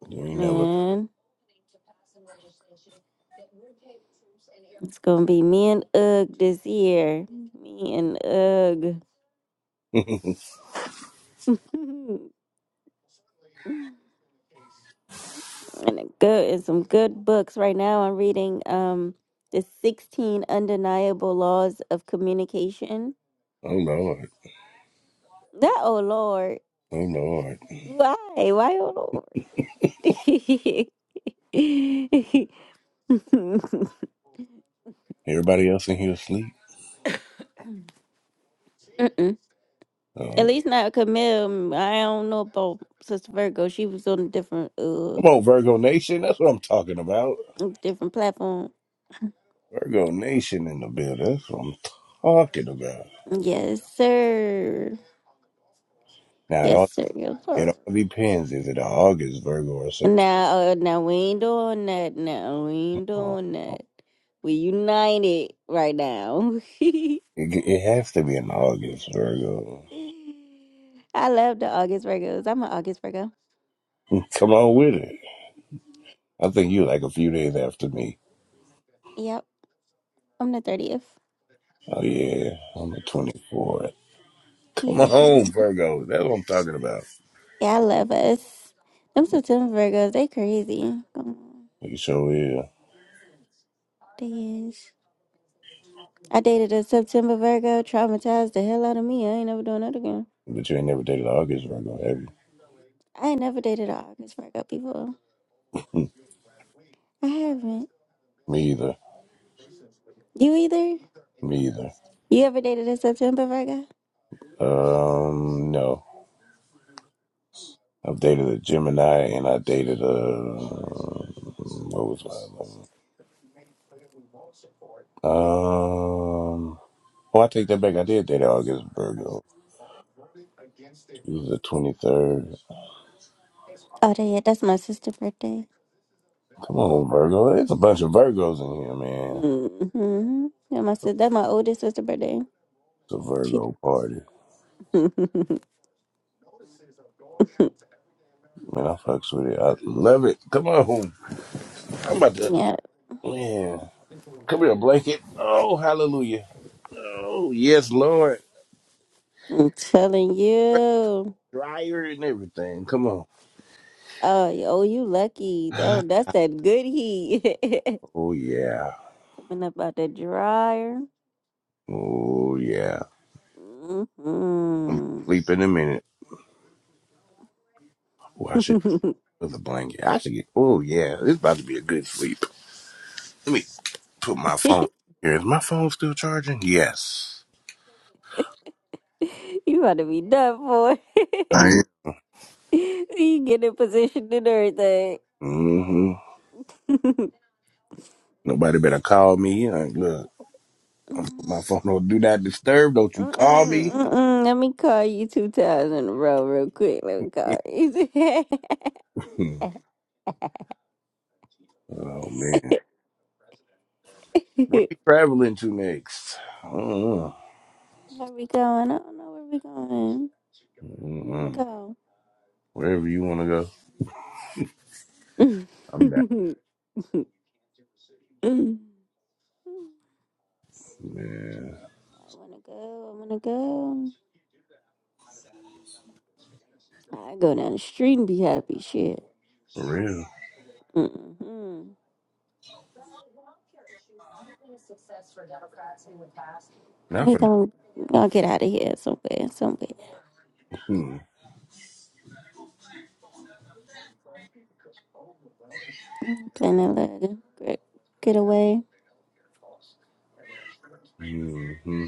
Speaker 7: You ain't never.
Speaker 1: man. It's gonna be me and Ugg this year. Me and
Speaker 7: [LAUGHS] oh
Speaker 1: Ugg. [LAUGHS] and a good and some good books right now i'm reading um the 16 undeniable laws of communication
Speaker 7: Lord,
Speaker 1: that oh lord
Speaker 7: oh Lord.
Speaker 1: why why oh lord [LAUGHS]
Speaker 7: Everybody else in here asleep.
Speaker 1: Mm-mm. at
Speaker 7: Oh,
Speaker 1: least not camille i don't know about sister virgo she was on a different uh
Speaker 7: come on, Virgo Nation. That's what I'm talking about.
Speaker 1: different platform
Speaker 7: Virgo Nation in the building. That's what I'm talking about.
Speaker 1: yes sir
Speaker 7: Now it
Speaker 1: yes
Speaker 7: all
Speaker 1: sir yes
Speaker 7: it
Speaker 1: sir
Speaker 7: all depends. Is it August Virgo or September?
Speaker 1: Now, uh, now we ain't doing that. Now we ain't doing that. We united right now. [LAUGHS]
Speaker 7: It, it has to be in August Virgo.
Speaker 1: I love the August Virgos. I'm an August Virgo.
Speaker 7: Come on with it. I think you like a few days after me.
Speaker 1: Yep, I'm the thirtieth.
Speaker 7: Oh yeah, I'm the 24. Come
Speaker 1: Yeah,
Speaker 7: on, Virgo. That's what I'm talking about.
Speaker 1: yeah, I love us. Them September Virgos, they crazy. Oh,
Speaker 7: You sure is.
Speaker 1: They is. I dated a September Virgo, traumatized the hell out of me. I ain't never doing that again.
Speaker 7: But you ain't never dated an August Virgo, have you?
Speaker 1: I ain't never dated an August Virgo before.
Speaker 7: Hmm,
Speaker 1: I haven't.
Speaker 7: Me either.
Speaker 1: You either?
Speaker 7: Me either.
Speaker 1: You ever dated in September, Virgo?
Speaker 7: Um, no. I've dated a Gemini and I dated a what was my other one? Um Oh, I take that back. I did date an August Virgo. She was the twenty third.
Speaker 1: Oh, that, yeah, that's my sister's birthday.
Speaker 7: Come on, Virgo. There's a bunch of Virgos in here, man.
Speaker 1: Mm-hmm. Yeah, my sister, that's my oldest sister's birthday.
Speaker 7: It's a
Speaker 1: She,
Speaker 7: Virgo party.
Speaker 1: [LAUGHS]
Speaker 7: Man, I fucks with it. I love it. Come on. I'm about to
Speaker 1: yeah,
Speaker 7: man. Come here, blanket. Oh, hallelujah. Oh, yes, Lord.
Speaker 1: I'm telling you.
Speaker 7: Dryer and everything. Come
Speaker 1: Oh, y- oh, you lucky. though.
Speaker 7: on. [SIGHS]
Speaker 1: that's that good heat
Speaker 7: Oh, yeah.
Speaker 1: [LAUGHS] coming up out the dryer.
Speaker 7: Oh, yeah. I'm gonna
Speaker 1: hmm
Speaker 7: sleep in a minute. Oh, I should put the blanket. I should get. Oh, yeah. It's about to be a good sleep. Let me put my
Speaker 1: [LAUGHS]
Speaker 7: phone here. Is my phone still charging? Yes.
Speaker 1: you about to be done for.
Speaker 7: I
Speaker 1: [LAUGHS] you get in position and everything.
Speaker 7: am. Mm-hmm. Nobody better call me. Like, look, I'm put
Speaker 1: [LAUGHS]
Speaker 7: my phone on. Do not disturb. Don't you call
Speaker 1: Mm-mm,
Speaker 7: me.
Speaker 1: mm-mm. Let me call you two times in a row, real quick. Let me call you.
Speaker 7: [LAUGHS] oh, man.
Speaker 1: [LAUGHS]
Speaker 7: Where we traveling to next? Uh-uh.
Speaker 1: Where we going? I don't know where we going. You wanna
Speaker 7: Mm-mm.
Speaker 1: go?
Speaker 7: Wherever you want to go,
Speaker 1: [LAUGHS] I
Speaker 7: I'm back. Man,
Speaker 1: wanna go. I wanna go. I go down the street and be happy. Shit.
Speaker 7: for real.
Speaker 1: Mm-mm.
Speaker 7: Not
Speaker 1: We
Speaker 7: for.
Speaker 1: gonna we gonna get out of here somewhere. Somewhere.
Speaker 7: Hmm.
Speaker 1: Mm, Plan a little great getaway.
Speaker 7: hmm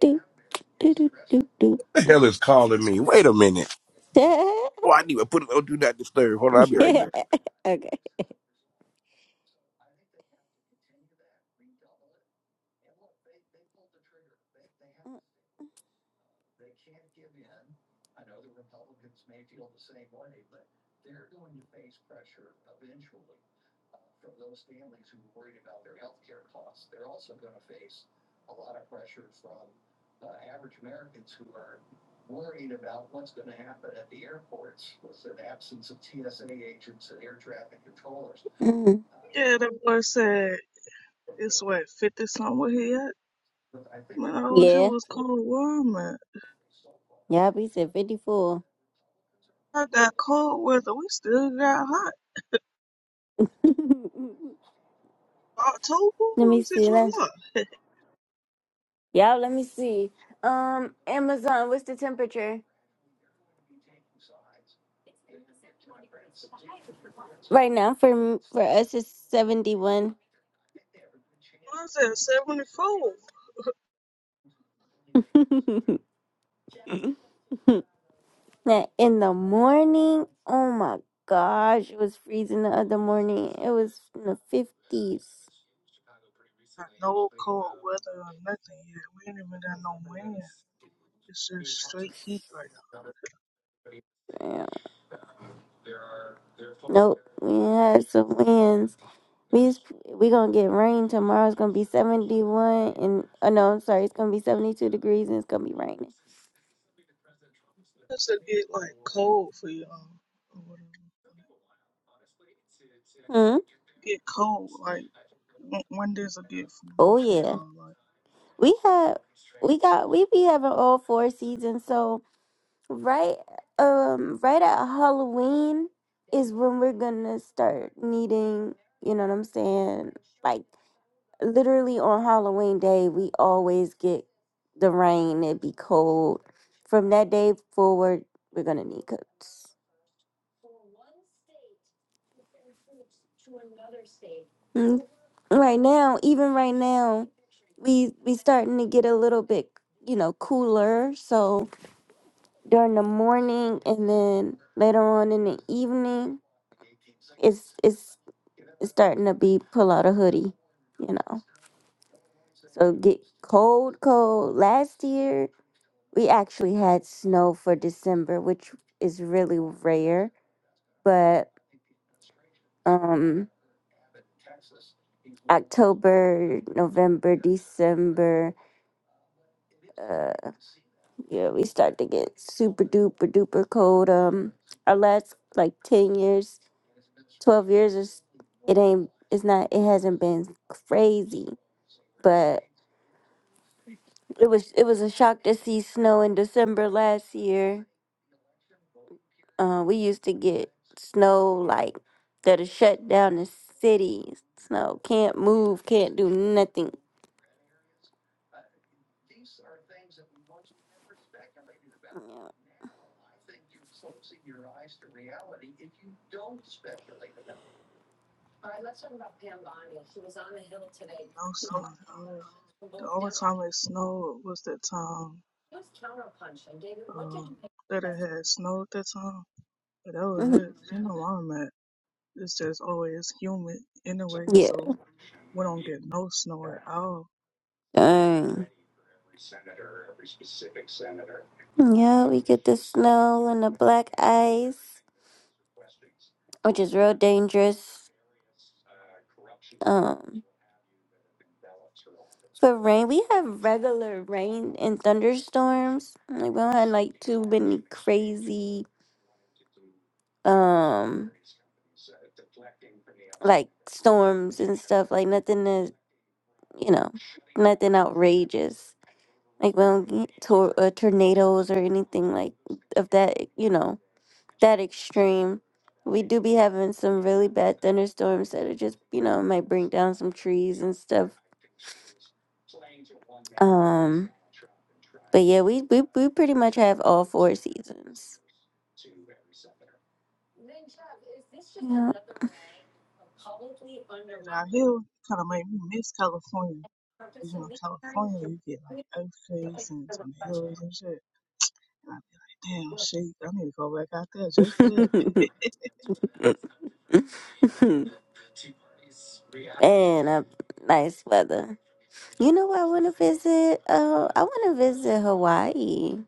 Speaker 1: Do do do do do.
Speaker 7: The hell is calling me? Wait a minute.
Speaker 1: [LAUGHS]
Speaker 7: Oh, I need to put it on Do Not Disturb. Hold on, I'll be right back.
Speaker 1: yeah. Okay. Mm.
Speaker 6: [LAUGHS] yeah, that boy said it's what fifty something where he at. Man, I wish it
Speaker 1: Yeah.
Speaker 6: was cold warm, man.
Speaker 1: Y'all be said 54.
Speaker 6: I got cold weather, we still got hot.
Speaker 1: [LAUGHS] let
Speaker 6: October, who
Speaker 1: me
Speaker 6: said
Speaker 1: see.
Speaker 6: you
Speaker 1: Let,
Speaker 6: what?
Speaker 1: y'all, let me see. Um, Amazon, what's the temperature? Right now for m- for us it's 71.
Speaker 6: I said seventy four.
Speaker 1: [LAUGHS] now, in the morning, oh my gosh, it was freezing the other morning. It was in the 50s.
Speaker 6: got no cold weather or nothing yet. We ain't even got no wind. It's just straight heat right
Speaker 1: Yeah. Nope, we had some winds. We we gonna get rain tomorrow. It's gonna be seventy one, and oh no, I'm sorry. It's gonna be seventy two degrees, and it's gonna be raining.
Speaker 6: now. It's to get like cold for y'all or whatever.
Speaker 1: Hmm.
Speaker 6: Get cold like when, when does it get
Speaker 1: Oh
Speaker 6: cold for
Speaker 1: yeah.
Speaker 6: y'all? Like
Speaker 1: We had we got we be having all four seasons. So right um right at Halloween is when we're gonna start needing. You know what I'm saying? Like. literally on Halloween day, we always get the rain. It be cold. From that day forward, we're gonna need coats. Mm. Right now, even right now, we we starting to get a little bit, you know, cooler. So during the morning and then later on in the evening, it's it's it's starting to be pull out a hoodie, you know. So get cold, cold. Last year we actually had snow for December, which is really rare, but um October, November, December, uh yeah, we start to get super duper duper cold. Um our last like 10 years, 12 years is it ain't it's not it hasn't been crazy, but it was it was a shock to see snow in December last year. uh, we used to get snow like that'll shut down the city. Snow can't move, can't do nothing. [LAUGHS]
Speaker 6: no snow at all. The only time it snowed was that time um that it had snowed that time. But that was
Speaker 1: Mhm.
Speaker 6: it. You know where I'm at. It's just always humid anyway,
Speaker 1: Yeah.
Speaker 6: so we don't get no snow at all.
Speaker 1: Dang. Yeah, we get the snow and the black ice, which is real dangerous. Um, for rain, we have regular rain and thunderstorms. Like we don't have like too many crazy um like storms and stuff like nothing that you know nothing outrageous like we don't get tor- uh, tornadoes or anything like of that you know that extreme we do be having some really bad thunderstorms that are just you know might bring down some trees and stuff um but yeah we we, we pretty much have all four seasons yeah.
Speaker 6: And out here kind of made me miss California. 'Cause, You know, California, you get like earthquakes and tornadoes and shit. And I'd be like, damn, shit, I need to go back out there just for
Speaker 1: [LAUGHS]
Speaker 6: that. [LAUGHS]
Speaker 1: and a nice weather. You know where I want to visit? Uh, I want to visit Hawaii.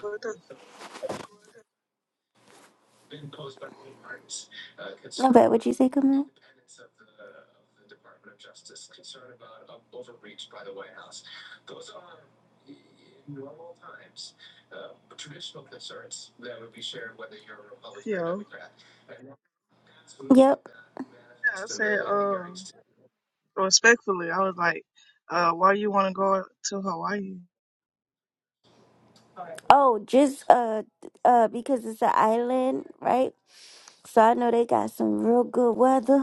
Speaker 6: What the-
Speaker 1: Not bad. What'd you say, Camille?
Speaker 6: you know,
Speaker 1: Yep.
Speaker 6: yeah, I said, um, respectfully, I was like, uh, why you want to go out to Hawaii?
Speaker 1: Oh, just uh, uh, because it's an island, right? So I know they got some real good weather.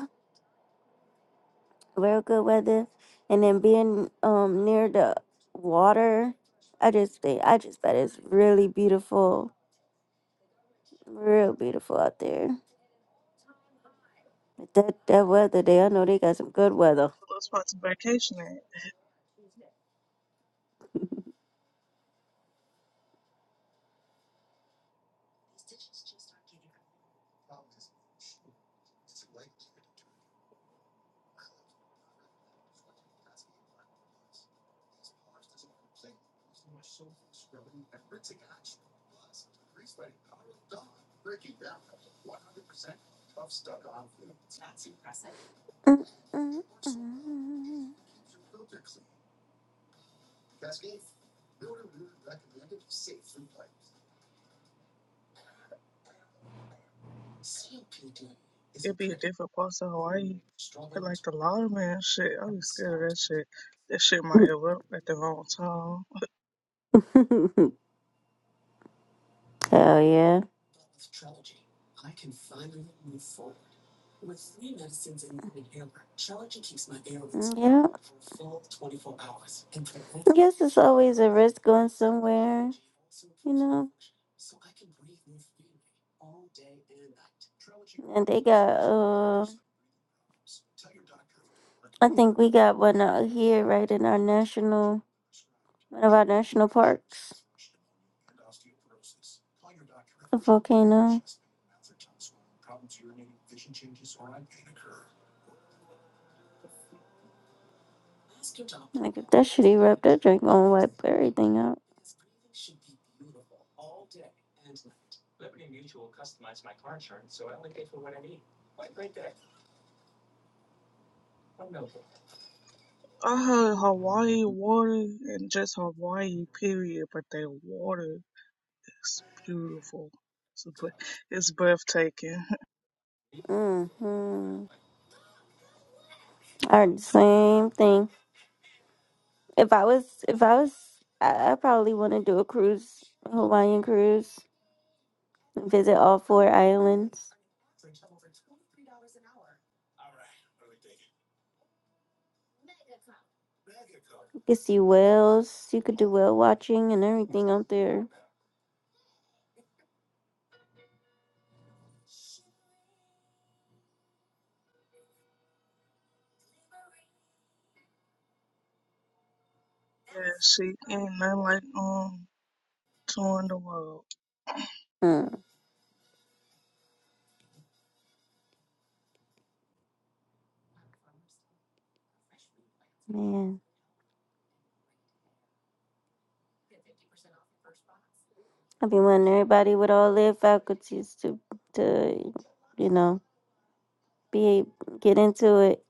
Speaker 1: real good weather, and then being um near the water, I just think I just bet it's really beautiful, real beautiful out there. But that that weather day, I know they got some good weather.
Speaker 6: Those spots to vacation at.
Speaker 1: [LAUGHS]
Speaker 6: It'd be a different parts of Hawaii. But like the lawman shit, I was scared of that shit. That shit might
Speaker 1: Mm,
Speaker 6: erupt at the wrong time.
Speaker 1: mm, mm. [LAUGHS] Hell yeah! Yeah. I guess it's always a risk going somewhere, you know. And they got uh, I think we got one out here, right in our national, one of our national parks, a volcano. Like if that shitty rep, that drink gonna wipe everything out.
Speaker 6: I heard Hawaii water and just Hawaii period, but they water. It's beautiful. It's a it's breathtaking. [LAUGHS]
Speaker 1: Mm-hmm. All right, same thing. If I was, if I was, I, I probably want to do a cruise, a Hawaiian cruise, and visit all four islands. You could see whales. You could do whale watching and everything out there.
Speaker 6: Yeah, she ain't nothing like um touring the world.
Speaker 1: Mm, man, I be wanting everybody with all their faculties to, to, you know, be get into it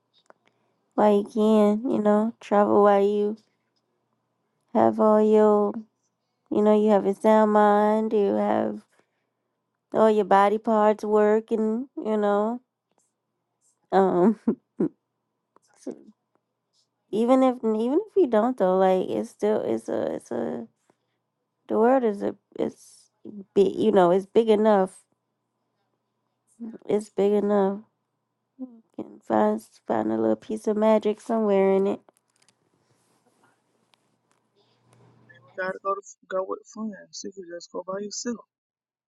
Speaker 1: while you can. You know, travel while you have all your, you know, you have your sound mind, you have all your body parts working, you know. Um, [LAUGHS] so even if even if you don't though, like it's still it's a it's a the world is a it's big, you know, it's big enough. It's big enough. You can find find a little piece of magic somewhere in it.
Speaker 6: You gotta go to go with friends. You could just go by yourself.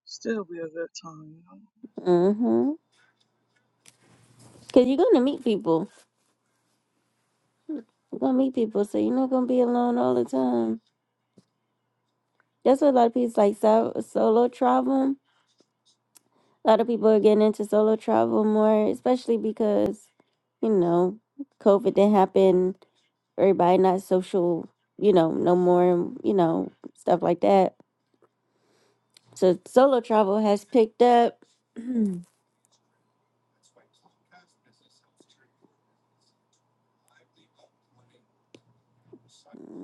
Speaker 6: Still be a good time, you know.
Speaker 1: mm Mhm. Cause you're gonna meet people. You're gonna meet people, so you're not gonna be alone all the time. That's what a lot of people like so, solo travel A lot of people are getting into solo travel more, especially because, you know, COVID didn't happen. Everybody not social, you know, no more, and, you know, stuff like that. So solo travel has picked up.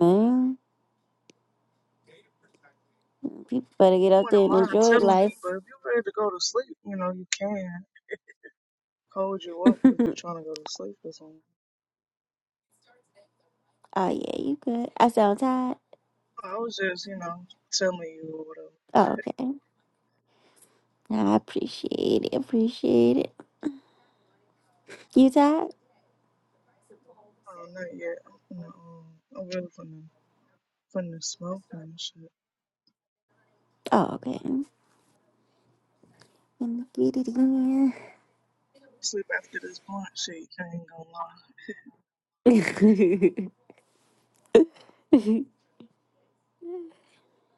Speaker 1: Man, people better get
Speaker 6: You
Speaker 1: out
Speaker 6: wouldn't
Speaker 1: there and
Speaker 6: mind
Speaker 1: enjoy
Speaker 6: telling me,
Speaker 1: life.
Speaker 6: but if you're ready to go to sleep, you know, you can hold you
Speaker 1: [LAUGHS]
Speaker 6: up if you're
Speaker 1: oh
Speaker 6: trying to go to sleep or something.
Speaker 1: yeah, you good. I sound tired.
Speaker 6: I was just, you know, telling you or whatever.
Speaker 1: Oh, okay. I appreciate it. Appreciate it. You tired?
Speaker 6: Oh, not yet. I'm finna, um, I'm really finna, finna smoke and shit.
Speaker 1: Oh, okay. Let me get it
Speaker 6: Sleep after this blunt shit. I ain't gonna lie.
Speaker 1: in. [LAUGHS]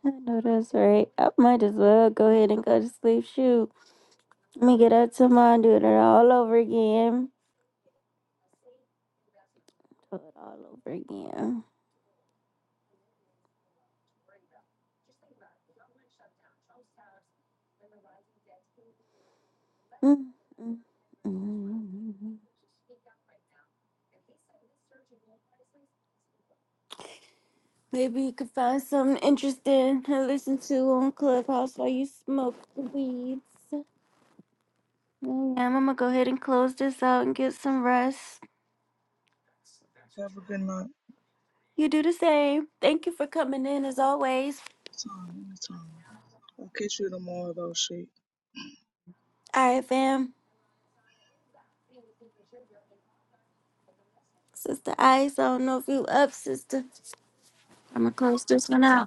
Speaker 1: I know that's right. I might as well go ahead and go to sleep. Shoot. Let me get up tomorrow and do it all over again. Do it all over again. Mm, mm, mm. Maybe you could find something interesting to listen to on Clubhouse while you smoke the weeds. Mm, I'm gonna go ahead and close this out and get some rest.
Speaker 6: Have a good night.
Speaker 1: You do the same. Thank you for coming in as always.
Speaker 6: It's on. It's on. I'll catch you tomorrow though, she.
Speaker 1: All right, fam. Sister Ice, I don't know if you up, sister. I'm gonna close this one out.